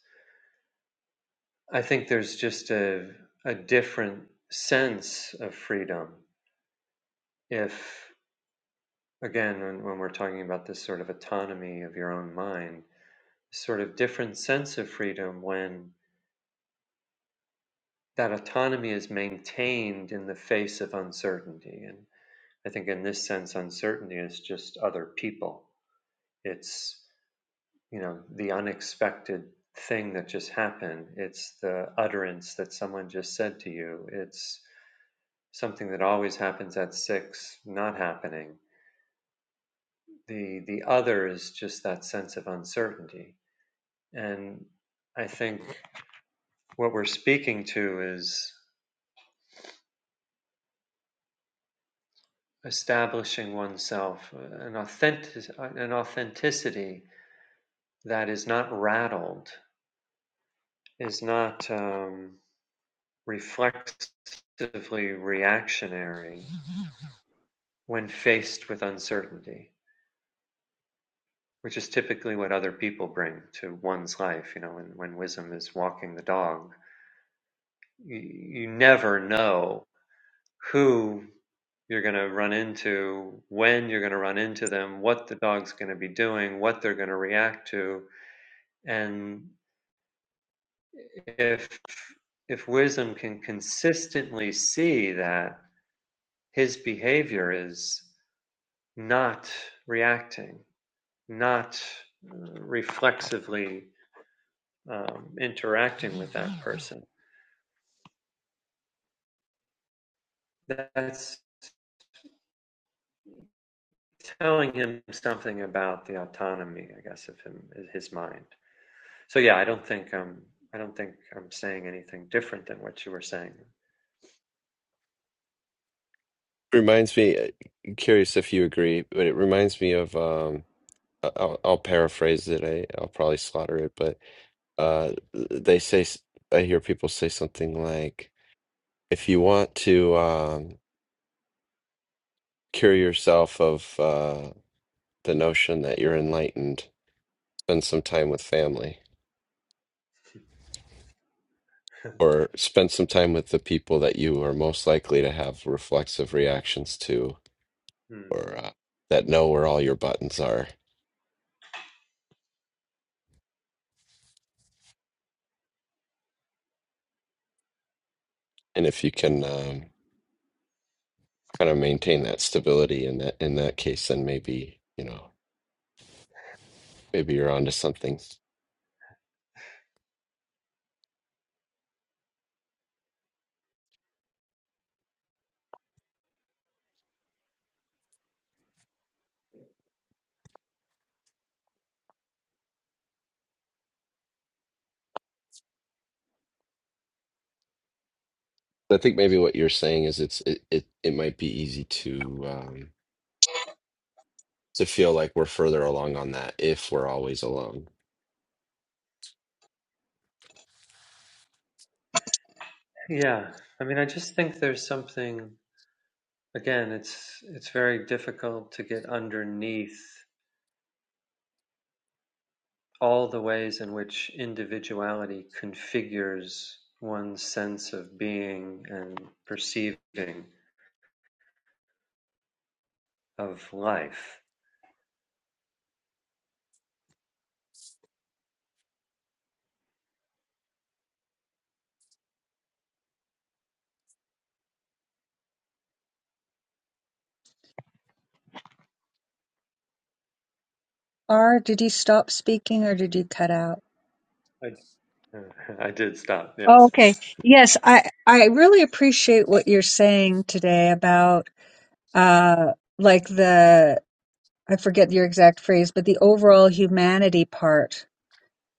S2: I think there's just a, a different sense of freedom if again, when, when we're talking about this sort of autonomy of your own mind, sort of different sense of freedom when that autonomy is maintained in the face of uncertainty. And I think in this sense, uncertainty is just other people. It's, you know, the unexpected thing that just happened. It's the utterance that someone just said to you. It's something that always happens at six, not happening. The, the other is just that sense of uncertainty And I think what we're speaking to is establishing oneself uh, an authentic uh, an authenticity that is not rattled, is not um, reflexively reactionary when faced with uncertainty, which is typically what other people bring to one's life. You know, when when wisdom is walking the dog, you, you never know who you're going to run into, when you're going to run into them, what the dog's going to be doing, what they're going to react to. And if, if wisdom can consistently see that his behavior is not reacting, not uh, reflexively um, interacting with that person, that's telling him something about the autonomy, I guess, of him, his mind. So yeah, I don't think um I don't think I'm saying anything different than what you were saying.
S3: Reminds me, uh, I'm curious if you agree, but it reminds me of um I- I'll, I'll paraphrase it. I, I'll probably slaughter it, but uh they say s- I hear people say something like if you want to um cure yourself of uh the notion that you're enlightened, spend some time with family or spend some time with the people that you are most likely to have reflexive reactions to
S2: Hmm.
S3: or uh, that know where all your buttons are. And if you can um kind of maintain that stability in that in that case, then maybe you know maybe you're onto something. I think maybe what you're saying is it's it it, it might be easy to um, to feel like we're further along on that if we're always alone.
S2: Yeah, I mean, I just think there's something again, it's it's very difficult to get underneath all the ways in which individuality configures one's sense of being and perceiving of life.
S1: Or did he stop speaking or did he cut out?
S2: I, I did stop,
S1: Oh,
S2: yes.
S1: okay. Yes, I I really appreciate what you're saying today about uh like the I forget your exact phrase, but the overall humanity part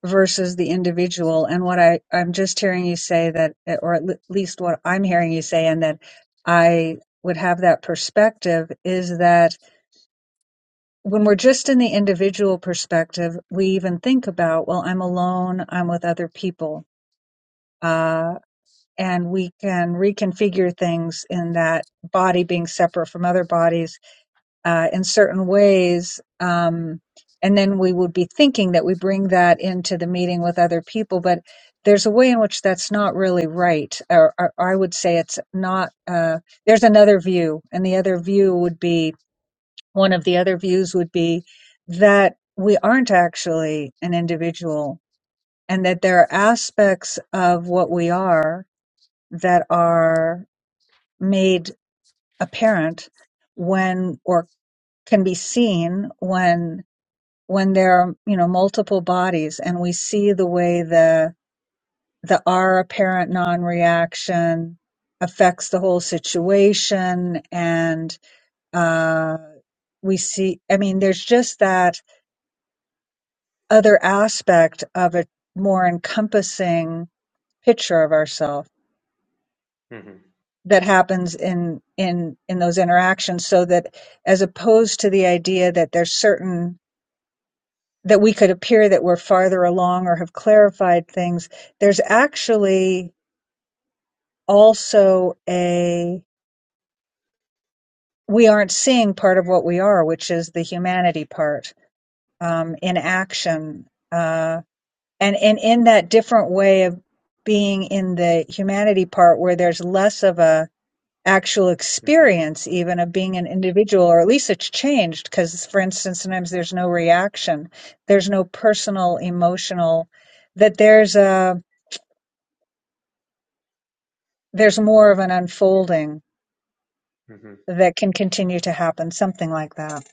S1: versus the individual. And what I, I'm just hearing you say that, or at le- least what I'm hearing you say, and that I would have that perspective is that when we're just in the individual perspective, we even think about, well, I'm alone, I'm with other people. Uh, and we can reconfigure things in that body being separate from other bodies uh, in certain ways. Um, and then we would be thinking that we bring that into the meeting with other people, but there's a way in which that's not really right. Or, or I would say it's not, uh, there's another view. And the other view would be one of the other views would be that we aren't actually an individual and that there are aspects of what we are that are made apparent when or can be seen when when there are you know multiple bodies and we see the way the the our apparent non-reaction affects the whole situation and uh we see i mean there's just that other aspect of a more encompassing picture of ourselves
S2: hmm
S1: that happens in in in those interactions so that as opposed to the idea that there's certain that we could appear that we're farther along or have clarified things, there's actually also a we aren't seeing part of what we are, which is the humanity part um, in action, uh, and and in that different way of being in the humanity part where there's less of a actual
S2: hmm
S1: experience even of being an individual or at least it's changed because for instance sometimes there's no reaction there's no personal emotional that there's a. there's more of an unfolding
S2: hmm
S1: that can continue to happen, something like that.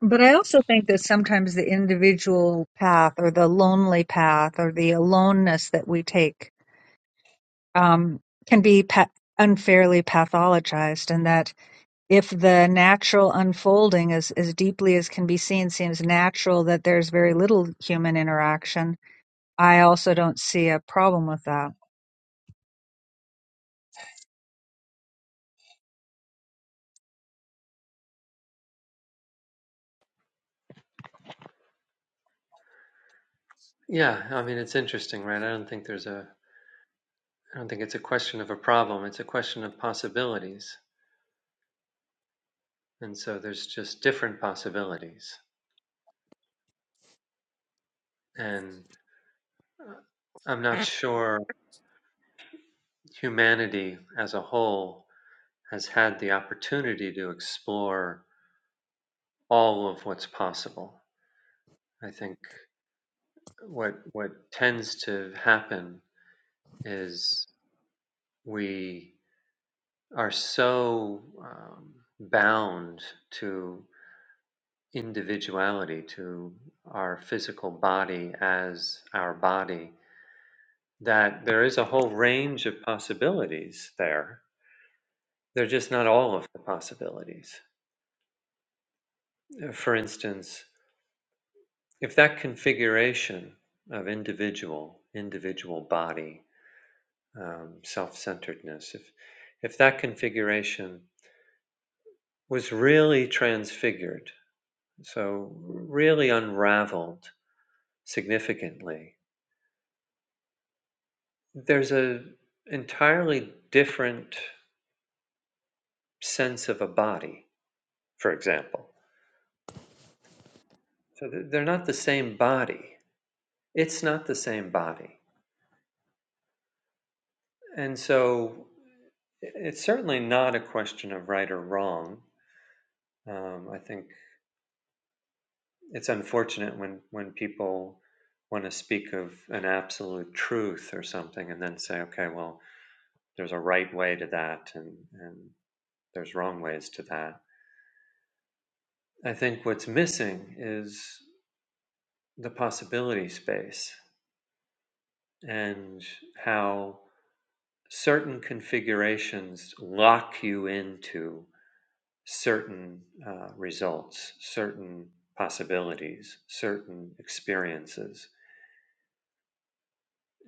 S1: But I also think that sometimes the individual path or the lonely path or the aloneness that we take um, can be pa- unfairly pathologized, and that if the natural unfolding is as deeply as can be seen seems natural that there's very little human interaction, I also don't see a problem with that.
S2: Yeah, I mean, it's interesting, right? I don't think there's a I don't think it's a question of a problem, it's a question of possibilities. And so there's just different possibilities. And uh, I'm not sure humanity as a whole has had the opportunity to explore all of what's possible. I think what what tends to happen is we are so um, bound to individuality to our physical body as our body, that there is a whole range of possibilities there. They're just not all of the possibilities. Uh, For instance, if that configuration of individual, individual body, um, self centeredness, if, if that configuration was really transfigured, so really unraveled significantly There's a entirely different sense of a body, for example. So th- they're not the same body. It's not the same body. And so it's certainly not a question of right or wrong. Um, I think it's unfortunate when, when people want to speak of an absolute truth or something and then say, okay, well, there's a right way to that and, and there's wrong ways to that. I think what's missing is. the possibility space and how certain configurations lock you into certain uh, results, certain possibilities, certain experiences.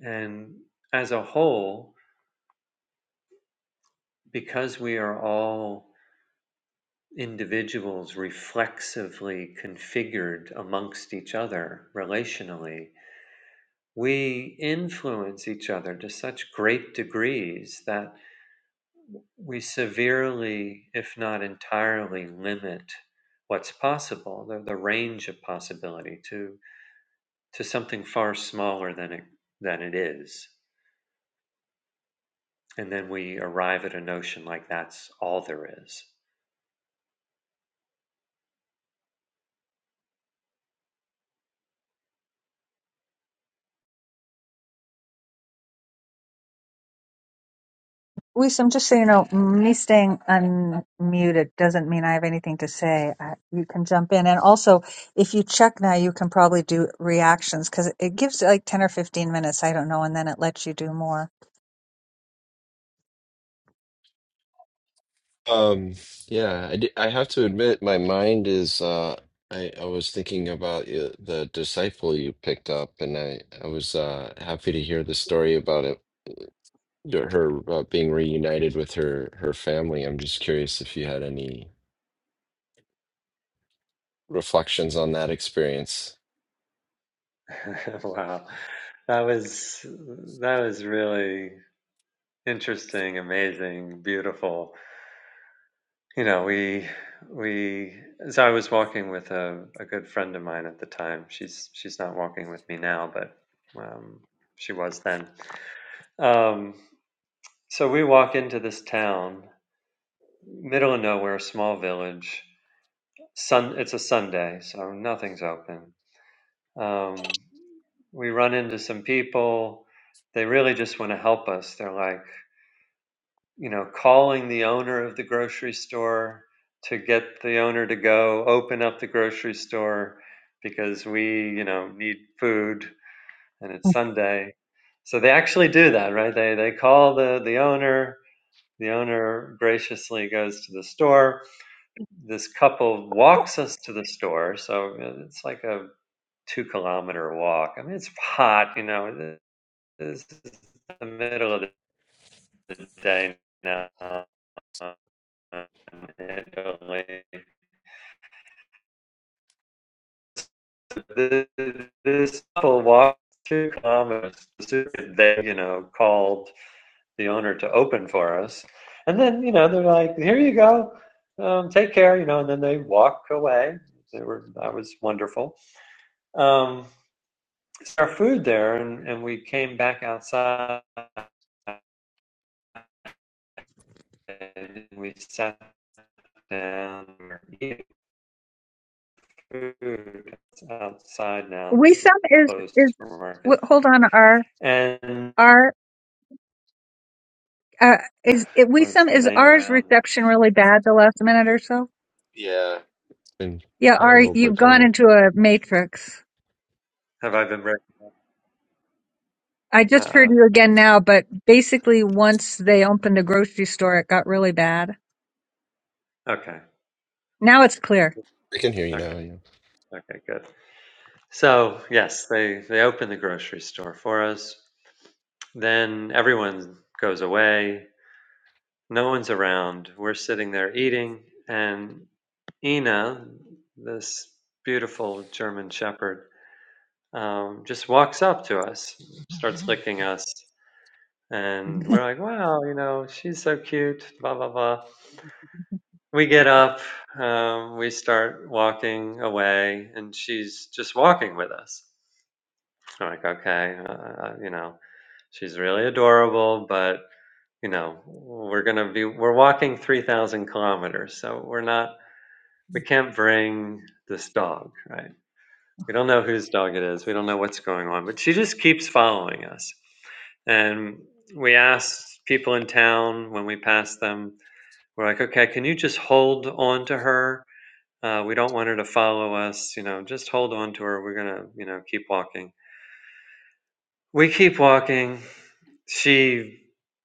S2: And as a whole, because we are all individuals reflexively configured amongst each other relationally, we influence each other to such great degrees that we severely, if not entirely, limit what's possible, the, the range of possibility, to to something far smaller than it than it is, and then we arrive at a notion like that's all there is.
S1: Luis, just so you know, me staying unmuted doesn't mean I have anything to say. Uh, you can jump in. And also, if you check now, you can probably do reactions because it gives like 10 or 15 minutes, I don't know, and then it lets you do more.
S3: Um, yeah, I, di- I have to admit my mind is uh, I I was thinking about uh, the disciple you picked up, and I I was uh, happy to hear the story about it. Her uh, being reunited with her her family. I'm just curious if you had any reflections on that experience.
S2: wow, that was that was really interesting, amazing, beautiful. you know we we so i was walking with a, a good friend of mine at the time she's she's not walking with me now but um, she was then um, so we walk into this town middle of nowhere small village sun it's a sunday so nothing's open um, we run into some people they really just want to help us they're like you know, calling the owner of the grocery store to get the owner to go open up the grocery store because we, you know, need food and it's Sunday. So they actually do that, right? They they call the the owner. The owner graciously goes to the store. This couple walks us to the store, so it's like a two kilometer walk. I mean, it's hot, you know. This is the middle of the day now This, this couple walked through Commerce, they, you know, called the owner to open for us. And then, you know, they're like, here you go, um, take care, you know, and then they walk away. They were, that was wonderful. Um, our food there, and, and we came back outside and we sat down, we were eating food It's outside now, the
S1: Wisam is,
S2: closed
S1: is,
S2: supermarket
S1: wh- hold on, R.
S2: And
S1: R. Uh, is it we
S2: was
S1: some
S2: the
S1: is
S2: name
S1: ours
S2: around?
S1: reception really bad the last minute or so?
S3: Yeah. Been
S1: Yeah,
S3: kind of a
S1: Ari,
S3: little
S1: you've
S3: bit
S1: gone
S3: garbled.
S1: into a matrix.
S2: Have I been breaking?
S1: I just heard
S2: Uh,
S1: you again now, but basically once they opened a grocery store, it got really bad.
S2: okay,
S1: Now it's clear.
S3: I can hear you
S2: okay,
S3: now. Yeah.
S2: okay, good. So yes, they they open the grocery store for us. Then everyone goes away. No one's around. We're sitting there eating, and Ina, this beautiful German Shepherd, um, just walks up to us, starts licking us, and we're like, "Wow, you know, she's so cute." Blah blah blah. We get up, um, we start walking away, and she's just walking with us. I'm like, okay, uh, uh, you know, she's really adorable, but you know, we're gonna be we're walking three thousand kilometers, so we're not we can't bring this dog, right? We don't know whose dog it is. We don't know what's going on, but she just keeps following us. And we asked people in town when we passed them, we're like, okay, can you just hold on to her uh, we don't want her to follow us. You know, just hold on to her. We're gonna, you know, keep walking. We keep walking. She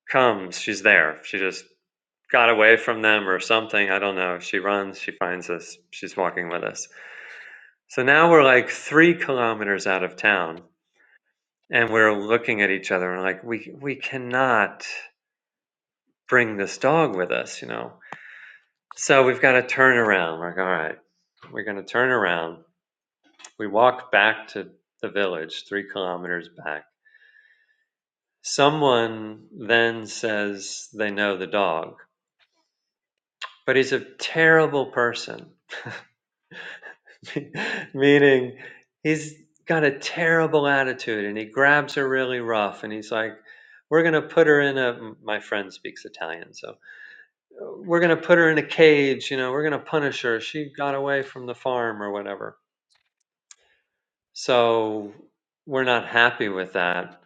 S2: comes. She's there. She just got away from them or something. I don't know. She runs. She finds us. She's walking with us. So now we're like three kilometers out of town, and we're looking at each other and like, we we cannot bring this dog with us. You know. So we've got to turn around. We're like, all right, we're gonna turn around We walked back to the village, three kilometers back. Someone then says they know the dog, but he's a terrible person, meaning he's got a terrible attitude and he grabs her really rough and he's like, we're going to put her in a, my friend speaks Italian, so we're going to put her in a cage, you know, we're going to punish her. She got away from the farm or whatever So we're not happy with that.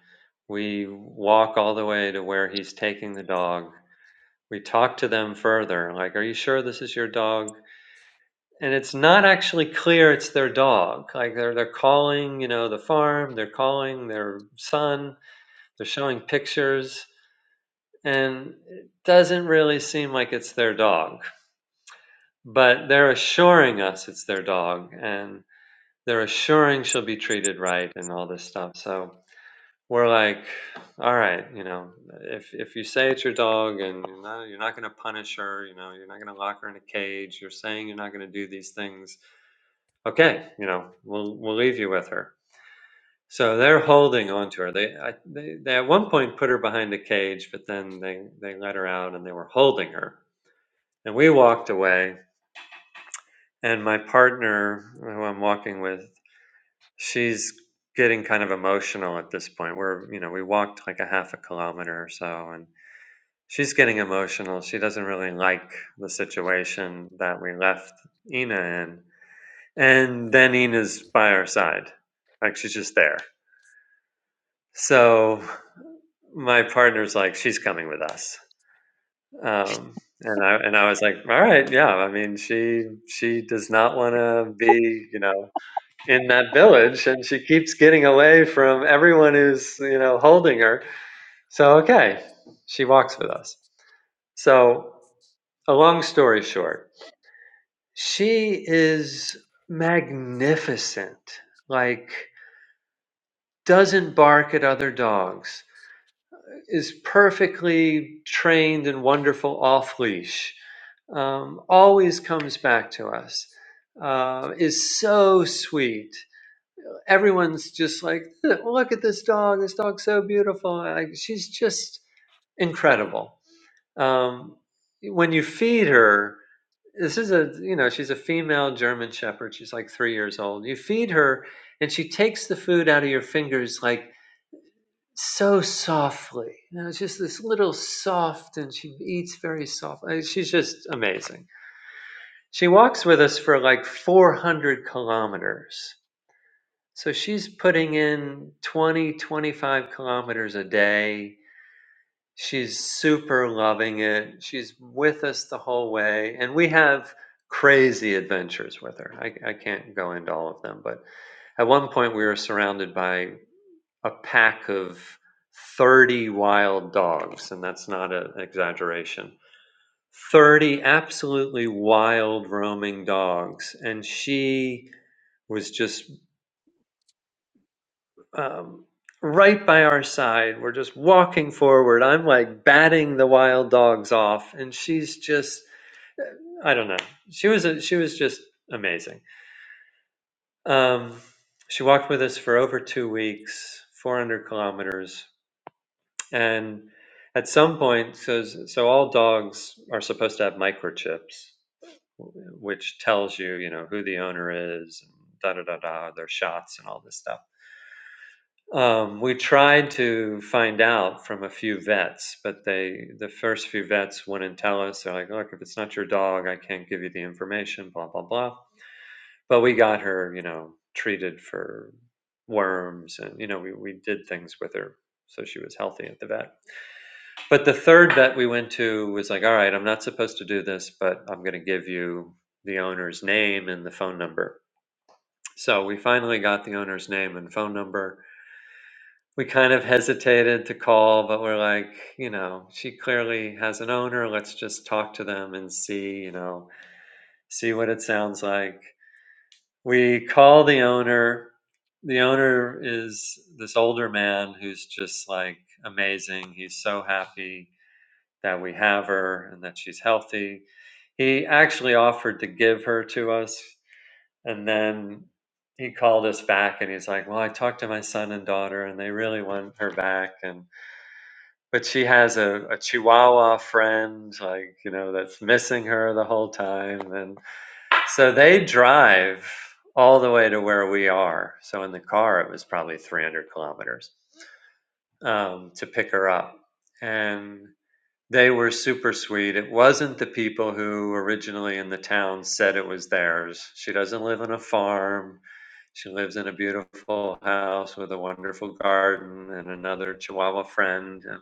S2: We walk all the way to where he's taking the dog. We talk to them further, like, "Are you sure this is your dog?" And it's not actually clear it's their dog. Like they're they're calling, you know, the farm. They're calling their son. They're showing pictures, and it doesn't really seem like it's their dog. But they're assuring us it's their dog, and they're assuring she'll be treated right and all this stuff. So we're like, all right, you know, if if you say it's your dog and you're not you're not going to punish her, you know, you're not going to lock her in a cage, you're saying you're not going to do these things. Okay, you know, we'll we'll leave you with her. So they're holding on to her. They I, they, they at one point put her behind a cage, but then they they let her out and they were holding her. And we walked away. And my partner, who I'm walking with, she's getting kind of emotional at this point. We're you know we walked like a half a kilometer or so, and She's getting emotional. She doesn't really like the situation that we left Ina in. And then Ina's by our side. Like she's just there. So my partner's like, she's coming with us. Um, and I and I was like, all right, yeah. I mean, she she does not want to be, you know, in that village, and she keeps getting away from everyone who's, you know, holding her. So okay, she walks with us. So a long story short, She is magnificent. Like doesn't bark at other dogs. Is perfectly trained and wonderful off leash. Um, always comes back to us. Uh, is so sweet. Everyone's just like, look at this dog. This dog's so beautiful. Like she's just incredible. Um, when you feed her. this is a you know she's a female german shepherd she's like three years old you feed her and she takes the food out of your fingers like so softly you know it's just this little soft and she eats very soft Uh, she's just amazing she walks with us for like 400 kilometers so she's putting in 20, 25 kilometers a day She's super loving it. She's with us the whole way, and we have crazy adventures with her. I, I can't go into all of them, but at one point we were surrounded by a pack of 30 wild dogs, and that's not an exaggeration. 30 absolutely wild roaming dogs, and she was just um, right by our side. We're just walking forward. I'm like batting the wild dogs off, and she's just I don't know. She was a, she was just amazing. Um, she walked with us for over two weeks, 400 kilometers, and at some point, so so all dogs are supposed to have microchips, which tells you you know who the owner is, and da da da da, their shots and all this stuff Um, we tried to find out from a few vets, but they the first few vets wouldn't tell us. They're like, "Look, if it's not your dog, I can't give you the information." Blah blah blah. But we got her, you know, treated for worms, and you know, we we did things with her so she was healthy at the vet. But the third vet we went to was like, "All right, I'm not supposed to do this, but I'm going to give you the owner's name and the phone number." So we finally got the owner's name and phone number we kind of hesitated to call, but we're like, you know, she clearly has an owner. Let's just talk to them and see, you know, see what it sounds like. We call the owner. The owner is this older man who's just like amazing. He's so happy that we have her and that she's healthy. He actually offered to give her to us. And then he called us back and he's like, Well, I talked to my son and daughter and they really want her back. And But she has a, a Chihuahua friend, like, you know, that's missing her the whole time. And so they drive all the way to where we are. So in the car, it was probably 300 kilometers um, to pick her up. And they were super sweet. It wasn't the people who originally in the town said it was theirs. She doesn't live on a farm. She lives in a beautiful house with a wonderful garden and another Chihuahua friend. And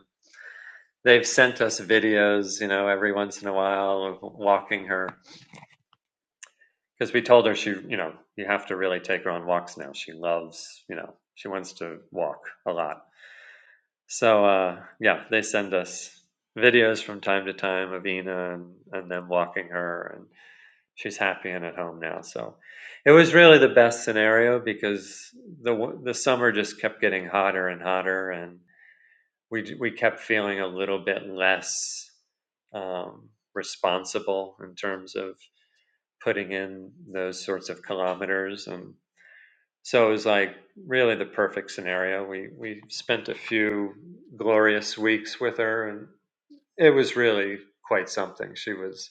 S2: They've sent us videos, you know, every once in a while of walking her because we told her she, you know, you have to really take her on walks now. She loves, you know, she wants to walk a lot. So uh, yeah, they send us videos from time to time of Ina and, and them walking her, and she's happy and at home now. So it was really the best scenario because the the summer just kept getting hotter and hotter, and we we kept feeling a little bit less um, responsible in terms of putting in those sorts of kilometers and so it was like really the perfect scenario we we spent a few glorious weeks with her and it was really quite something she was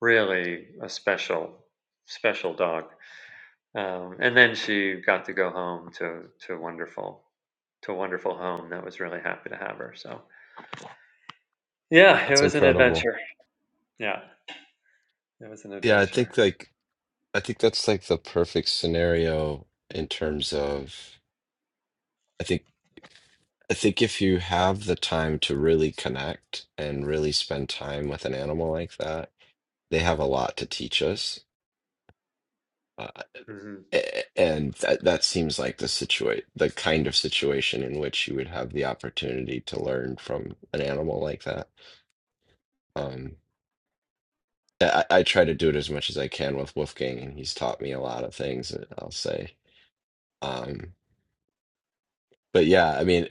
S2: really a special special dog um, and then she got to go home to to wonderful to a wonderful home that was really happy to have her so yeah it
S3: That's
S2: was an
S3: incredible.
S2: adventure Yeah, it was an
S3: Yeah, I
S2: adventure.
S3: think like I think that's like the perfect scenario in terms of I think I think if you have the time to really connect and really spend time with an animal like that, they have a lot to teach us. Uh,
S2: hmm
S3: a- and that that seems like the situate the kind of situation in which you would have the opportunity to learn from an animal like that. Um, I, I try to do it as much as I can with Wolfgang, and he's taught me a lot of things, uh, I'll say. Um, but yeah, I mean,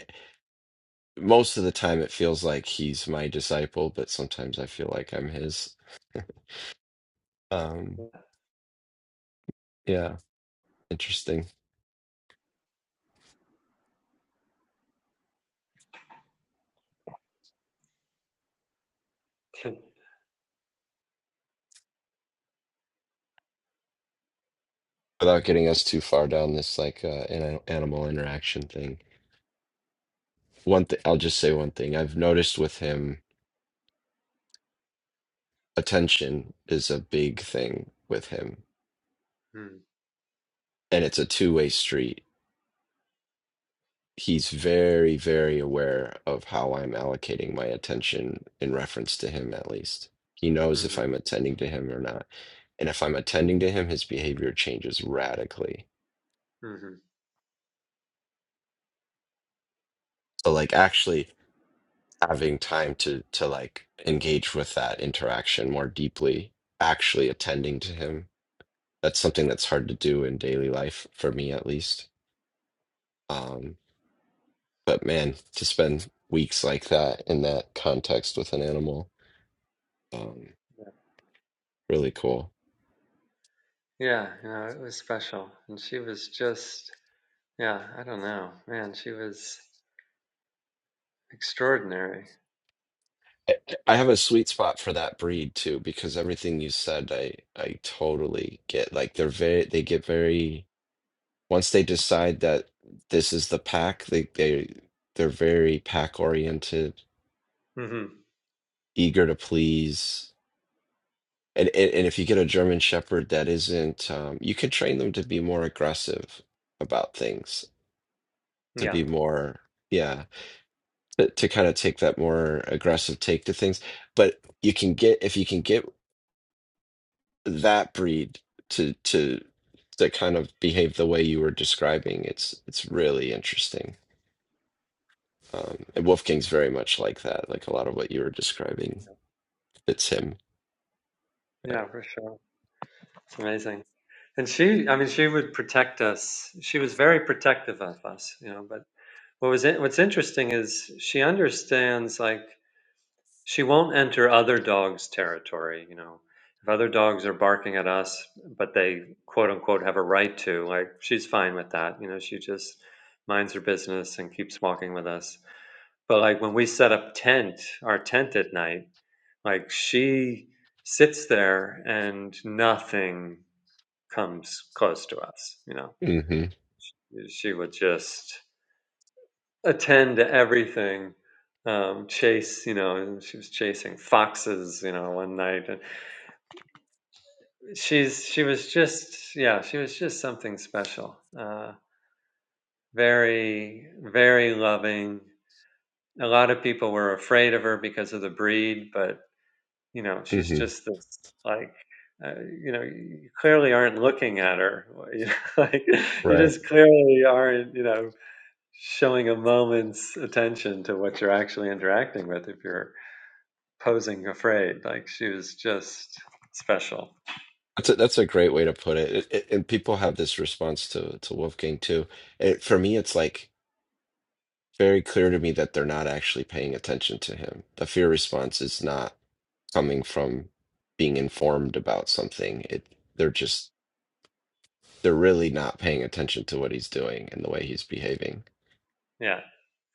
S3: most of the time it feels like he's my disciple, but sometimes I feel like I'm his. Um, yeah, interesting. Without getting us too far down this like uh, an animal interaction thing, one thing I'll just say one thing I've noticed with him, attention is a big thing with him,
S2: mm
S3: and it's a two-way street he's very, very aware of how I'm allocating my attention in reference to him, at least. He knows if
S2: hmm
S3: I'm attending to him or not. And if I'm attending to him, his behavior changes radically.
S2: hmm
S3: So like actually having time to to like engage with that interaction more deeply, actually attending to him. That's something that's hard to do in daily life for me at least. Um, but man, to spend weeks like that in that context with an animal, um, really cool.
S2: Yeah, you know, it was special. And she was just, yeah, I don't know, man, she was extraordinary.
S3: I I have a sweet spot for that breed too, because everything you said, I I totally get. Like they're very, they get very once they decide that this is the pack, they they they're very pack oriented,
S2: hmm
S3: eager to please. And, and and if you get a German Shepherd that isn't, um, you could train them to be more aggressive about things, to
S2: Yeah,
S3: be more, yeah, to, to kind of take that more aggressive take to things. But you can get if you can get that breed to to to kind of behave the way you were describing it's it's really interesting um and wolfgang's very much like that like a lot of what you were describing fits him
S2: yeah, for sure. It's amazing. And she, I mean, she would protect us. She was very protective of us, you know, but what was it, what's interesting is she understands like She won't enter other dogs' territory, you know. If other dogs are barking at us, but they quote unquote have a right to, like she's fine with that. You know, she just minds her business and keeps walking with us. But like when we set up tent, our tent at night, like she sits there and nothing comes close to us, you know.
S3: hmm
S2: She would just attend to everything um, chase, you know, she was chasing foxes, you know, one night. She's she was just yeah, she was just something special. Uh, very very loving. A lot of people were afraid of her because of the breed, but you know she's
S3: hmm
S2: just this like uh, you know you clearly aren't looking at her. You know, like you
S3: right
S2: just clearly aren't you know showing a moment's attention to what you're actually interacting with if you're posing afraid. Like she was just special.
S3: that's a, that's a great way to put it. It, it and people have this response to to wolfgang too it, for me it's like very clear to me that they're not actually paying attention to him the fear response is not coming from being informed about something it they're just they're really not paying attention to what he's doing and the way he's behaving.
S2: Yeah,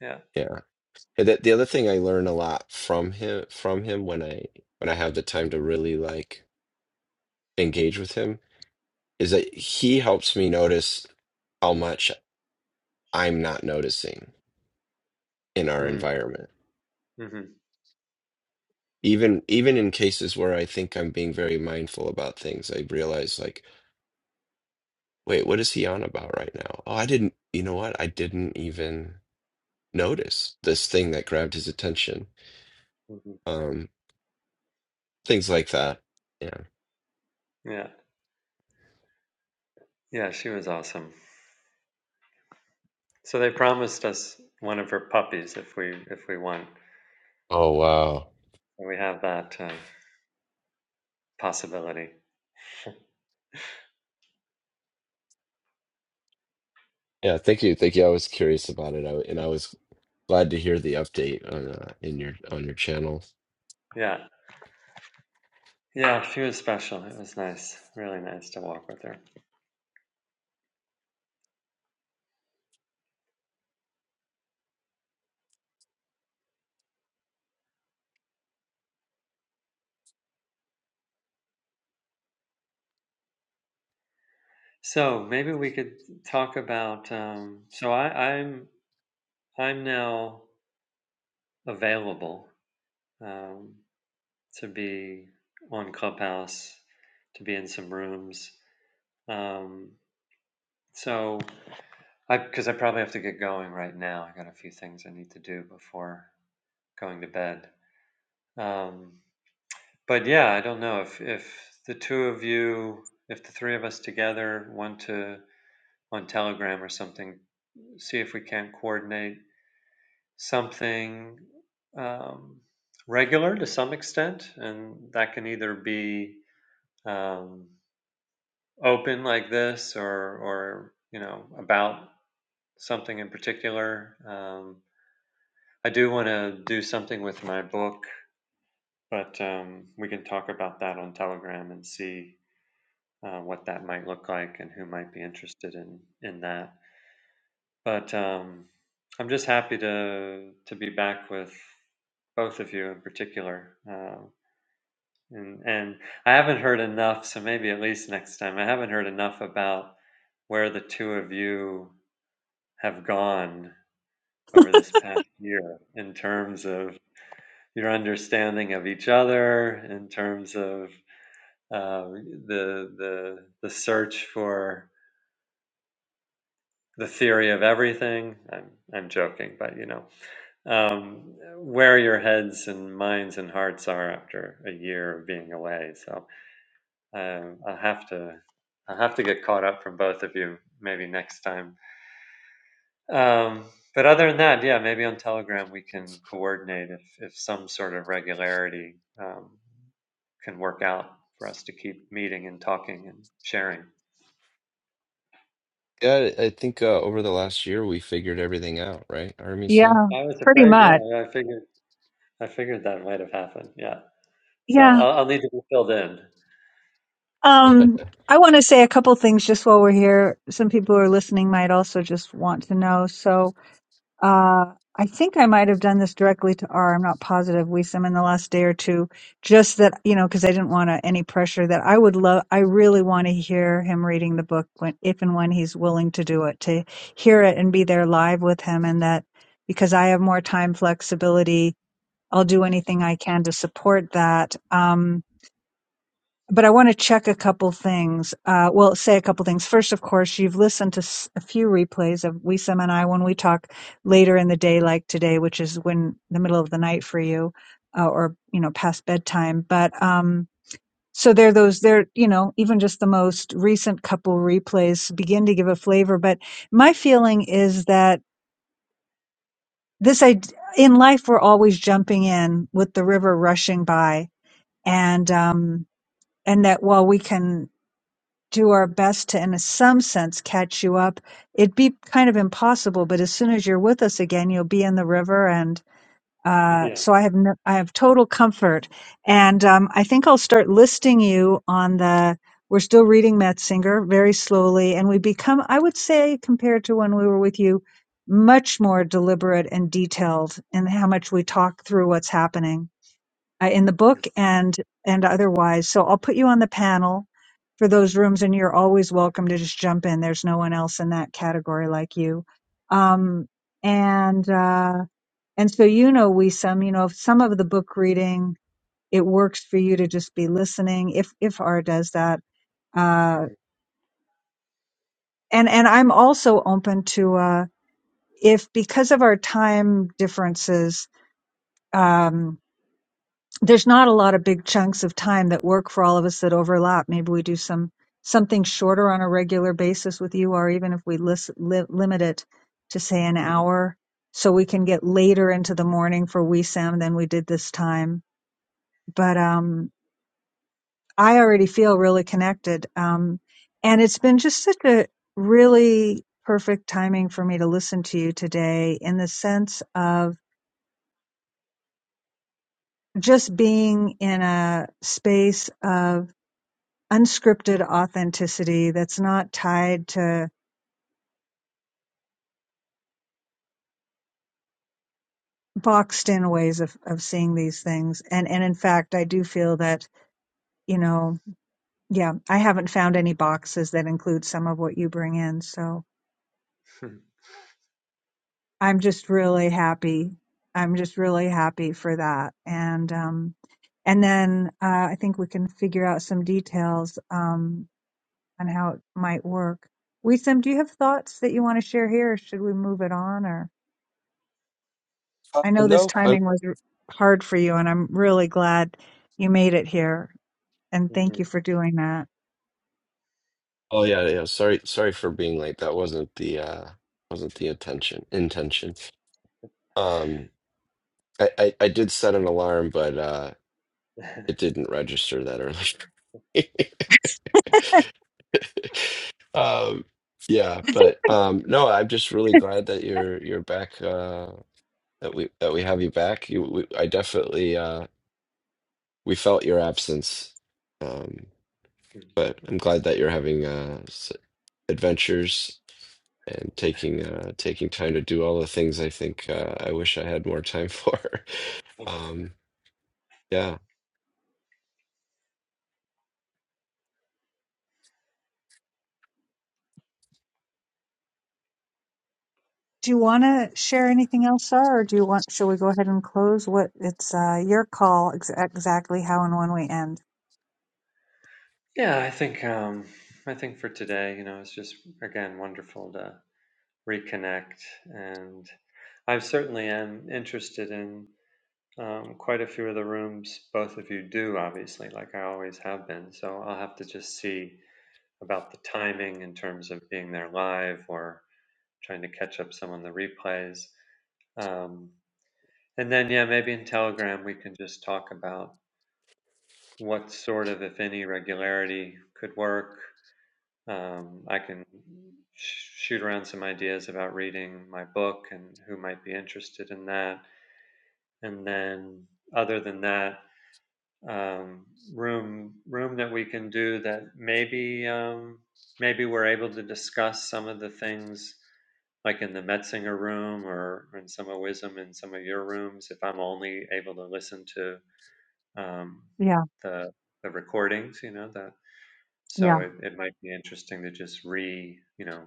S2: yeah.
S3: Yeah. And that the other thing I learn a lot from him from him when I when I have the time to really like engage with him is that he helps me notice how much I'm not noticing in our
S2: Mm,
S3: environment.
S2: hmm
S3: Even even in cases where I think I'm being very mindful about things, I realize like, wait, what is he on about right now? Oh, I didn't, you know what? I didn't even notice this thing that grabbed his attention.
S2: hmm
S3: Um, things like that. Yeah.
S2: Yeah. Yeah, she was awesome. So they promised us one of her puppies if we if we won.
S3: Oh wow.
S2: And we have that uh, possibility.
S3: Yeah, thank you. Thank you. I was curious about it. I, and I was glad to hear the update on uh, in your on your channel.
S2: Yeah, yeah, she was special. It was nice, really nice to walk with her. So maybe we could talk about. Um, so I, I'm I'm now available um, to be on Clubhouse, to be in some rooms. Um, so I because I probably have to get going right now. I got a few things I need to do before going to bed. Um, but yeah, I don't know if if the two of you, if the three of us together want to on Telegram or something, see if we can coordinate something um, regular to some extent, and that can either be um, open like this or or you know about something in particular. Um, I do want to do something with my book but um, we can talk about that on Telegram and see uh, what that might look like and who might be interested in in that. But um, I'm just happy to to be back with both of you in particular. Uh, and, and I haven't heard enough, so maybe at least next time, I haven't heard enough about where the two of you have gone over this past year in terms of your understanding of each other, in terms of uh, the, the, the search for the theory of everything. I'm I'm joking, but you know um, where your heads and minds and hearts are after a year of being away. So um, I'll have to I'll have to get caught up from both of you maybe next time. Um, but other than that, yeah, maybe on Telegram we can coordinate if if some sort of regularity um, can work out for us to keep meeting and talking and sharing.
S3: Yeah, I I think uh, over the last year we figured everything out, right,
S1: Yeah,
S3: Artemisia?
S2: I was
S1: pretty
S2: afraid,
S1: much.
S2: yeah. I figured I figured that might have happened. Yeah. So
S1: Yeah.
S2: I'll, I'll need to be filled in.
S1: Um, I want to say a couple things just while we're here. Some people who are listening might also just want to know. So, Uh, I think I might have done this directly to R. I'm not positive. We some in the last day or two, just that you know, because I didn't want to, any pressure. That I would love. I really want to hear him reading the book when, if and when he's willing to do it, to hear it and be there live with him, and that because I have more time flexibility, I'll do anything I can to support that. Um, but I want to check a couple things. Uh, well, say a couple things. First, of course, you've listened to s- a few replays of Wisam and I when we talk later in the day, like today, which is when the middle of the night for you, uh, or you know, past bedtime. But um, so there, are those there, you know, even just the most recent couple replays begin to give a flavor. But my feeling is that this, I in life, we're always jumping in with the river rushing by, and um, and that while we can do our best to, in some sense, catch you up. It'd be kind of impossible, but as soon as you're with us again, you'll be in the river, and uh,
S2: Yeah.
S1: so I have no, I have total comfort. And um, I think I'll start listing you on the. We're still reading Metzinger very slowly, and we become, I would say, compared to when we were with you, much more deliberate and detailed in how much we talk through what's happening uh, in the book and and otherwise. So I'll put you on the panel for those rooms, and you're always welcome to just jump in. There's no one else in that category like you. Um, and uh, and so you know, we some you know some of the book reading it works for you to just be listening if if R does that. Uh,
S2: Mm-hmm.
S1: and and I'm also open to uh, if because of our time differences. Um, there's not a lot of big chunks of time that work for all of us that overlap. Maybe we do some something shorter on a regular basis with you, or even if we lis- li- limit it to say an
S2: Mm-hmm.
S1: hour, so we can get later into the morning for WeSam than we did this time. But um, I already feel really connected, um, and it's been just such a really perfect timing for me to listen to you today, in the sense of just being in a space of unscripted authenticity that's not tied to boxed in ways of, of seeing these things. And and in fact I do feel that, you know, yeah, I haven't found any boxes that include some of what you bring in. So I'm just really happy. I'm just really happy for that. And um and then uh, I think we can figure out some details um on how it might work. Wisam, do you have thoughts that you want to share here or should we move it on or
S3: Uh,
S1: I know this
S3: no, i
S1: timing was r- hard for you, and I'm really glad you made it here. And thank
S2: Mm-hmm.
S1: you for doing that.
S3: oh yeah, yeah. Sorry, sorry for being late. That wasn't the uh wasn't the intention intention. Um I, I, I did set an alarm, but uh it didn't register that early. Um, yeah, but um, no, I'm just really glad that you're you're back. Uh, that we that we have you back. You, we, I definitely uh, we felt your absence, um, but I'm glad that you're having uh, s- adventures and taking uh, taking time to do all the things I think uh, I wish I had more time for. Um, yeah.
S1: Do you want to share anything else, sir, or do you want? Shall we go ahead and close? What it's uh, your call ex- exactly how and when we end.
S2: Yeah, I think um, I think for today, you know, it's just again wonderful to reconnect, and I certainly am interested in um, quite a few of the rooms both of you do, obviously, like I always have been. So I'll have to just see about the timing in terms of being there live or trying to catch up some on the replays. Um, And then, yeah, maybe in Telegram we can just talk about what sort of, if any, regularity could work. Um, I can sh- shoot around some ideas about reading my book and who might be interested in that. And then, other than that, um, room room that we can do that maybe um, maybe we're able to discuss some of the things like in the Metzinger room or in some of Wisdom in some of your rooms. If I'm only able to listen to um,
S1: Yeah,
S2: the the recordings, you know, that.
S1: yeah.
S2: so it, it might be interesting to just re, you know,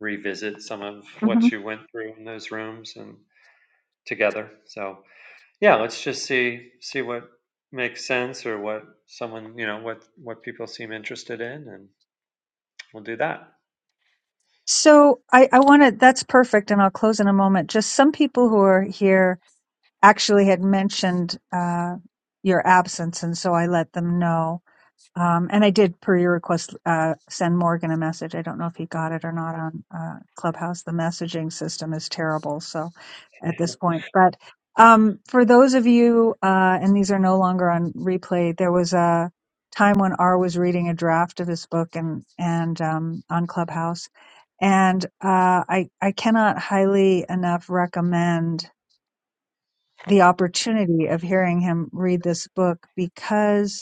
S2: revisit some of
S1: hmm
S2: what you went through in those rooms and together. So yeah, let's just see see what makes sense or what someone, you know, what what people seem interested in, and we'll do that.
S1: So I, I want to. That's perfect, and I'll close in a moment. Just some people who are here actually had mentioned uh, your absence, and so I let them know. Um, and I did, per your request, uh, send Morgan a message. I don't know if he got it or not on uh, Clubhouse. The messaging system is terrible. So at this point, but um, for those of you, uh, and these are no longer on replay, there was a time when R was reading a draft of his book and, and um, on Clubhouse. And uh, I, I cannot highly enough recommend the opportunity of hearing him read this book because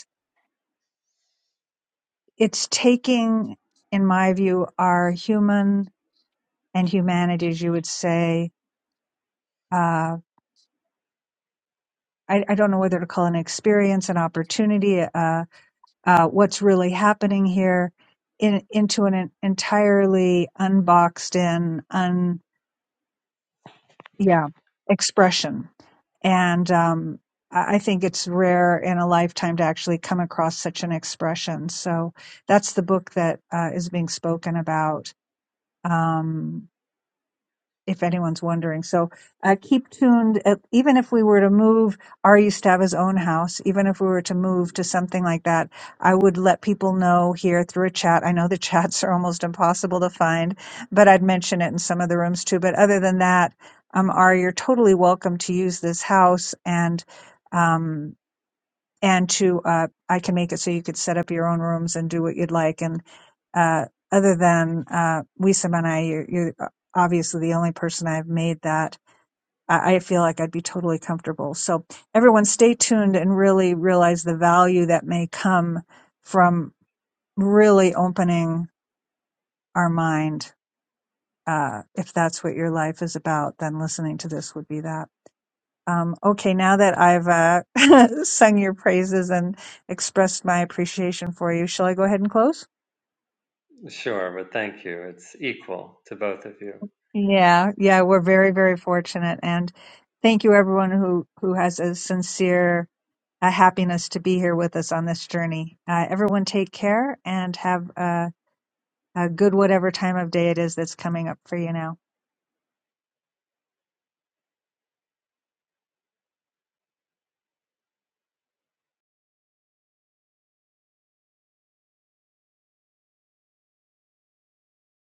S1: it's taking, in my view, our human and humanities, you would say, uh, I, I don't know whether to call it an experience, an opportunity, uh, uh, what's really happening here in, into an entirely unboxed in, un, yeah, expression. And, um, I I think it's rare in a lifetime to actually come across such an expression. So that's the book that uh, is being spoken about. Um, if anyone's wondering. So uh, keep tuned. Uh, even if we were to move Ari Stava's own house, even if we were to move to something like that, I would let people know here through a chat. I know the chats are almost impossible to find, but I'd mention it in some of the rooms too. But other than that, um, Ari, you're totally welcome to use this house and. um, and to uh, I can make it so you could set up your own rooms and do what you'd like. And uh, other than uh, Wisam and I, you're, you're obviously the only person I've made that. I I feel like I'd be totally comfortable. So everyone, stay tuned and really realize the value that may come from really opening our mind. Uh, if that's what your life is about, then listening to this would be that. Um, okay, now that I've uh, sung your praises and expressed my appreciation for you, shall I go ahead and close?
S2: Sure, but thank you. It's equal to both of you.
S1: Yeah, yeah, we're very, very fortunate, and thank you everyone who who has a sincere uh happiness to be here with us on this journey. Uh, everyone, take care and have uh a good whatever time of day it is that's coming up for you now.